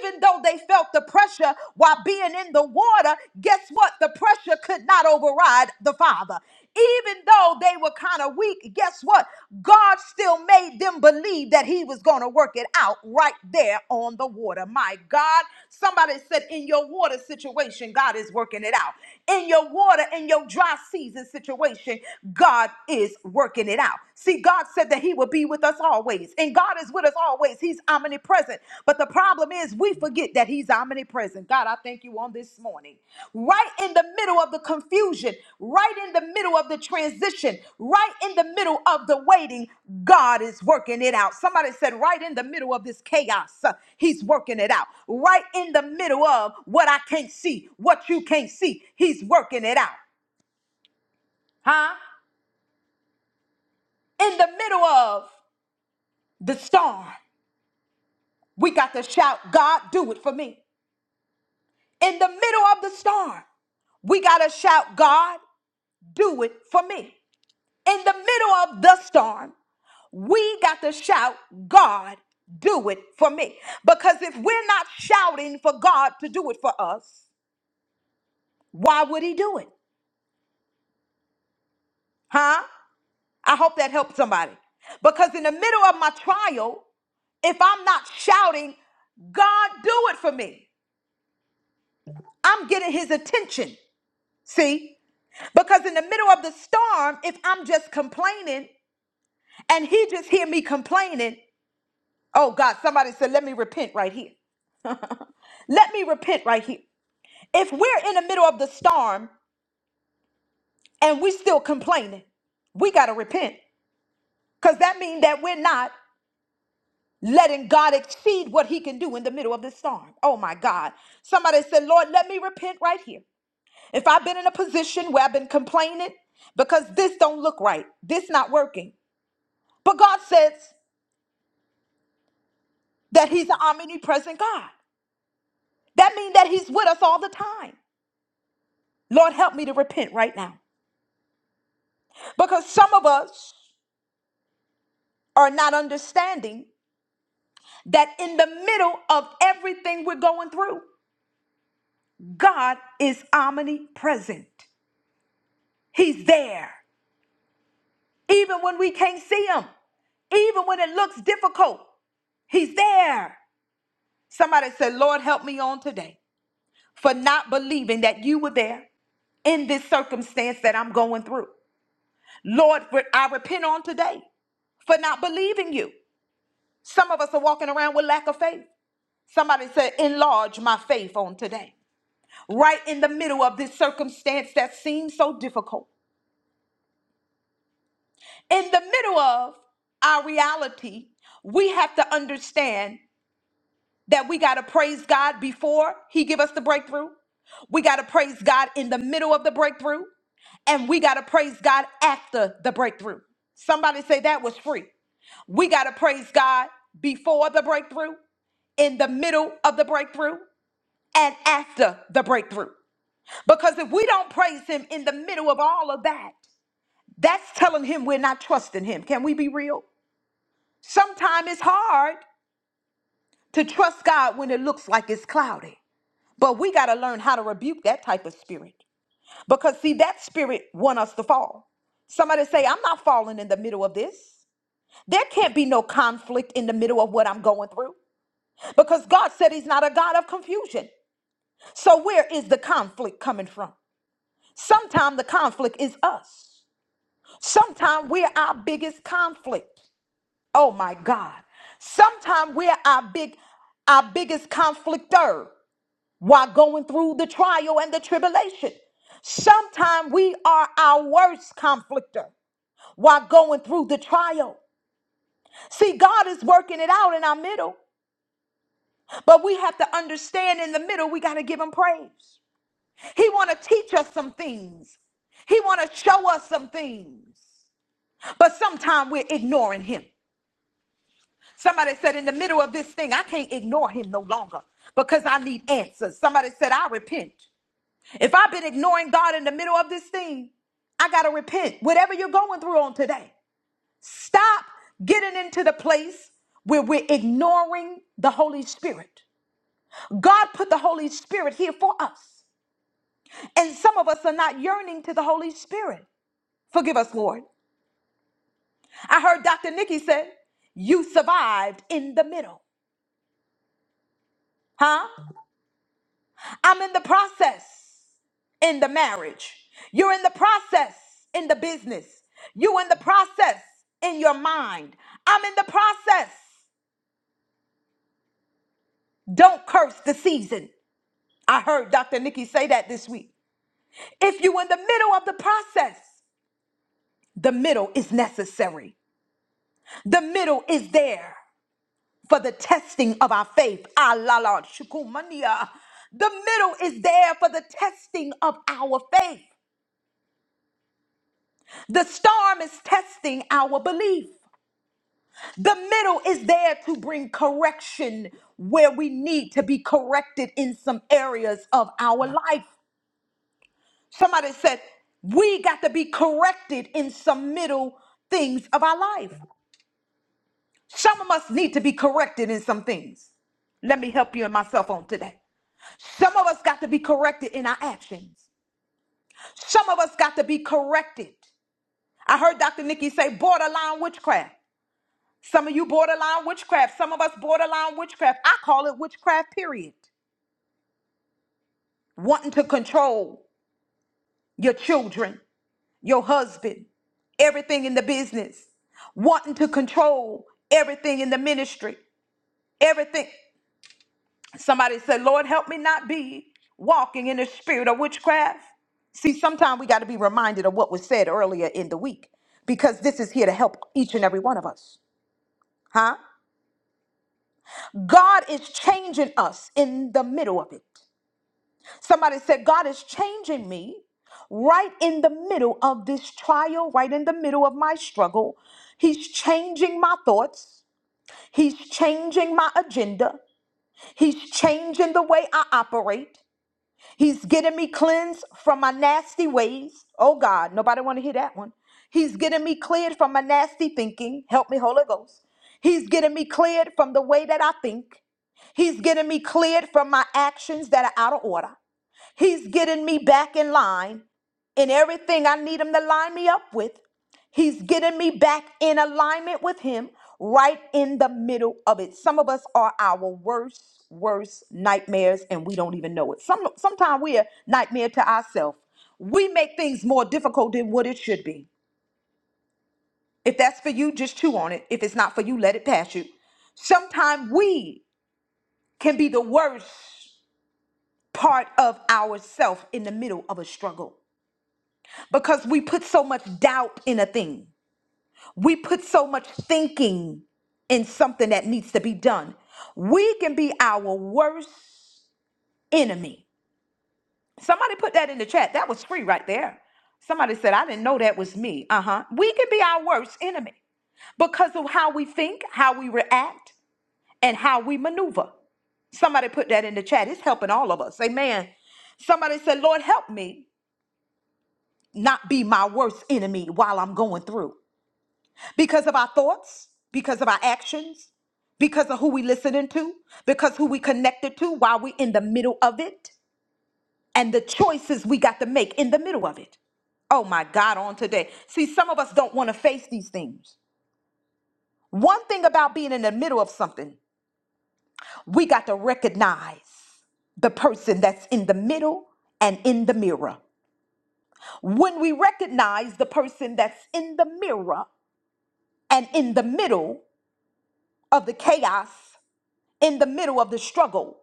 [SPEAKER 1] Even though they felt the pressure while being in the water, guess what? The pressure could not override the Father. Even though they were kind of weak, guess what? God still made them believe that He was going to work it out right there on the water. My God, somebody said, in your water situation, God is working it out. In your water, in your dry season situation, God is working it out. See, God said that He would be with us always, and God is with us always. He's omnipresent present. But the problem is, we forget that He's omnipresent. God, I thank you on this morning. Right in the middle of the confusion, right in the middle of the transition, right in the middle of the waiting, God is working it out. Somebody said, right in the middle of this chaos, uh, He's working it out. Right in the middle of what I can't see, what you can't see, He's working it out. Huh? In the middle of the storm, we got to shout, God, do it for me. in the middle of the storm, we got to shout, God, do it for me. In the middle of the storm, we got to shout, God, do it for me. Because if we're not shouting for God to do it for us, why would He do it? Huh? I hope that helped somebody. Because in the middle of my trial, if I'm not shouting, God, do it for me. I'm getting his attention. See? Because in the middle of the storm, if I'm just complaining, and he just hear me complaining. Oh God, somebody said, let me repent right here. Let me repent right here. If we're in the middle of the storm and we still complaining, we gotta repent. Because that means that we're not letting God exceed what he can do in the middle of the storm. Oh my God. Somebody said, Lord, let me repent right here. If I've been in a position where I've been complaining because this don't look right, this not working. But God says that he's an omnipresent God. That means that he's with us all the time. Lord, help me to repent right now. Because some of us are not understanding that in the middle of everything we're going through, God is omnipresent. He's there. Even when we can't see Him, even when it looks difficult, He's there. Somebody said, Lord, help me on today for not believing that you were there in this circumstance that I'm going through. Lord, re- I repent on today for not believing you. Some of us are walking around with lack of faith. Somebody said, enlarge my faith on today. Right in the middle of this circumstance that seems so difficult, in the middle of our reality, we have to understand that we got to praise God before he give us the breakthrough. We got to praise God in the middle of the breakthrough and we got to praise God after the breakthrough. Somebody say that was free. We got to praise God before the breakthrough, in the middle of the breakthrough, and after the breakthrough. Because if we don't praise him in the middle of all of that, that's telling him we're not trusting him. Can we be real? Sometimes it's hard to trust God when it looks like it's cloudy. But we got to learn how to rebuke that type of spirit. Because see, that spirit want us to fall. Somebody say, I'm not falling in the middle of this. There can't be no conflict in the middle of what I'm going through. Because God said he's not a God of confusion. So where is the conflict coming from? Sometimes the conflict is us. Sometimes we're our biggest conflict. Oh my God. Sometimes we're our big our biggest conflictor while going through the trial and the tribulation. Sometimes we are our worst conflictor while going through the trial. See, God is working it out in our middle, but we have to understand in the middle we got to give him praise. He want to teach us some things. He want to show us some things. But sometimes we're ignoring him. Somebody said, in the middle of this thing, I can't ignore him no longer because I need answers. Somebody said, I repent. If I've been ignoring God in the middle of this thing, I got to repent. Whatever you're going through on today, stop getting into the place where we're ignoring the Holy Spirit. God put the Holy Spirit here for us. And some of us are not yearning to the Holy Spirit. Forgive us, Lord. I heard Dr. Nikki say, You survived in the middle. Huh? I'm in the process. in the marriage. You're in the process in the business. You in the process in your mind. I'm in the process. Don't curse the season. I heard Dr. Nikki say that this week. If you in the middle of the process, the middle is necessary. The middle is there for the testing of our faith. Ah, la, la, shukumania. The middle is there for the testing of our faith. The storm is testing our belief. The middle is there to bring correction where we need to be corrected in some areas of our life. Somebody said, We got to be corrected in some middle things of our life. Some of us need to be corrected in some things. Let me help you and myself on today. Some of us got to be corrected in our actions. Some of us got to be corrected. I heard Dr. Nikki say borderline witchcraft. Some of you borderline witchcraft. Some of us borderline witchcraft. I call it witchcraft, period. wanting to control your children, your husband, everything in the business, wanting to control everything in the ministry, everything. Somebody said, Lord, help me not be walking in the spirit of witchcraft. See, sometimes we got to be reminded of what was said earlier in the week because this is here to help each and every one of us, huh? God is changing us in the middle of it. Somebody said, God is changing me right in the middle of this trial, right in the middle of my struggle. He's changing my thoughts. He's changing my agenda. He's changing the way I operate. He's getting me cleansed from my nasty ways. Oh God, nobody want to hear that one. He's getting me cleared from my nasty thinking. Help me, Holy Ghost. He's getting me cleared from the way that I think. He's getting me cleared from my actions that are out of order. He's getting me back in line in everything I need him to line me up with. He's getting me back in alignment with him right in the middle of it. Some of us are our worst, worst nightmares and we don't even know it. Some sometimes we're a nightmare to ourselves. We make things more difficult than what it should be. If that's for you, just chew on it. If it's not for you, let it pass you. Sometimes we can be the worst part of ourselves in the middle of a struggle. because we put so much doubt in a thing. We put so much thinking in something that needs to be done. We can be our worst enemy. Somebody put that in the chat. That was free right there. Somebody said, I didn't know that was me. Uh huh. We can be our worst enemy because of how we think, how we react, and how we maneuver. Somebody put that in the chat. It's helping all of us. Amen. Somebody said, Lord, help me not be my worst enemy while I'm going through. because of our thoughts, because of our actions, because of who we listening to, because who we connected to while we in the middle of it, and the choices we got to make in the middle of it. Oh my God, on today. See, some of us don't want to face these things. One thing about being in the middle of something, we got to recognize the person that's in the middle and in the mirror. When we recognize the person that's in the mirror and in the middle of the chaos in the middle of the struggle.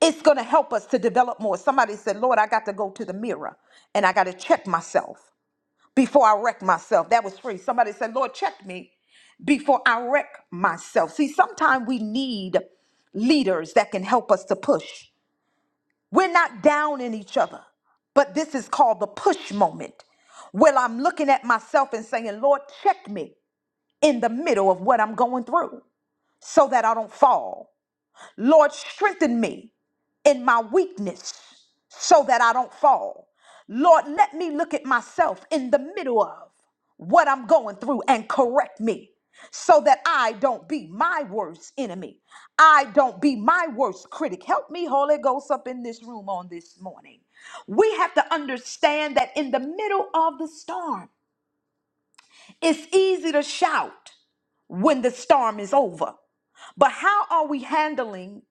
[SPEAKER 1] It's going to help us to develop more. Somebody said, Lord, I got to go to the mirror and I got to check myself before I wreck myself. That was free. Somebody said, Lord, check me before I wreck myself. See, sometimes we need leaders that can help us to push. We're not down in each other, but this is called the push moment where I'm looking at myself and saying, Lord, check me in the middle of what I'm going through so that I don't fall. Lord, strengthen me in my weakness so that I don't fall. Lord, let me look at myself in the middle of what I'm going through and correct me so that I don't be my worst enemy. I don't be my worst critic. Help me, Holy Ghost, up in this room on this morning. We have to understand that in the middle of the storm, it's easy to shout when the storm is over. But how are we handling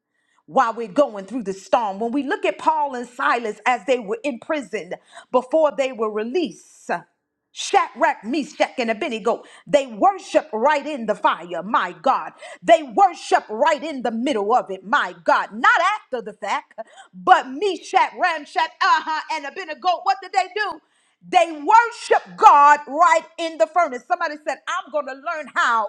[SPEAKER 1] while we're going through the storm. When we look at Paul and Silas as they were imprisoned before they were released, Shadrach, Meshach, and Abednego, they worship right in the fire, my God. They worship right in the middle of it, my God. Not after the fact, but Meshach, Ramshach, uh-huh, and Abednego, what did they do? They worship God right in the furnace. Somebody said, I'm going to learn how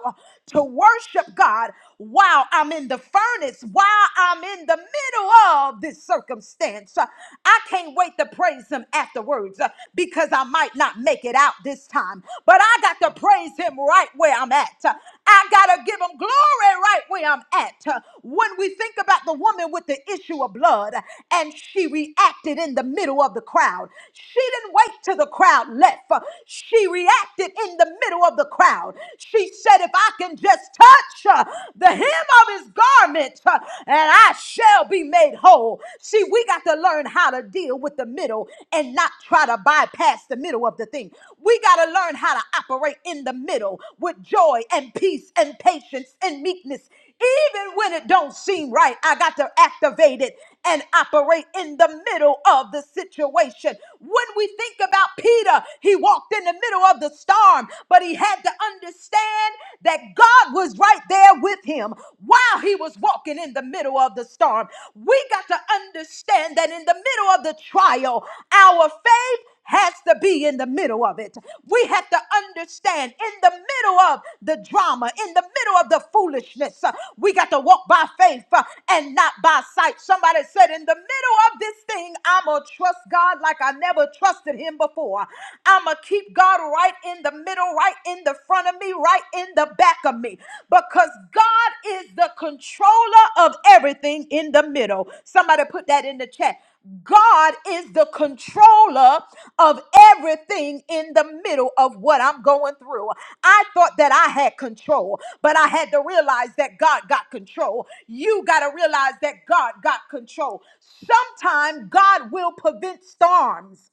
[SPEAKER 1] to worship God while I'm in the furnace, while I'm in the middle of this circumstance. Uh, I can't wait to praise Him afterwards uh, because I might not make it out this time, but I got to praise Him right where I'm at. Uh, I got to give Him glory right where I'm at. Uh, When we think about the woman with the issue of blood and she reacted in the middle of the crowd, she didn't wait wait to the crowd left. Uh, She reacted in the middle of the crowd. She said, If I can just touch uh, the hem of his garment, uh, and I shall be made whole. See, we got to learn how to deal with the middle and not try to bypass the middle of the thing. We got to learn how to operate in the middle with joy and peace and patience and meekness even when it don't seem right, I got to activate it and operate in the middle of the situation. When we think about Peter, he walked in the middle of the storm, but he had to understand that God was right there with him while he was walking in the middle of the storm. We got to understand that in the middle of the trial, our faith Faith has to be in the middle of it. We have to understand in the middle of the drama, in the middle of the foolishness, uh, we got to walk by faith uh, and not by sight. Somebody said, In the middle of this thing, I'm going to trust God like I never trusted Him before. I'm going to keep God right in the middle, right in the front of me, right in the back of me, because God is the controller of everything in the middle. Somebody put that in the chat. God is the controller of everything in the middle of what I'm going through. I thought that I had control, but I had to realize that God got control. You got to realize that God got control. Sometime God will prevent storms.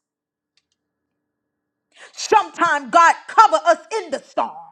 [SPEAKER 1] Sometime God cover us in the storm.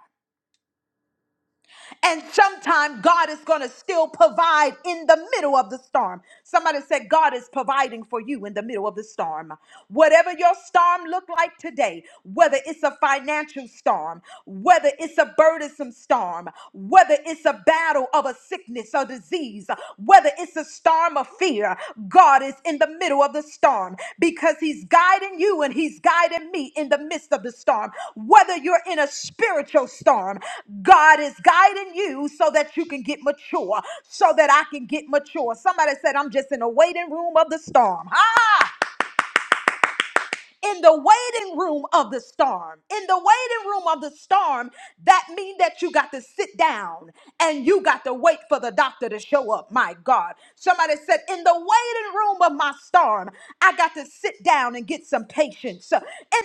[SPEAKER 1] And sometimes God is going to still provide in the middle of the storm. Somebody said, God is providing for you in the middle of the storm. Whatever your storm look like today, whether it's a financial storm, whether it's a burdensome storm, whether it's a battle of a sickness or disease, whether it's a storm of fear, God is in the middle of the storm because He's guiding you and He's guiding me in the midst of the storm. Whether you're in a spiritual storm, God is guiding you so that you can get mature, so that I can get mature. Somebody said, I'm just in a waiting room of the storm in the waiting room of the storm. In the waiting room of the storm, that means that you got to sit down and you got to wait for the doctor to show up. My God. Somebody said, In the waiting room of my storm, I got to sit down and get some patience. In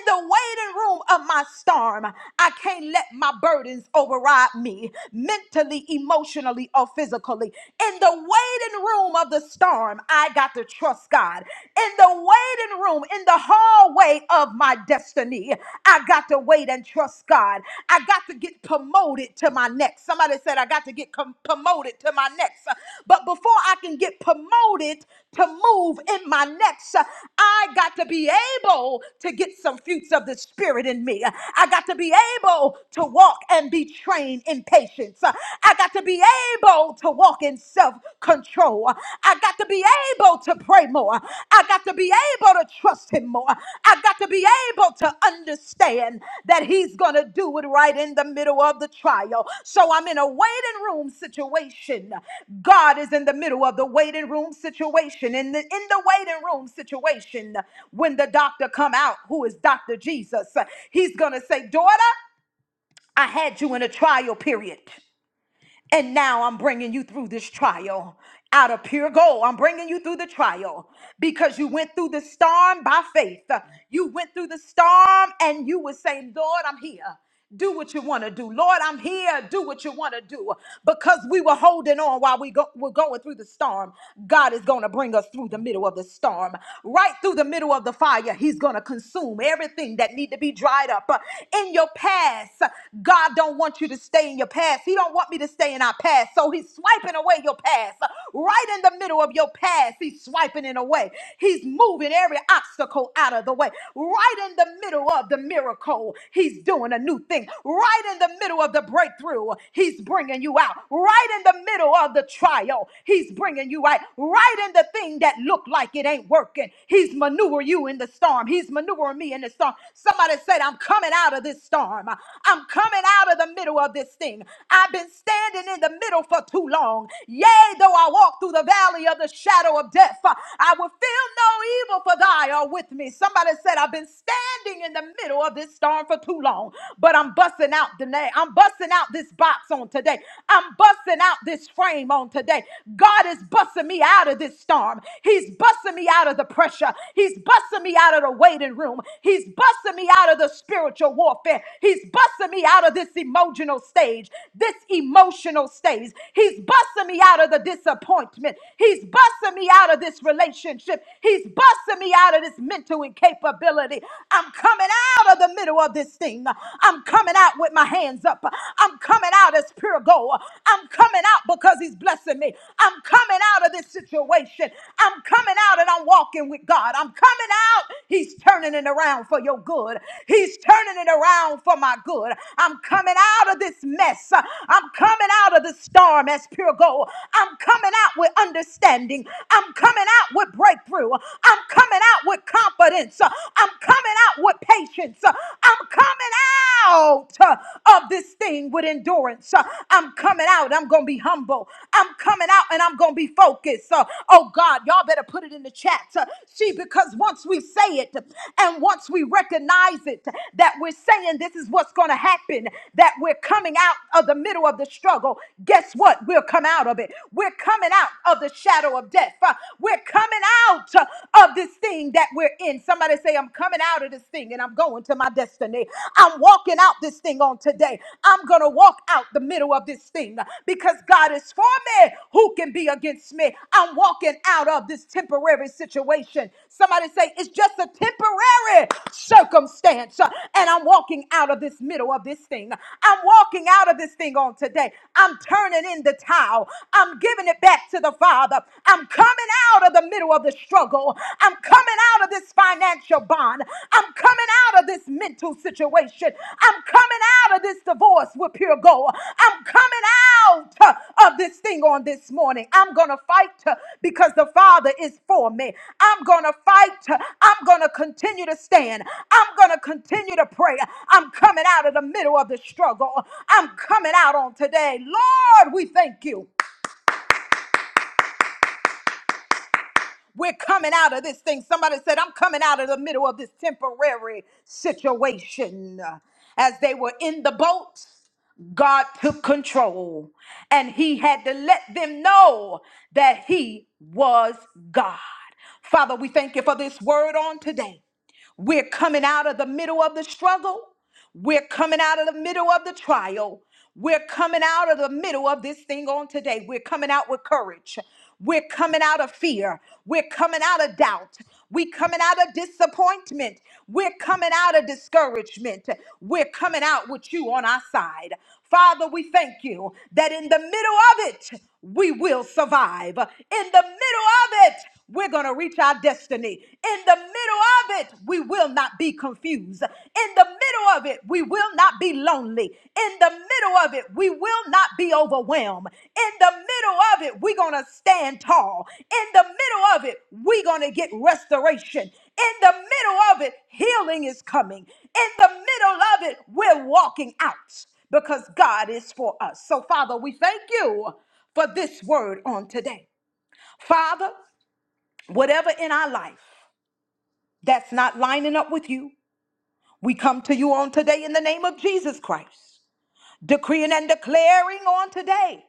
[SPEAKER 1] the waiting room of my storm, I can't let my burdens override me mentally, emotionally, or physically. In the waiting room of the storm, I got to trust God. In the waiting room, in the hallway of my destiny, I got to wait and trust God. I got to get promoted to my next. Somebody said, I got to get com- promoted to my next. But before I can get promoted to move in my next, I got to be able to get some fruits of the Spirit in me. I got to be able to walk and be trained in patience. I got to be able to walk in self control. I got to be able to pray more. I got to be able to trust Him more. I got to be able to understand that He's going to do it right in the middle of the trial. So I'm in a waiting room situation. God is in the middle of the waiting room situation. In the, in the waiting room situation, when the doctor come out, who is Dr. Jesus, he's going to say, daughter, I had you in a trial period. And now I'm bringing you through this trial out of pure gold. I'm bringing you through the trial because you went through the storm by faith. You went through the storm and you were saying, Lord, I'm here. Do what you want to do. Lord, I'm here. Do what you want to do. Because we were holding on while we go, were going through the storm. God is going to bring us through the middle of the storm. Right through the middle of the fire, He's going to consume everything that need to be dried up. In your past, past. God don't want you to stay in your past. He don't want me to stay in our past. So he's swiping away your past. Right in the middle of your past, he's swiping it away. He's moving every obstacle out of the way. Right in the middle of the miracle, he's doing a new thing. Right in the middle of the breakthrough, he's bringing you out. Right in the middle of the trial, he's bringing you out. Right in the thing that looked like it ain't working, he's maneuvering you in the storm. He's He's maneuvering me in the storm. Somebody said, I'm coming out of this storm. I'm coming out of the middle of this thing. I've been standing in the middle for too long. Yea, though I walk through the valley of the shadow of death, I will feel no evil, for thy are with me. Somebody said, I've been standing in the middle of this storm for too long, but I'm busting out the name. I'm busting out this box on today. I'm busting out this frame on today. God is busting me out of this storm arm. He's busting me out of the pressure. He's busting me out of the waiting room. He's busting me out of the spiritual warfare. He's busting me out of this emotional stage, this emotional stage. He's busting me out of the disappointment. He's busting me out of this relationship. He's busting me out of this mental incapability. I'm coming out of the middle of this thing. I'm coming out with my hands up. I'm coming out as pure gold. I'm coming coming out because he's blessing me. I'm coming out of this situation. I'm coming out and I'm walking with God. I'm coming out. He's turning it around for your good. He's turning it around for my good. I'm coming out of this mess. I'm coming out of the storm as pure gold. I'm coming out with understanding. I'm coming out with breakthrough. I'm coming out with confidence. I'm coming out with patience. I'm coming out uh, of this thing with endurance. Uh, I'm coming out. I'm going to be humble. I'm coming out and I'm going to be focused. Uh, oh God, y'all better put it in the chat. Uh, see, because once we say it and once we recognize it, that we're saying this is what's going to happen, that we're coming out of the middle of the struggle, guess what? We'll come out of it. We're coming out of the shadow of death. Uh, we're coming out uh, of this thing that we're in. Somebody say, I'm coming out of this thing and I'm going to my destiny. I'm walking out this thing on today. I'm going to walk out the middle of this thing because God is for me. Who can be against me? I'm walking out of this temporary situation. Somebody say, it's just a temporary circumstance. uh, And I'm walking out of this middle of this thing. I'm walking out of this thing on today. I'm turning in the towel. I'm giving it back to the Father. I'm coming out of the middle middle of the struggle. I'm coming out of this financial bond. I'm coming out of this mental situation. I'm coming out of this divorce with pure gold. I'm coming out uh, of this thing on this morning. I'm going to fight uh, because the Father is for me. I'm going to fight. uh, I'm going to continue to stand. I'm going to continue to pray. I'm coming out of the middle of the struggle. I'm coming out on today. Lord, we thank you. We're coming out of this thing. Somebody said, I'm coming out of the middle of this temporary situation. As they were in the boat, God took control and he had to let them know that he was God. Father, we thank you for this word on today. We're coming out of the middle of the struggle. We're coming out of the middle of the trial. We're coming out of the middle of this thing on today. We're coming out with courage. We're coming out of fear. We're coming out of doubt. We're coming out of disappointment. We're coming out of discouragement. We're coming out with you on our side. Father, we thank you that in the middle of it, we will survive. In the middle of it, we're going to reach our destiny. In the middle of it, we will not be confused. In the middle of it, we will not be lonely. In the middle of it, we will not be overwhelmed. In the middle of it, we're going to stand tall. In the middle of it, we're going to get restoration. In the middle of it, healing is coming. In the middle of it, we're walking out because God is for us. So, Father, we thank you for this word on today. Father, whatever in our life that's not lining up with you, we come to you on today in the name of Jesus Christ, decreeing and declaring on today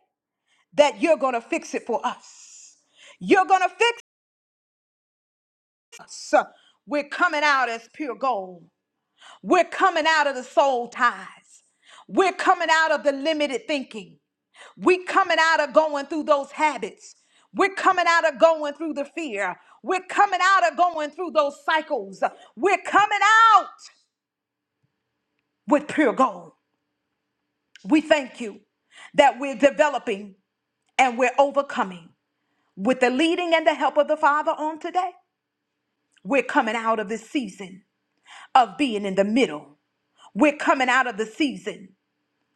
[SPEAKER 1] that you're going to fix it for us. You're going to fix us. We're coming out as pure gold. We're coming out of the soul ties. We're coming out of the limited thinking. We're coming out of going through those habits. We're coming out of going through the fear. We're coming out of going through those cycles. We're coming out. with pure gold. We thank you that we're developing and we're overcoming with the leading and the help of the Father on today. We're coming out of this season of being in the middle. We're coming out of the season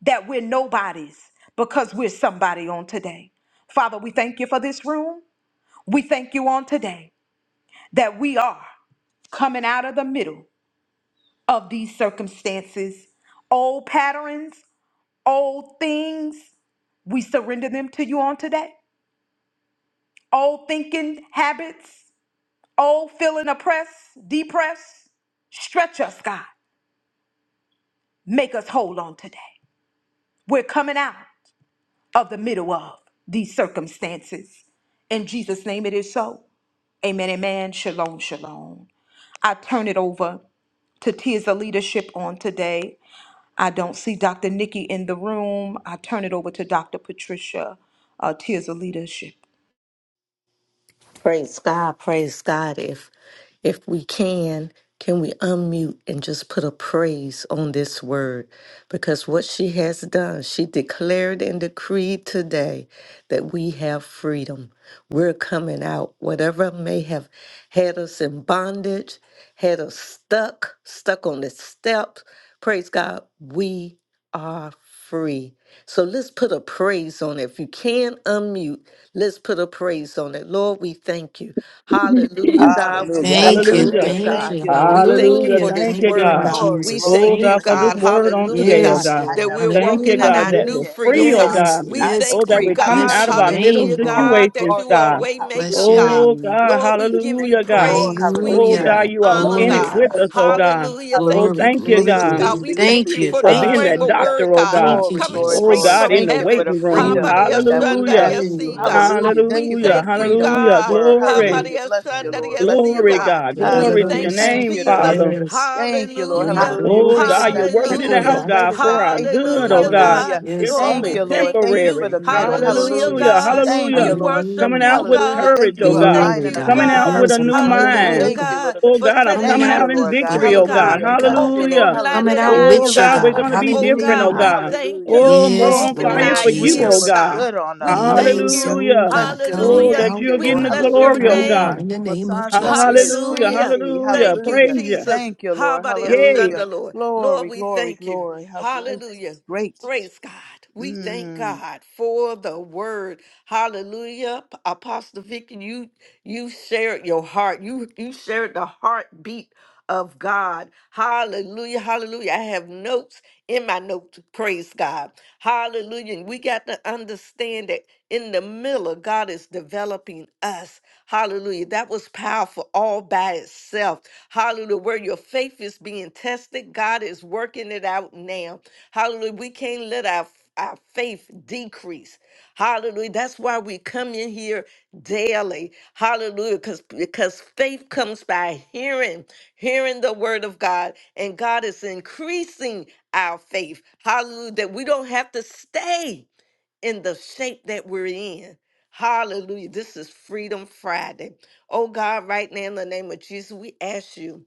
[SPEAKER 1] that we're nobodies because we're somebody on today. Father, we thank you for this room. We thank you on today that we are coming out of the middle of these circumstances. Old patterns, old things, we surrender them to you on today. old thinking habits, old feeling oppressed, depressed. Stretch us, God. Make us whole on today. We're coming out of the middle of these circumstances. In Jesus' name it is so. Amen, amen. Shalom, shalom. I turn it over to Tears of Leadership on today. I don't see Dr. Nikki in the room. I turn it over to Dr. Patricia, uh, Tears of Leadership.
[SPEAKER 3] Praise God, praise God. If if we can, can we unmute and just put a praise on this word? Because what she has done, she declared and decreed today that we have freedom. We're coming out. Whatever may have had us in bondage, had us stuck, stuck on the steps, praise God, we are free. So let's put a praise on it. If you can unmute, Let's put a praise on it. Lord, we thank you. Hallelujah, God. We
[SPEAKER 9] Hallelujah.
[SPEAKER 3] bless
[SPEAKER 10] Thank
[SPEAKER 3] your
[SPEAKER 10] you.
[SPEAKER 11] Hallelujah.
[SPEAKER 9] Hallelujah.
[SPEAKER 3] name,
[SPEAKER 10] Thank
[SPEAKER 3] God.
[SPEAKER 9] Thank
[SPEAKER 10] you.
[SPEAKER 9] you,
[SPEAKER 3] We
[SPEAKER 9] Lord.
[SPEAKER 3] thank you
[SPEAKER 11] Hallelujah.
[SPEAKER 3] for
[SPEAKER 10] Hallelujah.
[SPEAKER 9] Hallelujah.
[SPEAKER 3] this
[SPEAKER 11] Thank you,
[SPEAKER 10] Thank you,
[SPEAKER 3] word,
[SPEAKER 10] Lord
[SPEAKER 11] God.
[SPEAKER 3] God.
[SPEAKER 9] Glory,
[SPEAKER 3] We
[SPEAKER 10] Jesus.
[SPEAKER 9] glory,
[SPEAKER 11] Oh,
[SPEAKER 3] thank you,
[SPEAKER 10] Thank
[SPEAKER 11] God,
[SPEAKER 9] glory.
[SPEAKER 11] for
[SPEAKER 10] you.
[SPEAKER 11] this
[SPEAKER 3] God.
[SPEAKER 11] word
[SPEAKER 9] Hallelujah!
[SPEAKER 11] on
[SPEAKER 3] Hallelujah,
[SPEAKER 11] today, oh,
[SPEAKER 3] God,
[SPEAKER 10] Yes,
[SPEAKER 11] God.
[SPEAKER 9] I
[SPEAKER 3] that
[SPEAKER 10] Lord.
[SPEAKER 9] am
[SPEAKER 3] we're
[SPEAKER 11] Thank
[SPEAKER 9] free,
[SPEAKER 3] walking
[SPEAKER 11] you,
[SPEAKER 3] in
[SPEAKER 11] God,
[SPEAKER 3] our
[SPEAKER 10] Hallelujah.
[SPEAKER 11] that
[SPEAKER 3] new
[SPEAKER 11] we're
[SPEAKER 9] hallelujah, in the
[SPEAKER 3] freedom,
[SPEAKER 11] free, oh,
[SPEAKER 9] middle
[SPEAKER 3] God.
[SPEAKER 10] Yes.
[SPEAKER 9] of
[SPEAKER 11] God.
[SPEAKER 9] it.
[SPEAKER 3] We
[SPEAKER 9] I
[SPEAKER 10] Yes,
[SPEAKER 9] am
[SPEAKER 11] Oh,
[SPEAKER 3] thank
[SPEAKER 11] that
[SPEAKER 3] you,
[SPEAKER 9] free,
[SPEAKER 11] we're
[SPEAKER 10] God.
[SPEAKER 11] coming
[SPEAKER 3] God.
[SPEAKER 10] Bless
[SPEAKER 11] out of
[SPEAKER 10] your
[SPEAKER 11] our
[SPEAKER 9] hallelujah.
[SPEAKER 11] middle
[SPEAKER 3] Hallelujah,
[SPEAKER 10] name,
[SPEAKER 9] Glory,
[SPEAKER 10] Lord.
[SPEAKER 3] God, that
[SPEAKER 11] situations,
[SPEAKER 3] you
[SPEAKER 9] glory,
[SPEAKER 3] are a
[SPEAKER 11] God.
[SPEAKER 9] glory,
[SPEAKER 10] Bless
[SPEAKER 3] waymaker,
[SPEAKER 10] your
[SPEAKER 9] hallelujah.
[SPEAKER 3] God.
[SPEAKER 11] Oh,
[SPEAKER 10] name.
[SPEAKER 11] God.
[SPEAKER 3] Lord,
[SPEAKER 9] Blessed
[SPEAKER 3] we
[SPEAKER 9] be
[SPEAKER 3] give
[SPEAKER 9] the name
[SPEAKER 3] you
[SPEAKER 11] Hallelujah,
[SPEAKER 9] of the
[SPEAKER 11] God.
[SPEAKER 9] Lord,
[SPEAKER 3] praise. We
[SPEAKER 11] Oh,
[SPEAKER 3] give
[SPEAKER 9] hallelujah.
[SPEAKER 11] God,
[SPEAKER 3] you
[SPEAKER 10] Hallelujah.
[SPEAKER 11] you are
[SPEAKER 9] No
[SPEAKER 3] honor,
[SPEAKER 11] in
[SPEAKER 10] Glory,
[SPEAKER 9] more
[SPEAKER 11] it
[SPEAKER 3] God.
[SPEAKER 11] with
[SPEAKER 10] God.
[SPEAKER 11] us,
[SPEAKER 9] chains
[SPEAKER 11] oh,
[SPEAKER 9] holding me,
[SPEAKER 11] God.
[SPEAKER 3] Hallelujah.
[SPEAKER 9] hallelujah.
[SPEAKER 11] Oh,
[SPEAKER 3] Thank
[SPEAKER 10] Glory,
[SPEAKER 3] you,
[SPEAKER 11] thank you,
[SPEAKER 10] glory,
[SPEAKER 9] Release,
[SPEAKER 3] Jesus,
[SPEAKER 11] God,
[SPEAKER 3] God.
[SPEAKER 9] release,
[SPEAKER 10] glory.
[SPEAKER 3] We
[SPEAKER 9] release,
[SPEAKER 3] thank
[SPEAKER 10] Thank
[SPEAKER 3] you
[SPEAKER 10] you.
[SPEAKER 3] for
[SPEAKER 9] release,
[SPEAKER 11] for
[SPEAKER 3] this
[SPEAKER 11] being
[SPEAKER 10] Thank you.
[SPEAKER 11] that
[SPEAKER 3] rhema
[SPEAKER 9] hallelujah.
[SPEAKER 3] word,
[SPEAKER 11] doctor, oh,
[SPEAKER 3] God
[SPEAKER 11] God.
[SPEAKER 10] Thank you,
[SPEAKER 9] Glory,
[SPEAKER 3] coming
[SPEAKER 9] glory,
[SPEAKER 11] Oh,
[SPEAKER 3] straight
[SPEAKER 9] glory.
[SPEAKER 10] Jesus.
[SPEAKER 11] God,
[SPEAKER 3] from
[SPEAKER 11] in the
[SPEAKER 9] Thank you for
[SPEAKER 3] heaven.
[SPEAKER 9] the
[SPEAKER 11] waiting
[SPEAKER 10] Oh,
[SPEAKER 11] room.
[SPEAKER 9] freedom
[SPEAKER 10] Lord.
[SPEAKER 9] that we have
[SPEAKER 11] Hallelujah.
[SPEAKER 9] in
[SPEAKER 10] Oh,
[SPEAKER 9] you,
[SPEAKER 3] Habariyashandariyasi,
[SPEAKER 10] yes,
[SPEAKER 3] God.
[SPEAKER 9] hallelujah.
[SPEAKER 10] Lord.
[SPEAKER 9] Thank
[SPEAKER 3] We
[SPEAKER 9] you for the
[SPEAKER 11] Hallelujah.
[SPEAKER 10] Thank
[SPEAKER 3] thank you,
[SPEAKER 10] you.
[SPEAKER 9] freedom of this
[SPEAKER 11] Hallelujah.
[SPEAKER 3] God.
[SPEAKER 9] word,
[SPEAKER 11] Glory.
[SPEAKER 10] Thank you.
[SPEAKER 9] hallelujah. Bless you, Lord, bless you,
[SPEAKER 3] Habariyashandariyasi,
[SPEAKER 11] Glory,
[SPEAKER 9] Lord,
[SPEAKER 3] God.
[SPEAKER 11] God.
[SPEAKER 3] We
[SPEAKER 11] Glory to
[SPEAKER 9] hallelujah.
[SPEAKER 11] your
[SPEAKER 3] thank you,
[SPEAKER 9] Thank
[SPEAKER 11] name,
[SPEAKER 3] Jesus.
[SPEAKER 11] Father.
[SPEAKER 9] you.
[SPEAKER 10] Yes.
[SPEAKER 9] Thank you, Lord.
[SPEAKER 3] Hallelujah.
[SPEAKER 9] Hallelujah.
[SPEAKER 11] Oh,
[SPEAKER 9] Great
[SPEAKER 11] God,
[SPEAKER 9] is thy
[SPEAKER 11] you're
[SPEAKER 10] Yendarubuso,
[SPEAKER 11] working it out,
[SPEAKER 9] faithfulness.
[SPEAKER 3] Hallelujah.
[SPEAKER 9] Great
[SPEAKER 11] God,
[SPEAKER 10] Kokorata.
[SPEAKER 9] is thy
[SPEAKER 11] for our
[SPEAKER 9] faithfulness.
[SPEAKER 11] good, oh,
[SPEAKER 3] Hallelujah,
[SPEAKER 11] God.
[SPEAKER 10] Yes,
[SPEAKER 3] God.
[SPEAKER 9] Hallelujah.
[SPEAKER 11] It's
[SPEAKER 10] yes,
[SPEAKER 3] Lord,
[SPEAKER 9] Thank
[SPEAKER 11] only
[SPEAKER 9] you,
[SPEAKER 3] we
[SPEAKER 10] God.
[SPEAKER 9] Lord.
[SPEAKER 3] thank
[SPEAKER 9] Thank you
[SPEAKER 3] you.
[SPEAKER 9] for
[SPEAKER 11] temporary.
[SPEAKER 9] the middle.
[SPEAKER 10] Yes,
[SPEAKER 3] Hallelujah,
[SPEAKER 9] Hallelujah.
[SPEAKER 11] Hallelujah.
[SPEAKER 3] God.
[SPEAKER 10] Jesus.
[SPEAKER 9] Thank
[SPEAKER 11] Hallelujah.
[SPEAKER 3] We
[SPEAKER 9] you, Lord.
[SPEAKER 3] worship
[SPEAKER 11] Coming
[SPEAKER 10] Hallelujah.
[SPEAKER 11] out
[SPEAKER 3] you,
[SPEAKER 11] with
[SPEAKER 9] Hallelujah.
[SPEAKER 3] God.
[SPEAKER 9] Thank
[SPEAKER 11] courage,
[SPEAKER 9] you
[SPEAKER 11] oh,
[SPEAKER 9] for
[SPEAKER 3] We
[SPEAKER 11] God.
[SPEAKER 3] thank
[SPEAKER 10] Glory,
[SPEAKER 9] aligning
[SPEAKER 3] you,
[SPEAKER 9] us
[SPEAKER 11] Coming
[SPEAKER 10] God.
[SPEAKER 9] with your
[SPEAKER 11] out
[SPEAKER 3] God.
[SPEAKER 11] with a
[SPEAKER 10] Yes,
[SPEAKER 9] purpose.
[SPEAKER 10] I'm
[SPEAKER 11] new
[SPEAKER 10] coming
[SPEAKER 9] Hallelujah.
[SPEAKER 10] out,
[SPEAKER 3] Hallelujah,
[SPEAKER 10] oh
[SPEAKER 11] mind.
[SPEAKER 9] Thank you,
[SPEAKER 10] God.
[SPEAKER 9] Lord.
[SPEAKER 3] God,
[SPEAKER 11] Oh,
[SPEAKER 3] for
[SPEAKER 11] God, I'm
[SPEAKER 3] setting
[SPEAKER 10] Coming
[SPEAKER 11] coming
[SPEAKER 9] Thank you,
[SPEAKER 10] out
[SPEAKER 11] out in
[SPEAKER 9] Lord
[SPEAKER 3] captives
[SPEAKER 10] for
[SPEAKER 9] God.
[SPEAKER 11] victory,
[SPEAKER 3] free,
[SPEAKER 10] your
[SPEAKER 11] oh,
[SPEAKER 3] God.
[SPEAKER 11] God.
[SPEAKER 9] Hallelujah.
[SPEAKER 10] glory,
[SPEAKER 9] Bless
[SPEAKER 10] God.
[SPEAKER 9] you,
[SPEAKER 3] Opening
[SPEAKER 9] Lord.
[SPEAKER 11] Hallelujah.
[SPEAKER 10] Coming
[SPEAKER 3] blinded
[SPEAKER 10] out
[SPEAKER 9] Hallelujah.
[SPEAKER 3] eyes,
[SPEAKER 11] Oh,
[SPEAKER 10] with
[SPEAKER 9] Healing,
[SPEAKER 10] you,
[SPEAKER 11] God,
[SPEAKER 3] God.
[SPEAKER 11] we're
[SPEAKER 10] God.
[SPEAKER 11] going to be
[SPEAKER 9] deliverance,
[SPEAKER 3] Oh
[SPEAKER 11] different,
[SPEAKER 9] redeemed.
[SPEAKER 11] oh,
[SPEAKER 3] God, we
[SPEAKER 10] Hallelujah.
[SPEAKER 11] God.
[SPEAKER 3] thank
[SPEAKER 9] Hallelujah.
[SPEAKER 3] you
[SPEAKER 11] Oh,
[SPEAKER 3] for
[SPEAKER 11] more
[SPEAKER 10] Yes,
[SPEAKER 9] Thank
[SPEAKER 11] on
[SPEAKER 9] you,
[SPEAKER 3] opening
[SPEAKER 10] Lord
[SPEAKER 11] fire
[SPEAKER 3] our
[SPEAKER 9] Lord.
[SPEAKER 11] for you,
[SPEAKER 9] Freedom
[SPEAKER 11] oh,
[SPEAKER 3] ears,
[SPEAKER 10] Jesus.
[SPEAKER 9] looks
[SPEAKER 11] God.
[SPEAKER 3] God.
[SPEAKER 9] good on
[SPEAKER 3] We
[SPEAKER 9] us.
[SPEAKER 3] thank
[SPEAKER 10] Yes,
[SPEAKER 9] Hallelujah.
[SPEAKER 3] you.
[SPEAKER 10] oh
[SPEAKER 11] Hallelujah.
[SPEAKER 10] God.
[SPEAKER 9] Bless you, Lord.
[SPEAKER 10] Coming
[SPEAKER 11] Oh,
[SPEAKER 3] Hallelujah.
[SPEAKER 11] that
[SPEAKER 9] Thank
[SPEAKER 10] out,
[SPEAKER 11] you're
[SPEAKER 9] you,
[SPEAKER 3] We
[SPEAKER 11] getting
[SPEAKER 9] Lord.
[SPEAKER 11] the
[SPEAKER 10] God.
[SPEAKER 3] bless your
[SPEAKER 11] glory,
[SPEAKER 9] Hallelujah.
[SPEAKER 11] oh,
[SPEAKER 10] Coming
[SPEAKER 11] God.
[SPEAKER 10] out in
[SPEAKER 3] name.
[SPEAKER 10] the
[SPEAKER 9] Whom the
[SPEAKER 10] name of
[SPEAKER 9] Son set free
[SPEAKER 10] Jesus.
[SPEAKER 9] is
[SPEAKER 11] Hallelujah.
[SPEAKER 9] free
[SPEAKER 3] Hallelujah.
[SPEAKER 9] indeed.
[SPEAKER 11] Hallelujah.
[SPEAKER 3] Thank you,
[SPEAKER 9] Hallelujah.
[SPEAKER 11] Praise you.
[SPEAKER 3] Jesus.
[SPEAKER 9] Thank you, Lord.
[SPEAKER 3] Habari
[SPEAKER 11] Yay.
[SPEAKER 9] Hallelujah.
[SPEAKER 3] Ashanda, Lord. Lord,
[SPEAKER 9] Glory,
[SPEAKER 3] we
[SPEAKER 9] glory,
[SPEAKER 3] thank you.
[SPEAKER 9] glory. How great,
[SPEAKER 3] Hallelujah.
[SPEAKER 9] great.
[SPEAKER 3] Praise God. We thank
[SPEAKER 9] Mm.
[SPEAKER 3] God for the word. Hallelujah. Apostle Vicky, you you shared your heart. You you shared the heartbeat of God. Hallelujah. Hallelujah. I have notes in my notes. Praise God. Hallelujah. And we got to understand that in the middle, God is developing us. Hallelujah. That was powerful all by itself. Hallelujah. Where your faith is being tested, God is working it out now. Hallelujah. We can't let our our faith decrease. Hallelujah. That's why we come in here daily hallelujah because because faith comes by hearing hearing the word of god and god is increasing our faith hallelujah that we don't have to stay in the shape that we're in hallelujah this is freedom friday oh god right now in the name of jesus we ask you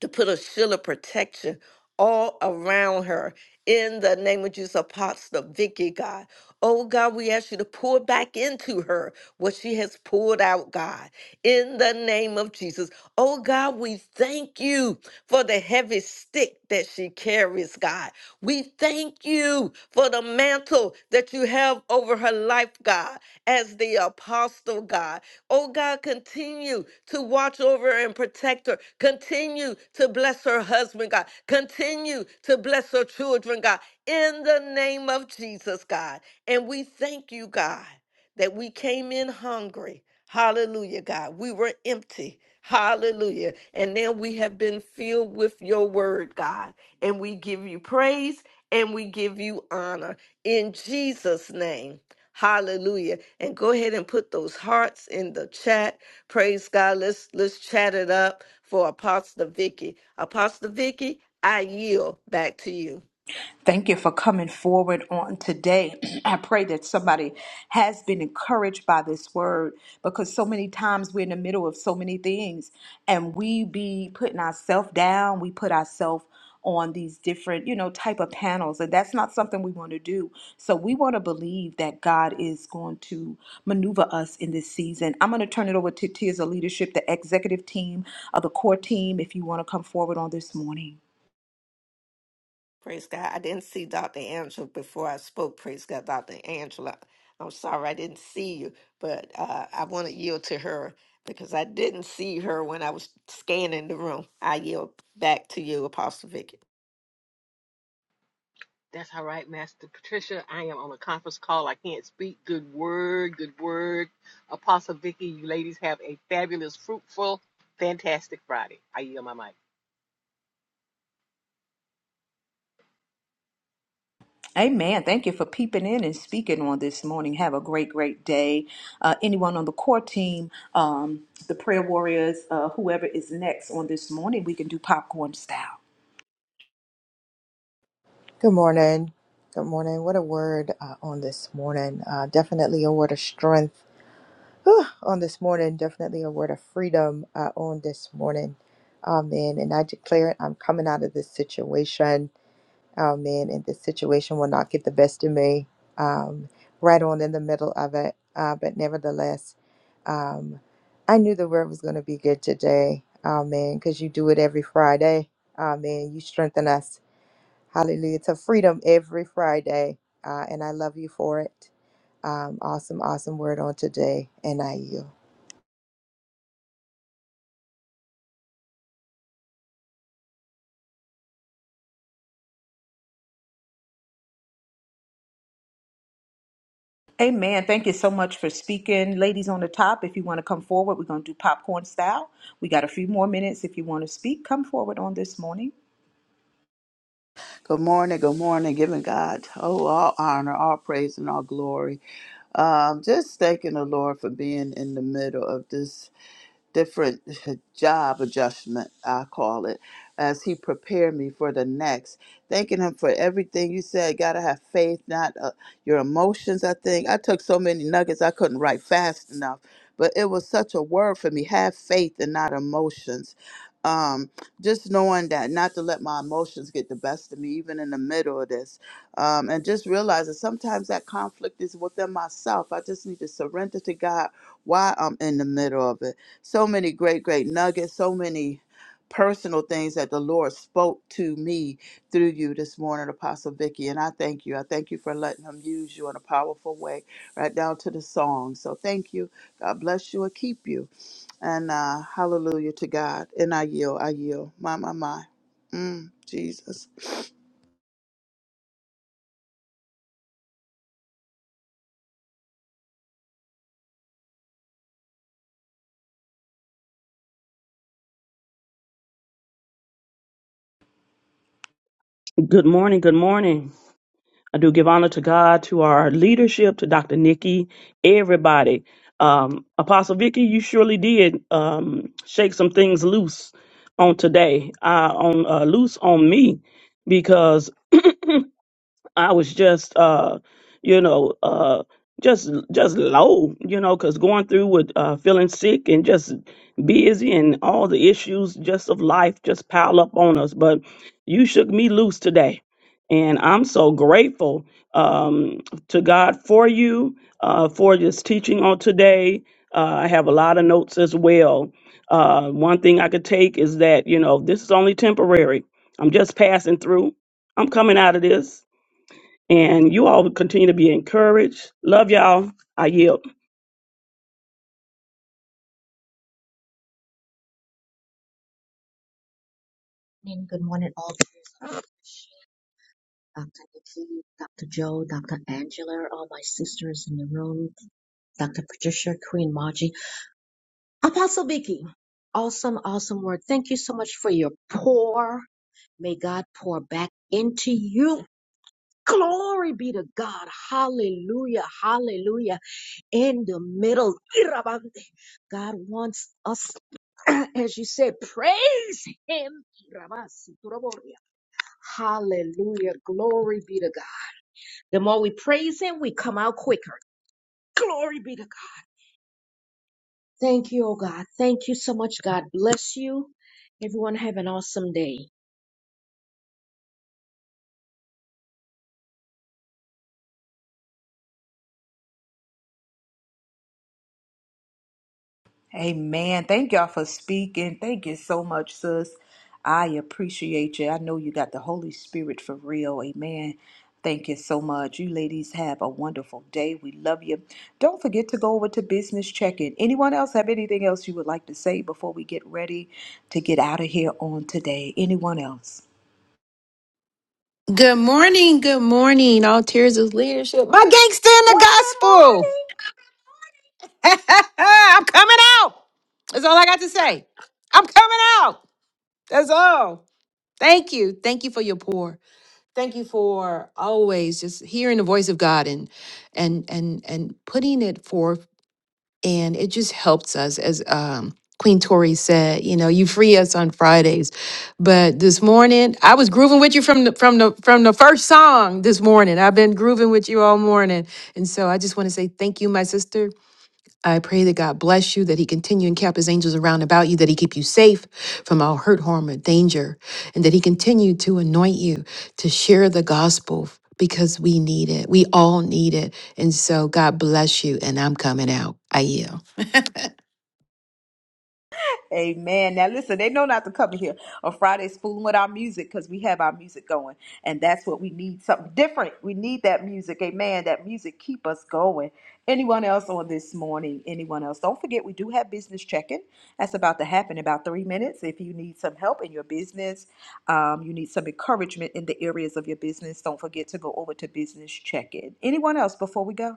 [SPEAKER 3] to put a shield of protection all around her. In the name of Jesus, Apostle Vicky, God. Oh, God, we ask you to pour back into her what she has poured out, God. In the name of Jesus. Oh, God, we thank you for the heavy stick that she carries, God. We thank you for the mantle that you have over her life, God, as the apostle, God. Oh God, continue to watch over and protect her. Continue to bless her husband, God. Continue to bless her children, God. In the name of Jesus, God. And we thank you, God, that we came in hungry. Hallelujah, God. We were empty. Hallelujah. And now we have been filled with your word, God. And we give you praise and we give you honor. In Jesus' name. Hallelujah. And go ahead and put those hearts in the chat. Praise God. Let's let's chat it up for Apostle Vicky. Apostle Vicky, I yield back to you.
[SPEAKER 1] Thank you for coming forward on today. I pray that somebody has been encouraged by this word because so many times we're in the middle of so many things and we be putting ourselves down, we put ourselves on these different, you know, type of panels and that's not something we want to do. So we want to believe that God is going to maneuver us in this season. I'm going to turn it over to Tears of Leadership, the executive team of the core team if you want to come forward on this morning.
[SPEAKER 3] Praise God. I didn't see Dr. Angela before I spoke. Praise God, Dr. Angela. I'm sorry I didn't see you, but uh, I want to yield to her because I didn't see her when I was scanning the room. I yield back to you, Apostle Vicky.
[SPEAKER 12] That's all right, Master Patricia. I am on a conference call. I can't speak. Good word, good word. Apostle Vicky, you ladies have a fabulous, fruitful, fantastic Friday. I yield my mic.
[SPEAKER 1] Amen. Thank you for peeping in and speaking on this morning. Have a great, great day. Uh, anyone on the core team, um, the prayer warriors, uh, whoever is next on this morning, we can do popcorn style.
[SPEAKER 2] Good morning. Good morning. What a word uh, on this morning. Uh, definitely a word of strength whew, on this morning. Definitely a word of freedom uh, on this morning. Amen. And I declare it, I'm coming out of this situation. Amen. And this situation will not get the best of me. Um, right on in the middle of it. Uh, but nevertheless, um, I knew the word was going to be good today. Amen. Because you do it every Friday. Amen. You strengthen us. Hallelujah. To freedom every Friday. Uh, and I love you for it. Um, awesome, awesome word on today. And I yield.
[SPEAKER 1] Amen. Thank you so much for speaking. Ladies on the top, if you want to come forward, we're going to do popcorn style. We got a few more minutes. If you want to speak, come forward on this morning.
[SPEAKER 9] Good morning, good morning. Giving God, oh, all honor, all praise, and all glory. Um, just thanking the Lord for being in the middle of this different job adjustment, I call it, as He prepared me for the next. Thanking Him for everything you said. Gotta have faith, not uh, your emotions. I think I took so many nuggets I couldn't write fast enough, but it was such a word for me. Have faith and not emotions. Um, just knowing that not to let my emotions get the best of me, even in the middle of this, um, and just realizing sometimes that conflict is within myself. I just need to surrender to God why I'm in the middle of it so many great, great nuggets, so many personal things that the Lord spoke to me through you this morning, Apostle Vicky. And I thank you. I thank you for letting him use you in a powerful way, right down to the song. So thank you. God bless you and keep you. And uh, hallelujah to God. And I yield, I yield. My, my, my. Mm, Jesus.
[SPEAKER 11] Good morning. Good morning. I do give honor to God, to our leadership, to Dr. Nikki, everybody. Um, Apostle Vicky, you surely did um, shake some things loose on today, uh, on uh, loose on me, I was just, uh, you know, uh, just just low, you know, because going through with uh, feeling sick and just busy and all the issues just of life just pile up on us. But you shook me loose today, and I'm so grateful um, to God for you uh, for this teaching on today. Uh, I have a lot of notes as well. Uh, one thing I could take is that you know this is only temporary. I'm just passing through. I'm coming out of this and you all continue to be encouraged. Love y'all. I yield.
[SPEAKER 13] morning, good morning, all viewers. Dr. Nikki, Dr. Joe, Dr. Angela, all my sisters in the room, Dr. Patricia, Queen Margie, Apostle Vicky. Awesome, awesome word. Thank you so much for your pour. May God pour back into you. Glory be to God. Hallelujah. Hallelujah. In the middle. Irabante. God wants us, as you said, praise Him. Hallelujah. Glory be to God. The more we praise Him, we come out quicker. Glory be to God. Thank you, oh God. Thank you so much, God. Bless you. Everyone have an awesome day.
[SPEAKER 1] Amen. Thank y'all for speaking. Thank you so much, sis. I appreciate you. I know you got the Holy Spirit for real. Amen. Thank you so much. You ladies have a wonderful day. We love you. Don't forget to go over to business check-in. Anyone else have anything else you would like to say before we get ready to get out of here on today? Anyone else?
[SPEAKER 10] Good morning, good morning, all tiers of leadership. My gangster in the
[SPEAKER 1] Well, good
[SPEAKER 10] gospel.
[SPEAKER 1] morning.
[SPEAKER 10] I'm coming out. That's all I got to say. I'm coming out. That's all. Thank you. Thank you for your pour. Thank you for always just hearing the voice of God and and and and putting it forth. And it just helps us as um Queen Tori said, you know, you free us on Fridays. But this morning, I was grooving with you from the from the from the first song this morning. I've been grooving with you all morning. And so I just want to say thank you, my sister. I pray that God bless you, that He continue and cap His angels around about you, that He keep you safe from all hurt, harm, or danger, and that He continue to anoint you to share the gospel because we need it. We all need it. And so, God bless you, and I'm coming out. I yield.
[SPEAKER 1] Amen. Now listen, they know not to come here on Fridays fooling with our music because we have our music going, and that's what we need. Something different. We need that music. Amen. That music keep us going. Anyone else on this morning? Anyone else? Don't forget, we do have business check-in. That's about to happen in about three minutes. If you need some help in your business, um, you need some encouragement in the areas of your business. Don't forget to go over to business check-in. Anyone else before we go?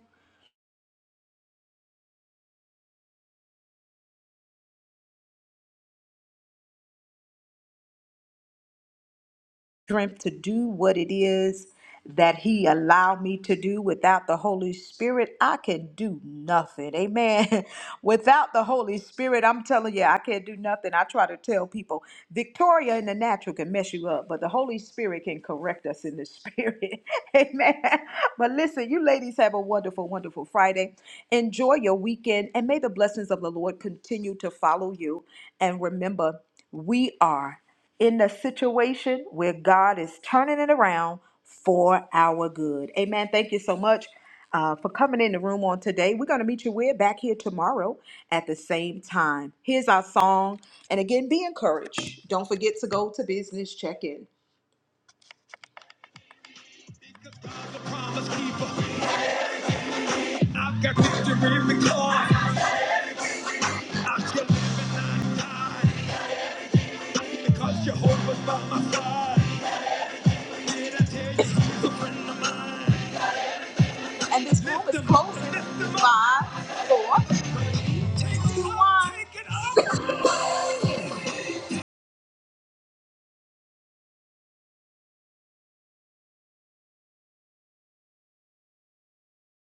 [SPEAKER 1] strength to do what it is that he allowed me to do without the holy spirit i can do nothing amen without the holy spirit i'm telling you i can't do nothing i try to tell people victoria in the natural can mess you up but the holy spirit can correct us in the spirit amen but listen you ladies have a wonderful wonderful friday enjoy your weekend and may the blessings of the lord continue to follow you and remember we are in the situation where God is turning it around for our good. Amen. Thank you so much uh, for coming in the room on today. We're going to meet you. We're back here tomorrow at the same time. Here's our song. And again, be encouraged. Don't forget to go to business check in. And this room is closing. Five, four, two, one.